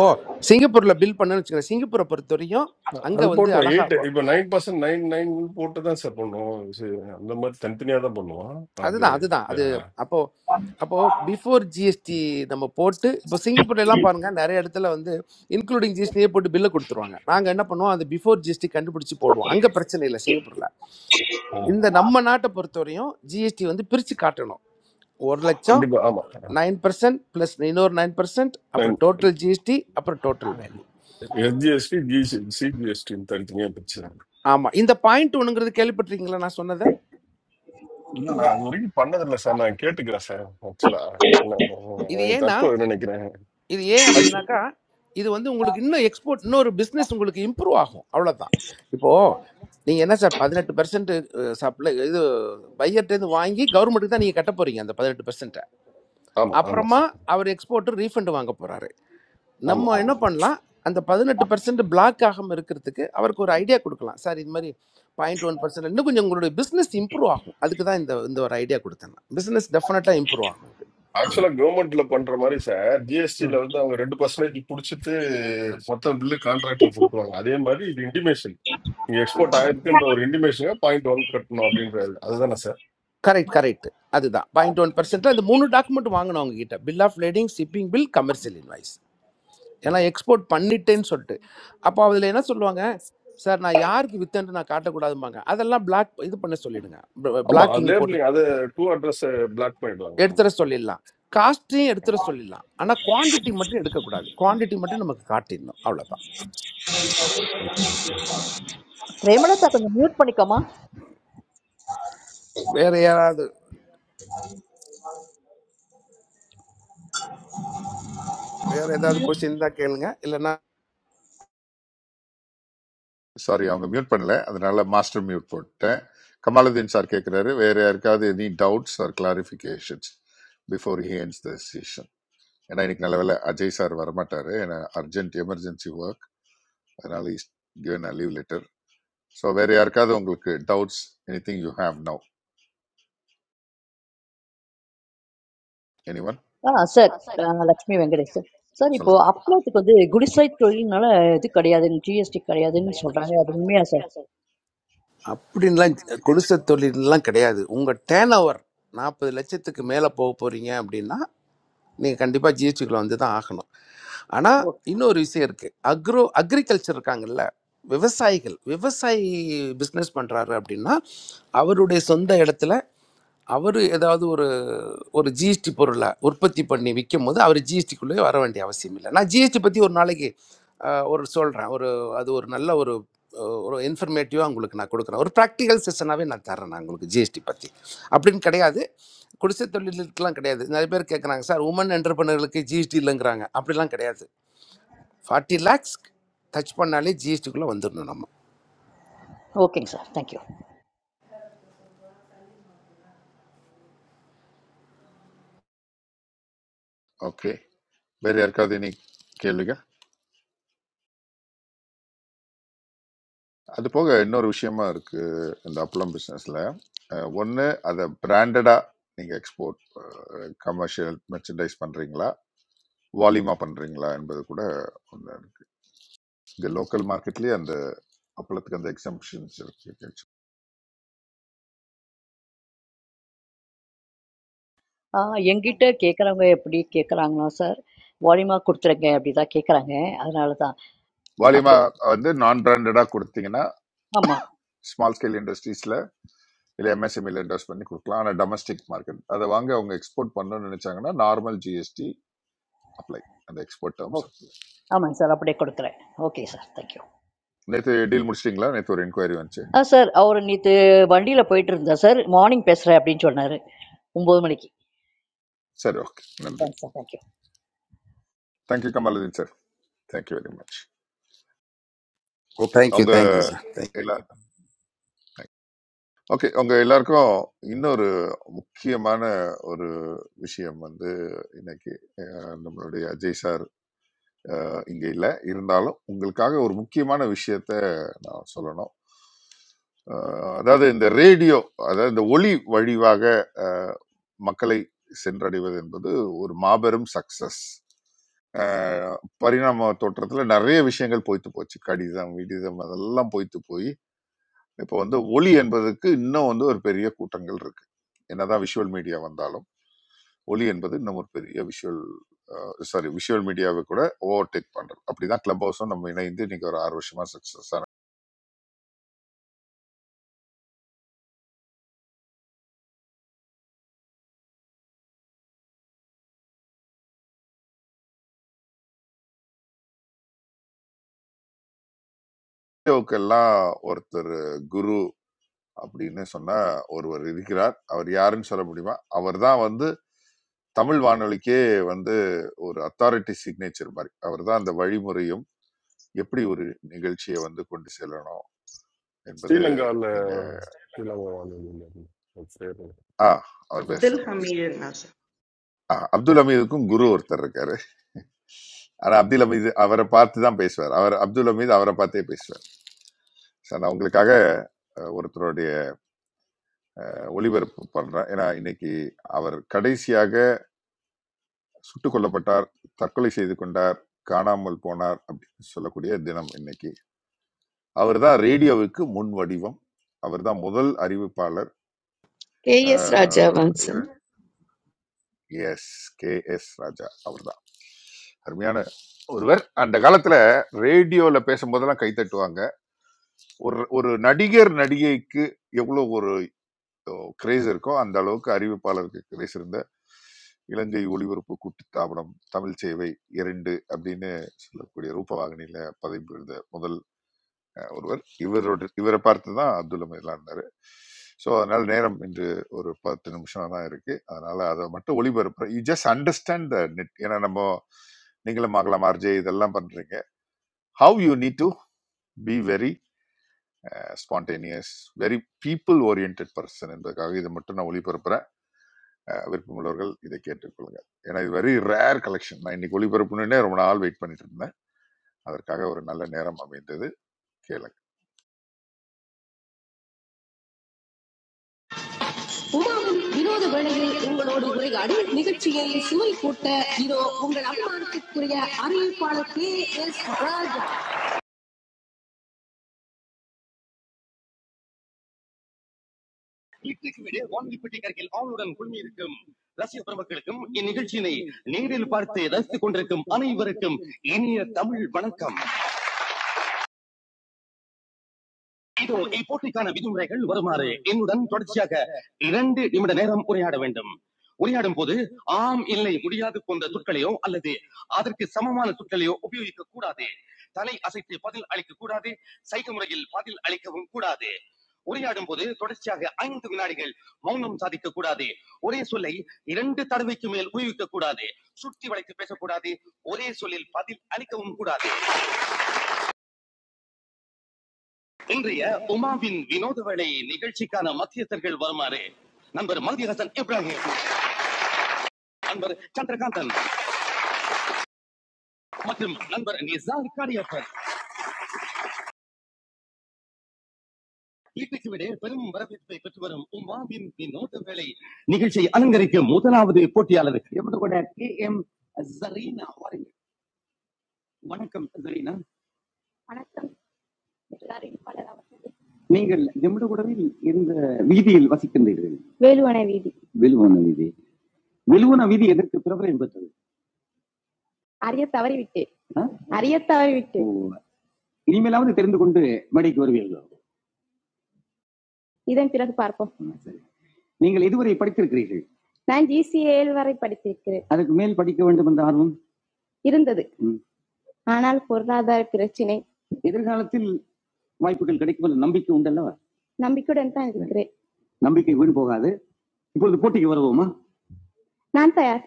S20: சிங்கப்பூரில் பில் பண்ணணும்னு வச்சுக்கோங்க சிங்கப்பூரை பொறுத்த வரையும்
S19: அஹ், அது
S20: அங்கே வந்து
S19: போட்டோம்
S20: அழகா
S19: எயிட்
S20: இப்போ
S19: இப்போ நைன் பர்சன்ட் நைன் நைன் போட்டு தான் சார் பண்ணுவோம் சரி, அந்த மாதிரி தனித்தனியா தான் பண்ணுவோம் அது
S20: அதுதான் அதுதான் அது
S19: அஹ்,
S20: அப்போ அப்போ பிஃபோர் ஜிஎஸ்டி நம்ம போட்டு இப்போ சிங்கப்பூர்ல எல்லாம் பாருங்க நிறைய இடத்துல வந்து இன்க்ளூடிங் ஜிஎஸ்டியே போட்டு பில்லை கொடுத்துருவாங்க நாங்கள் என்ன பண்ணுவோம் அது பிஃபோர் ஜிஎஸ்டி கண்டுபிடிச்சு போடுவோம் அங்கே பிரச்சனை இல்லை சிங்கப்பூரில்
S19: ஓ
S20: இந்த நம்ம நாட்டை பொறுத்த வரையும் ஜிஎஸ்டி வந்து பிரித்து காட்டணும் ஒரு லட்சம்
S19: கண்டிப்பா ஆமா
S20: நைன் பர்சன்ட் ப்ளஸ் இன்னொரு நைன் பர்சன்ட் அப்புறம்
S19: நைன்
S20: டோட்டல் ஜிஎஸ்டி அப்புறம் டோட்டல் வேல்யூ
S19: எஸ்ஜிஎஸ்டி ஜிஎஸ்டி சிஜிஎஸ்டின்னு தனித்தனியா பிரிச்சு
S20: ஆமாம் இந்த பாயிண்ட் ஒன்றுங்கிறது கேள்விப்பட்டிருக்கீங்களா நான் சொன்னதை
S19: இல்ல நான் அது வரைக்கும் பண்ணதில்ல சார் நான் கேட்டுக்கிறேன் சார் ஆக்சுவலா இல்ல இல்ல,
S20: இது
S19: அது
S20: ஏன்னா
S19: தப்பு நினைக்கிறேன்
S20: இது ஏன்
S19: ஆக்சுவலா
S20: அப்படின்னாக்கா இது வந்து உங்களுக்கு இன்னும் எக்ஸ்போர்ட் இன்னொரு பிஸ்னஸ் உங்களுக்கு இம்ப்ரூவ் ஆகும் அவ்வளோதான் இப்போது நீங்கள் என்ன சார் பதினெட்டு பர்சன்ட் சப்ளை இது பையர்ட்டேருந்து வாங்கி கவர்மெண்ட்டுக்கு தான் நீங்கள் கட்ட போகிறீங்க அந்த பதினெட்டு பர்சன்ட்டை
S19: ஆமா ஆமா
S20: அப்புறமா
S19: சார்
S20: அவர் எக்ஸ்போர்ட்டு ரீஃபண்ட் வாங்க போகிறாரு
S19: ஆமா
S20: நம்ம என்ன
S19: ஆமா
S20: பண்ணலாம் அந்த பதினெட்டு பர்சன்ட் பிளாக் ஆகாமல் இருக்கிறதுக்கு அவருக்கு ஒரு ஐடியா கொடுக்கலாம் சார் இது மாதிரி பாயிண்ட் ஒன் பர்சன்ட் இன்னும் கொஞ்சம் உங்களுடைய பிஸ்னஸ் இம்ப்ரூவ் ஆகும் அதுக்கு தான் இந்த இந்த ஒரு ஐடியா கொடுத்தேன் பிஸ்னஸ் டெஃபினட்டாக இம்ப்ரூவ் ஆகும் இது
S19: ஆக்சுவலா கவர்மெண்ட்ல பண்ற மாதிரி சார் ஜிஎஸ்டில வந்து அவங்க ரெண்டு பர்சன்டேஜ் புடிச்சிட்டு மொத்த பில்லு கான்ட்ராக்டர் கொடுத்துருவாங்க அதே மாதிரி இது இன்டிமேஷன் நீங்க எக்ஸ்போர்ட் ஆயிருக்குன்ற ஒரு இன்டிமேஷன் பாயிண்ட் ஒன் கட்டணும் அப்படின்றது அதுதானே சார்
S20: கரெக்ட் கரெக்ட் அதுதான் பாயிண்ட் ஒன் பர்சன்ட் அந்த மூணு டாக்குமெண்ட் வாங்கணும் அவங்க கிட்ட bill of lading shipping bill commercial invoice ஏன்னா எக்ஸ்போர்ட் பண்ணிட்டேன்னு சொல்லிட்டு அப்போ அதில் என்ன சொல்லுவாங்க சார் நான் யாருக்கு வித்தேன்ட்டு நான் காட்டக்கூடாதும்பாங்க அதெல்லாம் பிளாக் இது பண்ண சொல்லிடுங்க
S19: ஆமா அது
S20: பிளாக்கிங் போட்டு
S19: லேபிளிங் அது டூ அட்ரஸ் பிளாக் பண்ணிடுவாங்க ஆமா
S20: எடுத்துட
S19: சார்
S20: சொல்லிடலாம் காஸ்ட்டையும் எடுத்துட
S19: ஆமா
S20: சொல்லிடலாம் ஆனால் குவாண்டிட்டி மட்டும் எடுக்கக்கூடாது குவாண்டிட்டி மட்டும் நமக்கு காட்டிடணும் அவ்வளோதான்
S19: ஓகே ஓகே
S1: பிரேமலதா கொஞ்சம் மியூட் பண்ணிக்கோமா
S20: வேற யாராவது வேற ஏதாவது கொஸ்டின் தான் கேளுங்க இல்லைன்னா
S9: சாரி அவங்க மியூட் பண்ணல அதனால மாஸ்டர் மியூட் போட்டேன் கமாலுதீன் சார் கேட்குறாரு வேற யாருக்காவது any doubts or clarifications before he ends the session ஏன்னா இன்னைக்கு நல்ல வேலை அஜய் சார் வரமாட்டாரு ஏன்னா அர்ஜென்ட் எமர்ஜென்சி ஒர்க் அதனால is given a leave letter so வேற யாருக்காவது உங்களுக்கு doubts any thing you have now any one
S1: ah sir Lakshmi Venkatesh sir sir இப்போ அப்ளத்துக்கு வந்து குடிசை தொழில்னால இது கிடையாதுன்னு ஜிஎஸ்டி கிடையாதுன்னு சொல்றாங்க அது உண்மையா சார்
S20: அப்படின்லாம் கொடுச தொழிலெலாம் கிடையாது உங்கள் டேர்ன் ஓவர் நாற்பது லட்சத்துக்கு மேலே போக போகிறீங்க அப்படின்னா நீங்கள் கண்டிப்பாக ஜிஎஸ்டிக்குள்ளே வந்து தான் ஆகணும் ஆனால் இன்னொரு விஷயம் இருக்குது அக்ரோ அக்ரிகல்ச்சர் இருக்காங்கல்ல விவசாயிகள் விவசாயி பிஸ்னஸ் பண்ணுறாரு அப்படின்னா அவருடைய சொந்த இடத்துல அவரு ஏதாவது ஒரு ஒரு ஜிஎஸ்டி பொருளை உற்பத்தி பண்ணி விற்கும்போது அவர் ஜிஎஸ்டிக்குள்ளேயே வர வேண்டிய அவசியம் இல்லை நான் ஜிஎஸ்டி பற்றி ஒரு நாளைக்கு ஆஹ், ஒரு சொல்கிறேன் ஒரு அது ஒரு நல்ல ஒரு அஹ், ஒரு இன்ஃபர்மேட்டிவாக உங்களுக்கு நான் கொடுக்குறேன் ஒரு ப்ராக்டிக்கல் செஷனாகவே நான் தரேன் நான் உங்களுக்கு ஜிஎஸ்டி பற்றி அப்படின்னு கிடையாது குடிசை தொழிலுக்கெலாம் கிடையாது நிறைய பேர் கேட்குறாங்க சார் உமன் என்டர்பிரினர்களுக்கு ஜிஎஸ்டி இல்லைங்கிறாங்க அப்படிலாம் கிடையாது ஃபார்ட்டி லேக்ஸ் டச் பண்ணாலே ஜிஎஸ்டிக்குள்ளே வந்துடணும் நம்ம
S1: ஓகேங்க சார் தேங்க்யூ
S9: ஓகே வேற யாருக்காவது எனி கேள்விகள் அது போக இன்னொரு விஷயமா இருக்கு இந்த அப்பளம் பிஸ்னஸில் ஒன்று அதை பிராண்டடாக நீங்கள் எக்ஸ்போர்ட் கமர்ஷியல் மெர்ச்சன்டைஸ் பண்ணுறீங்களா வால்யூமா பண்றீங்களா என்பது கூட ஒன்று இருக்கு இந்த லோக்கல் மார்க்கெட்லயே அந்த அப்பளத்துக்கு அந்த எக்ஸம்ஷன்ஸ் இருக்கு
S1: எங்கிட்ட கேட்குறவங்க எப்படி கேட்குறாங்களா சார் வால்யூமாக கொடுத்துருங்க அப்படி தான் கேட்குறாங்க அதனால தான் அப்படி
S9: வால்யூமா கண்டிப்பாக வந்து நான் பிராண்டடா கொடுத்தீங்கன்னா
S1: ஆமாம்
S9: ஸ்மால் ஸ்கேல் இண்டஸ்ட்ரீஸ்ல இல்லை எம்எஸ்எம்இல இன்வெஸ்ட் பண்ணி கொடுக்கலாம் ஆனால் டொமஸ்டிக் மார்க்கெட் அதை வாங்க அவங்க எக்ஸ்போர்ட் பண்ணணும்னு நினைச்சாங்கன்னா நார்மல் ஜிஎஸ்டி அப்ளை அந்த எக்ஸ்போர்ட் டேர்ம்ஸ்
S1: ஓகே
S9: அப்ளை
S1: ஆமாங்க சார் அப்படியே கொடுக்குறேன் ஓகே சார் தேங்க்யூ
S9: நேற்று டீல் முடிச்சிட்டிங்களா நேற்று ஒரு என்கொயரி வந்துச்சு
S1: ஆ சார் அவர் நேற்று வண்டியில் போயிட்டு இருந்தா சார் மார்னிங் பேசுகிறேன் அப்படின்னு சொன்னார் ஒம்பது மணிக்கு
S9: சரி ஓகே நன்றி
S1: thanks sir thank you
S9: thank you Kamaluddin sir thank you very much okay
S20: thank you
S9: அவங்க
S20: தேங்க்யூ சார்
S9: எல்லாரும் ஓகே. உங்க எல்லாருக்கும் இன்னொரு முக்கியமான ஒரு விஷயம் வந்து இன்னைக்கு அ நம்மளுடைய அஜய் சார் அ இங்க இல்ல. இருந்தாலும் உங்களுக்காக ஒரு முக்கியமான விஷயத்த நான் சொல்லணும். அ அதாவது இந்த ரேடியோ, அதாவது இந்த ஒலி வழிவாக அ மக்களை சென்றடைவது என்பது ஒரு மாபெரும் சக்சஸ். அ பரிணாம தோற்றத்துல நெறைய விஷயங்கள் பொய்த்து போச்சு. கடிதம், விடிதம் அதெல்லாம் பொய்த்து போய் இப்போ வந்து ஒலி என்பதற்கு இன்னும் வந்து ஒரு பெரிய கூட்டங்கள் இருக்கு என்னதான் விஷுவல் மீடியா வந்தாலும் ஒலி என்பது இன்னும் ஒரு பெரிய விஷுவல் சாரி விஷுவல் மீடியாவை கூட ஓவர் டேக் பண்றது அப்படிதான் கிளப் ஹவுஸும் நம்ம இணைந்து இன்னைக்கு ஒரு ஆறு வருஷமா சக்சஸ் ஆன வீடியோக்கெல்லாம் ஒருத்தர் குரு அப்படின்னு சொன்ன ஒருவர் இருக்கிறார் அவர் யாருன்னு சொல்ல முடியுமா அவர் தான் வந்து தமிழ் வானொலிக்கே வந்து ஒரு அத்தாரிட்டி சிக்னேச்சர் மாதிரி அவர் தான் அந்த வழிமுறையும் எப்படி ஒரு நிகழ்ச்சியை வந்து கொண்டு செல்லணும் என்பது
S19: ஸ்ரீலங்காவில்
S9: நீங்க
S19: ஸ்ரீலங்கா வாழ்
S9: ஆ அவர்
S2: அப்துல்
S9: பேசுறார்
S2: ஹமீதுங்களா சார்?
S9: ஆ, அப்துல் ஹமீதுக்கும் குரு ஒருத்தர் இருக்காரு ஆனா அப்துல் ஹமீது அவரை பார்த்து தான் பேசுவார் அவர் அப்துல் ஹமீது அவரை பார்த்தே பேசுவார் சார் நான் உங்களுக்காக அஹ், ஒருத்தருடைய ஒளிபரப்பு பண்றேன் ஏன்னா இன்னைக்கு அவர் கடைசியாக சுட்டுக் கொல்லப்பட்டார் தற்கொலை செய்து கொண்டார் காணாமல் போனார் அப்படின்னு சொல்லக்கூடிய தினம் இன்னைக்கு அவர் தான் ரேடியோவுக்கு முன் வடிவம் அவர் தான் முதல் அறிவிப்பாளர்
S14: K S Rajavansh.
S9: S K S Raja அவர் தான் அருமையான ஒருவர் அந்த காலத்துல ரேடியோல பேசும்போதெல்லாம் கை தட்டுவாங்க ஒரு ஒரு நடிகர் நடிகைக்கு எவ்வளோ ஒரு கிரேஸ் இருக்கோ அந்த அளவுக்கு அறிவிப்பாளருக்கு கிரேஸ் இருந்த இலங்கை ஒளிபரப்பு கூட்டுத்தாபனம் தமிழ் சேவை இரண்டு அப்படின்னு சொல்லக்கூடிய ரூபவாகினியில பதவி பெறுந்த முதல் அஹ், ஒருவர் இவரோட இவரை பார்த்து தான் அப்துல் அமைதலா இருந்தாரு ஸோ அதனால நேரம் இன்று ஒரு பத்து நிமிஷம் தான் இருக்கு அதனால அதை மட்டும் ஒளிபரப்பு you just understand the net ஏன்னா நம்ம நீங்களும் ஆகலாம் அர்ஜே இதெல்லாம் பண்றீங்க how you need to be very spontaneous very people orient person என்பதற்காக இதை மட்டும் நான் ஒளிபரப்புறேன் அஹ் விருப்பமுள்ளவர்கள் இதை கேட்டுக்கொள்ளுங்க ஏன்னா இது வெரி ரேர் கலெக்ஷன் நான் இன்னைக்கு ஒளிபரப்புனே ரொம்ப நாள் வெயிட் பண்ணிட்டு இருந்தேன் அதற்காக ஒரு நல்ல நேரம் அமைந்தது கேளுங்க வினோத வேளையில் உங்களோடு உரையாடும் நிகழ்ச்சியில் சுவை கூட்ட இதோ உங்கள் அம்மாவுக்குரிய அறிவிப்பாளர் கே எஸ் ராஜா வீட்டுக்கு வெளியே வானொலி பெட்டிக்கரையில் ஆளுடன் குழுமி இருக்கும் ரசிக பெருமக்களுக்கும் இந்நிகழ்ச்சியினை நேரில் பார்த்து ரசித்துக் கொண்டிருக்கும் அனைவருக்கும் இனிய தமிழ் வணக்கம் இதோ இப்போட்டிக்கான விதிமுறைகள் வருமாறு என்னுடன் தொடர்ச்சியாக இரண்டு நிமிட நேரம் உரையாட வேண்டும் உரையாடும் போது ஆம் இல்லை முடியாது போன்ற சொற்களையோ அல்லது அதற்கு சமமான சொற்களையோ உபயோகிக்க கூடாது தலை அசைத்து பதில் அளிக்க கூடாது சைக முறையில் பதில் அளிக்கவும் கூடாது உரையாடும் போது தொடர்ச்சியாக ஐந்து வினாடிகள் மௌனம் சாதிக்க கூடாது ஒரே சொல்லை இரண்டு தடவைக்கு மேல் உபயோகிக்க கூடாது சுற்றி வளைத்து பேசக்கூடாது ஒரே சொல்லில் பதில் அளிக்கவும் கூடாது இன்றைய உமாவின் வினோத வேலை நிகழ்ச்சிக்கான மத்தியஸ்தர்கள் வருமாறு நண்பர் மதி ஹசன் இப்ராஹிம் நண்பர் சந்திரகாந்தன் மற்றும் நண்பர் நிசார் காரியப்பர் வீட்டுக்கு விட பெரும் வரவேற்பை பெற்று வரும் உமாவின் வினோத வேலை நிகழ்ச்சியை அலங்கரிக்கும் முதலாவது போட்டியாளர் எவ்வளவு கூட கே எம் ஜரீனா வாருங்க வணக்கம் ஜரீனா வணக்கம் எல்லாரும் பாடலாம் நீங்கள் எவ்வளவு இந்த வீதியில் வசிக்கின்றீர்கள் வேலுவன வீதி வெலுவன வீதி வெலுவன வீதி எதற்கு பிரபலம் பெற்றது அறிய தவறிவிட்டு அறியத்தாய் விட்டு இனிமேலாவது தெரிந்து கொண்டு மேடைக்கு வருவீர்களோ இதன் பிறகு பார்ப்போம் ஆ, சரி நீங்கள் இதுவரை படித்திருக்கிறீர்கள் நான் ஜிசிஏல் வரை படித்திருக்கிறேன் அதுக்கு மேல் படிக்க வேண்டும் என்ற ஆர்வம் இருந்தது ம். ஆனால் பொருளாதார பிரச்சனை எதிர்காலத்தில் வாய்ப்புகள் கிடைக்கும் என்ற நம்பிக்கை உண்டல்லவா நம்பிக்கையுடன் தான் இருக்கிறேன் நம்பிக்கை வீண் போகாது இப்பொழுது போட்டிக்கு வருவோமா நான் தயார்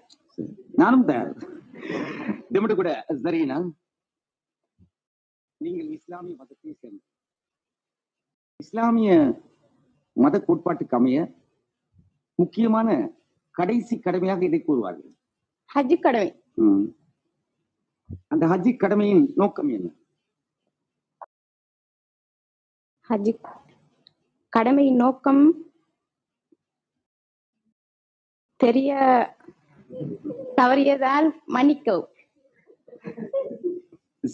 S9: நானும் தயார் திமிட்டு கூட சரினா நீங்கள் இஸ்லாமிய மதத்தை சேர்ந்த இஸ்லாமிய மத கோட்பாட்டுக்கு அமைய முக்கியமான கடைசி கடமையாக இதை கூறுவார்கள் ஹஜ் கடமை ம். அந்த ஹஜ் கடமையின் நோக்கம் என்ன ஹஜ் கடமையின் நோக்கம் தெரிய தவறியதால் மன்னிக்கவும்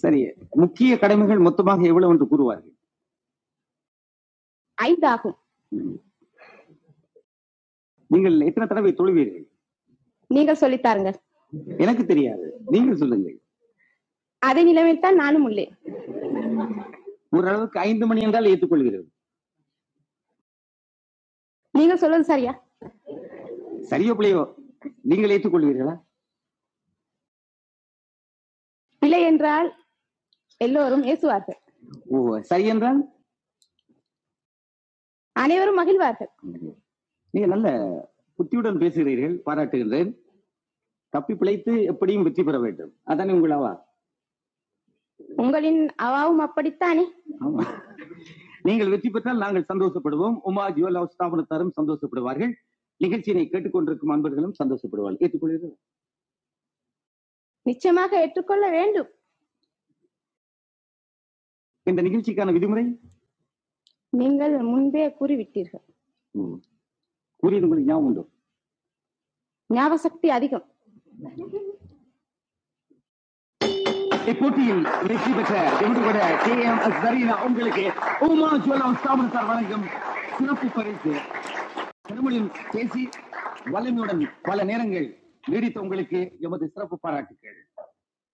S9: சரி முக்கிய கடமைகள் மொத்தமாக எவ்வளவு என்று கூறுவார்கள் ஐந்தாகும் ம். நீங்கள் எத்தனை தடவை தொழுவீர்கள் நீங்கள் சொல்லித்தாருங்க எனக்கு தெரியாது நீங்கள் சொல்லுங்கள் அதே நிலைமையில் தான் நானும் உள்ளேன் ஓரளவுக்கு ஐந்து மணி என்றால் ஏற்றுக்கொள்கிறது நீங்கள் சொல்வது சரியா சரியோ பிள்ளையோ நீங்கள் ஏற்றுக்கொள்வீர்களா பிழை என்றால் எல்லோரும் ஏசுவார்கள் ஓ சரி என்றால் அனைவரும் மகிழ்வார்கள் ம்ஹும். நீங்க நல்ல புத்தியுடன் பேசுகிறீர்கள் பாராட்டுகின்றேன் தப்பி பிழைத்து எப்படியும் வெற்றி பெற வேண்டும் அதானே உங்கள் அவா உங்களின் அவாவும் அப்படித்தானே ஆமா. நீங்கள் வெற்றி பெற்றால் நாங்கள் சந்தோஷப்படுவோம் உமா ஜுவல் ஹவுஸ் ஸ்தாபனத்தாரும் சந்தோஷப்படுவார்கள் நிகழ்ச்சியினை கேட்டுக்கொண்டிருக்கும் அன்பர்களும் சந்தோஷப்படுவார்கள் ஏற்றுக்கொள்கிறீர்கள் நிச்சயமாக ஏற்றுக்கொள்ள வேண்டும் இந்த நிகழ்ச்சிக்கான விதிமுறை நீங்கள் முன்பே கூறிவிட்டீர்கள் கூறியது உங்களுக்கு ஞாபகம் உண்டு ஞாபக சக்தி அதிகம் இப்போட்டியில் வெற்றி பெற்ற DMK K M S Tarina உங்களுக்கு உமா ஜுவல்லா ஸ்தாபன சார் வழங்கும் சிறப்பு பரிசு திருமணம் பேசி வல்லமையுடன் பல நேரங்கள் நீடித்த உங்களுக்கு எமது சிறப்பு பாராட்டு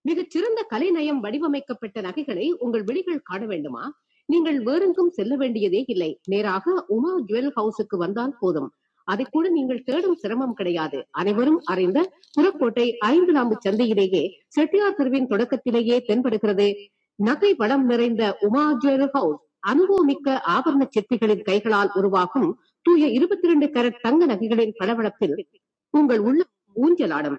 S9: மிகச் சிறந்த கலைநயம் வடிவமைக்கப்பட்ட நகைகளை உங்கள் விழிகள் காண வேண்டுமா நீங்கள் வேறெங்கும் செல்ல வேண்டியதே இல்லை நேராக உமா ஜுவல் ஹவுஸுக்கு வந்தால் போதும் அதை கூட நீங்கள் தேடும் சிரமம் கிடையாது அனைவரும் அறிந்த புறக்கோட்டை ஐந்து நாம்பு சந்தையிலேயே செட்டியார் தெருவின் தொடக்கத்திலேயே தென்படுகிறது நகை வளம் நிறைந்த உமா ஜுவல் ஹவுஸ் அனுபவமிக்க ஆபரண சிற்பிகளின் கைகளால் உருவாகும் தூய இருபத்தி இரண்டு கரட் தங்க நகைகளின் பளபளப்பில் உங்கள் உள்ள ஊஞ்சலாடும்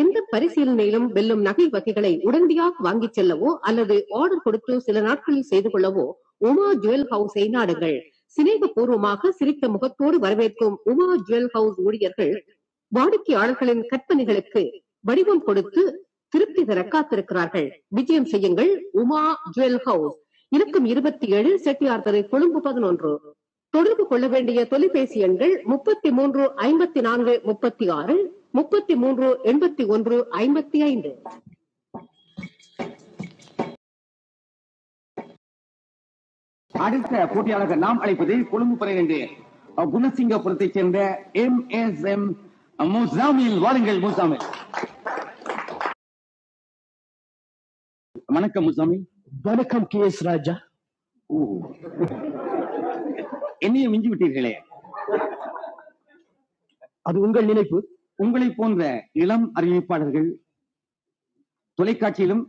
S9: எந்த பரிசீலனையிலும் வெல்லும் நகை வகைகளை உடனடியாக வாங்கிச் செல்லவோ அல்லது ஆர்டர் கொடுத்து சில நாட்களில் செய்து கொள்ளவோ உமா ஜுவல் ஹவுஸை நாடுங்கள் சிநேகபூர்வமாக சிரித்த முகத்தோடு வரவேற்கும் உமா ஜுவல் ஹவுஸ் ஊழியர்கள் வாடிக்கையாளர்களின் கற்பனைகளுக்கு வடிவம் கொடுத்து திருப்தி தர காத்திருக்கிறார்கள் விஜயம் செய்யுங்கள் உமா ஜுவல் ஹவுஸ் இருக்கும் இருபத்தி ஏழு செட்டியார் தெரு கொழும்பு பதினொன்று தொடர்பு கொள்ள வேண்டிய தொலைபேசி எண்கள் முப்பத்தி மூன்று ஐம்பத்தி நான்கு முப்பத்தி ஆறு முப்பத்தி மூன்று எண்பத்தி ஒன்று ஐம்பத்தி ஐந்து அடுத்த போட்டியாளர்கள் நாம் அழைப்பது கொழும்பு பிறகு குணசிங்கபுரத்தைச் சேர்ந்த எம் எஸ் எம் முசாமில் வாருங்கள் முசாமில் வணக்கம் முசாமி வணக்கம் கே எஸ் ராஜா என்னையும் மிஞ்சி விட்டீர்களே அது உங்கள் நினைப்பு உங்களை போன்ற இளம் அறிவிப்பாளர்கள் தொலைக்காட்சியிலும்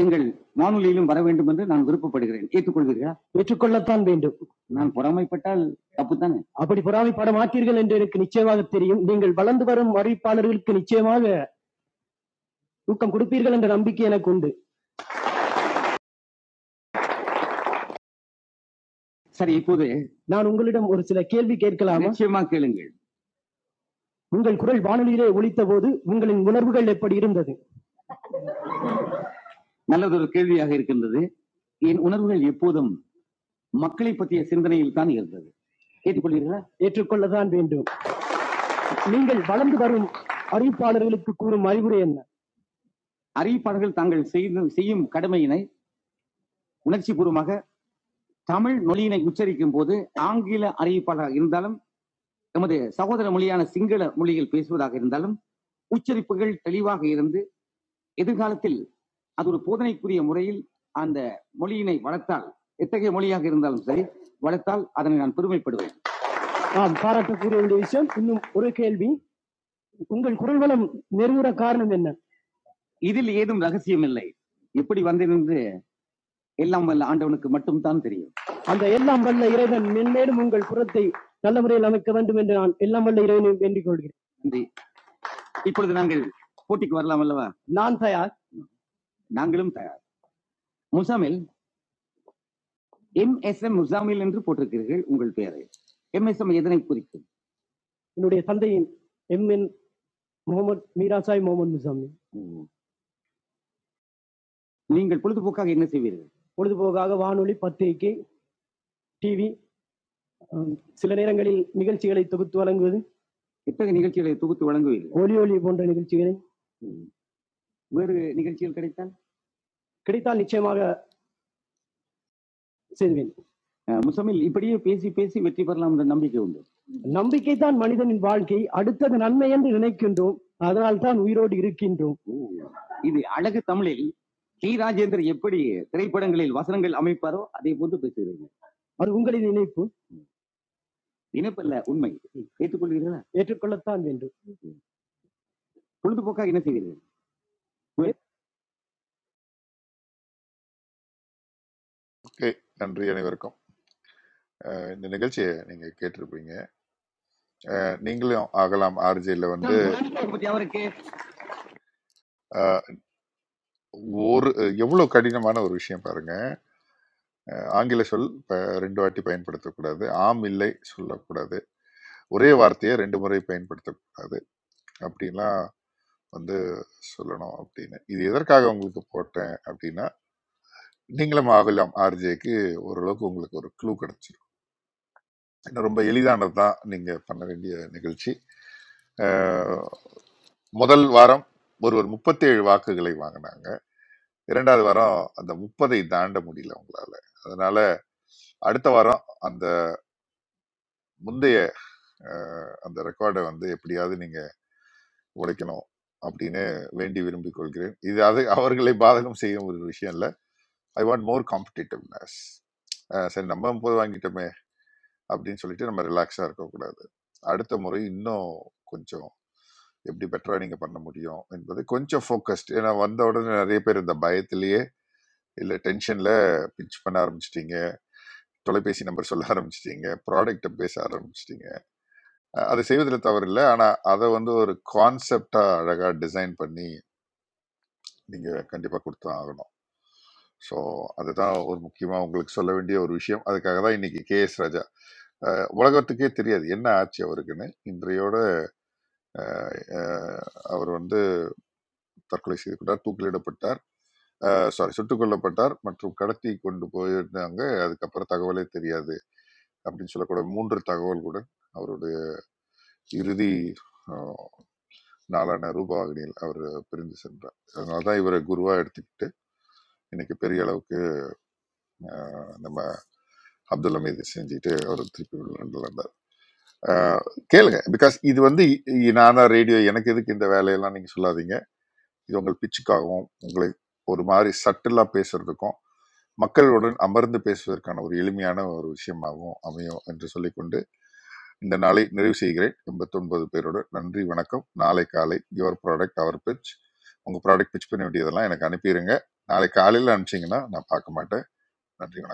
S9: எங்கள் வானொலியிலும் வர வேண்டும் என்று நான் விருப்பப்படுகிறேன் ஏற்றுக்கொள்கிறீர்களா ஏற்றுக்கொள்ளத்தான் வேண்டும் நான் பொறாமைப்பட்டால் தப்புத்தானே அப்படி பொறாமைப்பட மாட்டீர்கள் என்று எனக்கு நிச்சயமாக தெரியும் நீங்கள் வளர்ந்து வரும் அறிவிப்பாளர்களுக்கு நிச்சயமாக ஊக்கம் கொடுப்பீர்கள் என்ற நம்பிக்கை எனக்கு உண்டு சரி இப்போது நான் உங்களிடம் ஒரு சில கேள்வி கேட்கலாமா நிச்சயமா கேளுங்கள் உங்கள் குரல் வானொலியிலே ஒலித்த போது உங்களின் உணர்வுகள் எப்படி இருந்தது நல்லதொரு கேள்வியாக இருக்கின்றது என் உணர்வுகள் எப்போதும் மக்களை பற்றிய சிந்தனையில் தான் இருந்தது ஏற்றுக்கொள்கிறீர்களா ஏற்றுக்கொள்ளத்தான் வேண்டும் நீங்கள் வளர்ந்து வரும் அறிவிப்பாளர்களுக்கு கூறும் அறிவுரை என்ன அறிவிப்பாளர்கள் தாங்கள் செய்து- செய்யும் கடமையினை உணர்ச்சிபூர்வமாக தமிழ் மொழியினை உச்சரிக்கும் போது ஆங்கில அறிவிப்பாளராக இருந்தாலும் நமது சகோதர மொழியான சிங்கள மொழியில் பேசுவதாக இருந்தாலும் உச்சரிப்புகள் தெளிவாக இருந்து எதிர்காலத்தில் அது ஒரு போதனைக்குரிய முறையில் அந்த மொழியினை வளர்த்தால் எத்தகைய மொழியாக இருந்தாலும் சரி வளர்த்தால் அதனை நான் பெருமைப்படுவேன் ஆம் பாராட்டக்கூடிய வேண்டிய விஷயம் இன்னும் ஒரு கேள்வி உங்கள் குரல் வளம் நெருங்குற காரணம் என்ன இதில் ஏதும் ரகசியம் இல்லை எப்படி வந்தேன் என்று எல்லாம் வல்ல ஆண்டவனுக்கு மட்டும்தான் தெரியும் அந்த எல்லாம் வல்ல இறைவன் மென்மேலும் உங்கள் புறத்தை நல்ல முறையில் அமைக்க வேண்டும் என்று நான் எல்லாம் வல்ல இறைவனை வேண்டிக் கொள்கிறேன் நன்றி இப்பொழுது நாங்கள் போட்டிக்கு வரலாம் அல்லவா நான் தயார் நாங்களும் தயார் Muzammil M S M Muzammil என்று போட்டிருக்கிறீர்கள் உங்கள் பெயரை எம் எஸ் எம் எதனை குறிக்கும் என்னுடைய தந்தையின் எம் என் முகமது மீராசாய் முகமது முசாமி நீங்கள் பொழுதுபோக்காக என்ன செய்வீர்கள் பொழுதுபோக்காக வானொலி பத்திரிகை டிவி ஆம். சில நேரங்களில் நிகழ்ச்சிகளை தொகுத்து வழங்குவது இத்தகைய நிகழ்ச்சிகளை தொகுத்து வழங்குவீர்கள் ஒலி ஒலி போன்ற நிகழ்ச்சிகளை வேறு நிகழ்ச்சிகள் கிடைத்தால் கிடைத்தால் நிச்சயமாக செய்வேன் அஹ், முசமில் இப்படியே பேசி பேசி வெற்றி பெறலாம் என்ற நம்பிக்கை உண்டு நம்பிக்கை தான் மனிதனின் வாழ்க்கை அடுத்தது நன்மை என்று நினைக்கின்றோம் அதனால் தான் உயிரோடு இருக்கின்றோம் இது அழகு தமிழில் டி ராஜேந்தர் எப்படி திரைப்படங்களில் வசனங்கள் அமைப்பாரோ அதே போன்று பேசுகிறீர்கள் அது உங்களின் நினைப்பு இணைப்பல்ல உண்மை ஏற்றுக்கொள்கிறீர்களா ஏற்றுக்கொள்ளத்தான் வேண்டும் பொழுதுபோக்காக என்ன செய்கிறீர்கள் ஓகே நன்றி அனைவருக்கும் அஹ் இந்த நிகழ்ச்சியை நீங்க கேட்டிருப்பீங்க அஹ் நீங்களும் ஆகலாம் ஆர்ஜேல வந்து அஹ், ஒரு அஹ், எவ்வளவு கடினமான ஒரு விஷயம் பாருங்க அஹ், ஆங்கில சொல் ப- ரெண்டு வாட்டி பயன்படுத்தக்கூடாது ஆம் இல்லை சொல்லக்கூடாது ஒரே வார்த்தையை ரெண்டு முறை பயன்படுத்தக்கூடாது அப்படின்லாம் வந்து சொல்லணும் அப்படின்னு இது எதற்காக உங்களுக்கு போட்டேன் அப்படின்னா நீங்களும் ஆகலாம் ஆர்ஜேக்கு ஓரளவுக்கு உங்களுக்கு ஒரு க்ளூ கிடைச்சிடும் ரொம்ப எளிதானது தான் நீங்க பண்ண வேண்டிய நிகழ்ச்சி முதல் வாரம் ஒருவர் 37 வாக்குகளை வாங்கினாங்க இரண்டாவது வாரம் அந்த முப்பதை தாண்ட முடியல உங்களால அதனால அடுத்த வாரம் அந்த முந்தைய அஹ், அந்த ரெக்கார்டை வந்து எப்படியாவது நீங்க உடைக்கணும் அப்படின்னு வேண்டி விரும்பிக் கொள்கிறேன் இது அது அவர்களை பாதகம் செய்யும் ஒரு விஷயம் இல்லை ஐ வாண்ட் மோர் காம்படிட்டிவ்னஸ் சரி நம்ம முப்பது வாங்கிட்டோமே அப்படின்னு சொல்லிட்டு நம்ம ரிலாக்ஸா இருக்கக்கூடாது அடுத்த முறை இன்னும் கொஞ்சம் எப்படி பெட்டரா நீங்க பண்ண முடியும் என்பது கொஞ்சம் ஃபோக்கஸ்ட் ஏன்னா வந்த உடனே நிறைய பேர் இந்த பயத்திலேயே இல்லை டென்ஷனில் பிச் பண்ண ஆரம்பிச்சிட்டீங்க தொலைபேசி நம்பர் சொல்ல ஆரம்பிச்சிட்டீங்க ப்ராடக்ட்டை பேச ஆரம்பிச்சிட்டீங்க அஹ் அதை செய்வதில் தவறு இல்லை ஆனால் அதை வந்து ஒரு கான்செப்டாக அழகாக டிசைன் பண்ணி நீங்கள் கண்டிப்பாக கொடுத்து தான் ஆகணும் ஸோ அதுதான் ஒரு முக்கியமாக உங்களுக்கு சொல்ல வேண்டிய ஒரு விஷயம் அதுக்காக தான் இன்னைக்கு கே எஸ் ராஜா அஹ் உலகத்துக்கே தெரியாது என்ன ஆச்சு அவருக்குன்னு இன்றையோட அஹ், அஹ், அவர் வந்து தற்கொலை செய்து கொண்டார் தூக்கிலிடப்பட்டார் சாரி சுட்டுக் கொல்லப்பட்டார் மற்றும் கடத்தி கொண்டு போயிருந்தாங்க அதுக்கப்புறம் தகவலே தெரியாது அப்படின்னு சொல்லக்கூடிய மூன்று தகவல் கூட அவருடைய இறுதி ஆஹ், நாளான ரூபாவணியில் அவர் பிரிந்து சென்றார் அதனால தான் இவரை குருவா எடுத்துக்கிட்டு இன்னைக்கு பெரிய அளவுக்கு ஆஹ், நம்ம அப்துல் மீது செஞ்சுட்டு அவர் திருப்பி வெளிநாட்டுல இருந்தார் ஆஹ், கேளுங்க பிகாஸ் இது வந்து இ- இ- நானா ரேடியோ எனக்கு எதுக்கு இந்த வேலையெல்லாம் நீங்க சொல்லாதீங்க இது உங்கள் பிச்சுக்காகவும் உங்களை ஒரு மாதிரி சட்டிலாக பேசுறதுக்கும் மக்களுடன் அமர்ந்து பேசுவதற்கான ஒரு எளிமையான ஒரு விஷயமாகவும் அமையும் என்று சொல்லிக்கொண்டு இந்த நாளை நிறைவு செய்கிறேன் எண்பத்தொன்பது பேரோட நன்றி வணக்கம் நாளை காலை யுவர் ப்ராடக்ட் அவர் பிச் உங்கள் ப்ராடக்ட் பிச் பண்ண வேண்டியதெல்லாம் எனக்கு அனுப்பிடுங்க நாளை காலையில் அனுப்பிச்சிங்கன்னா நான் பார்க்க மாட்டேன் நன்றி வணக்கம்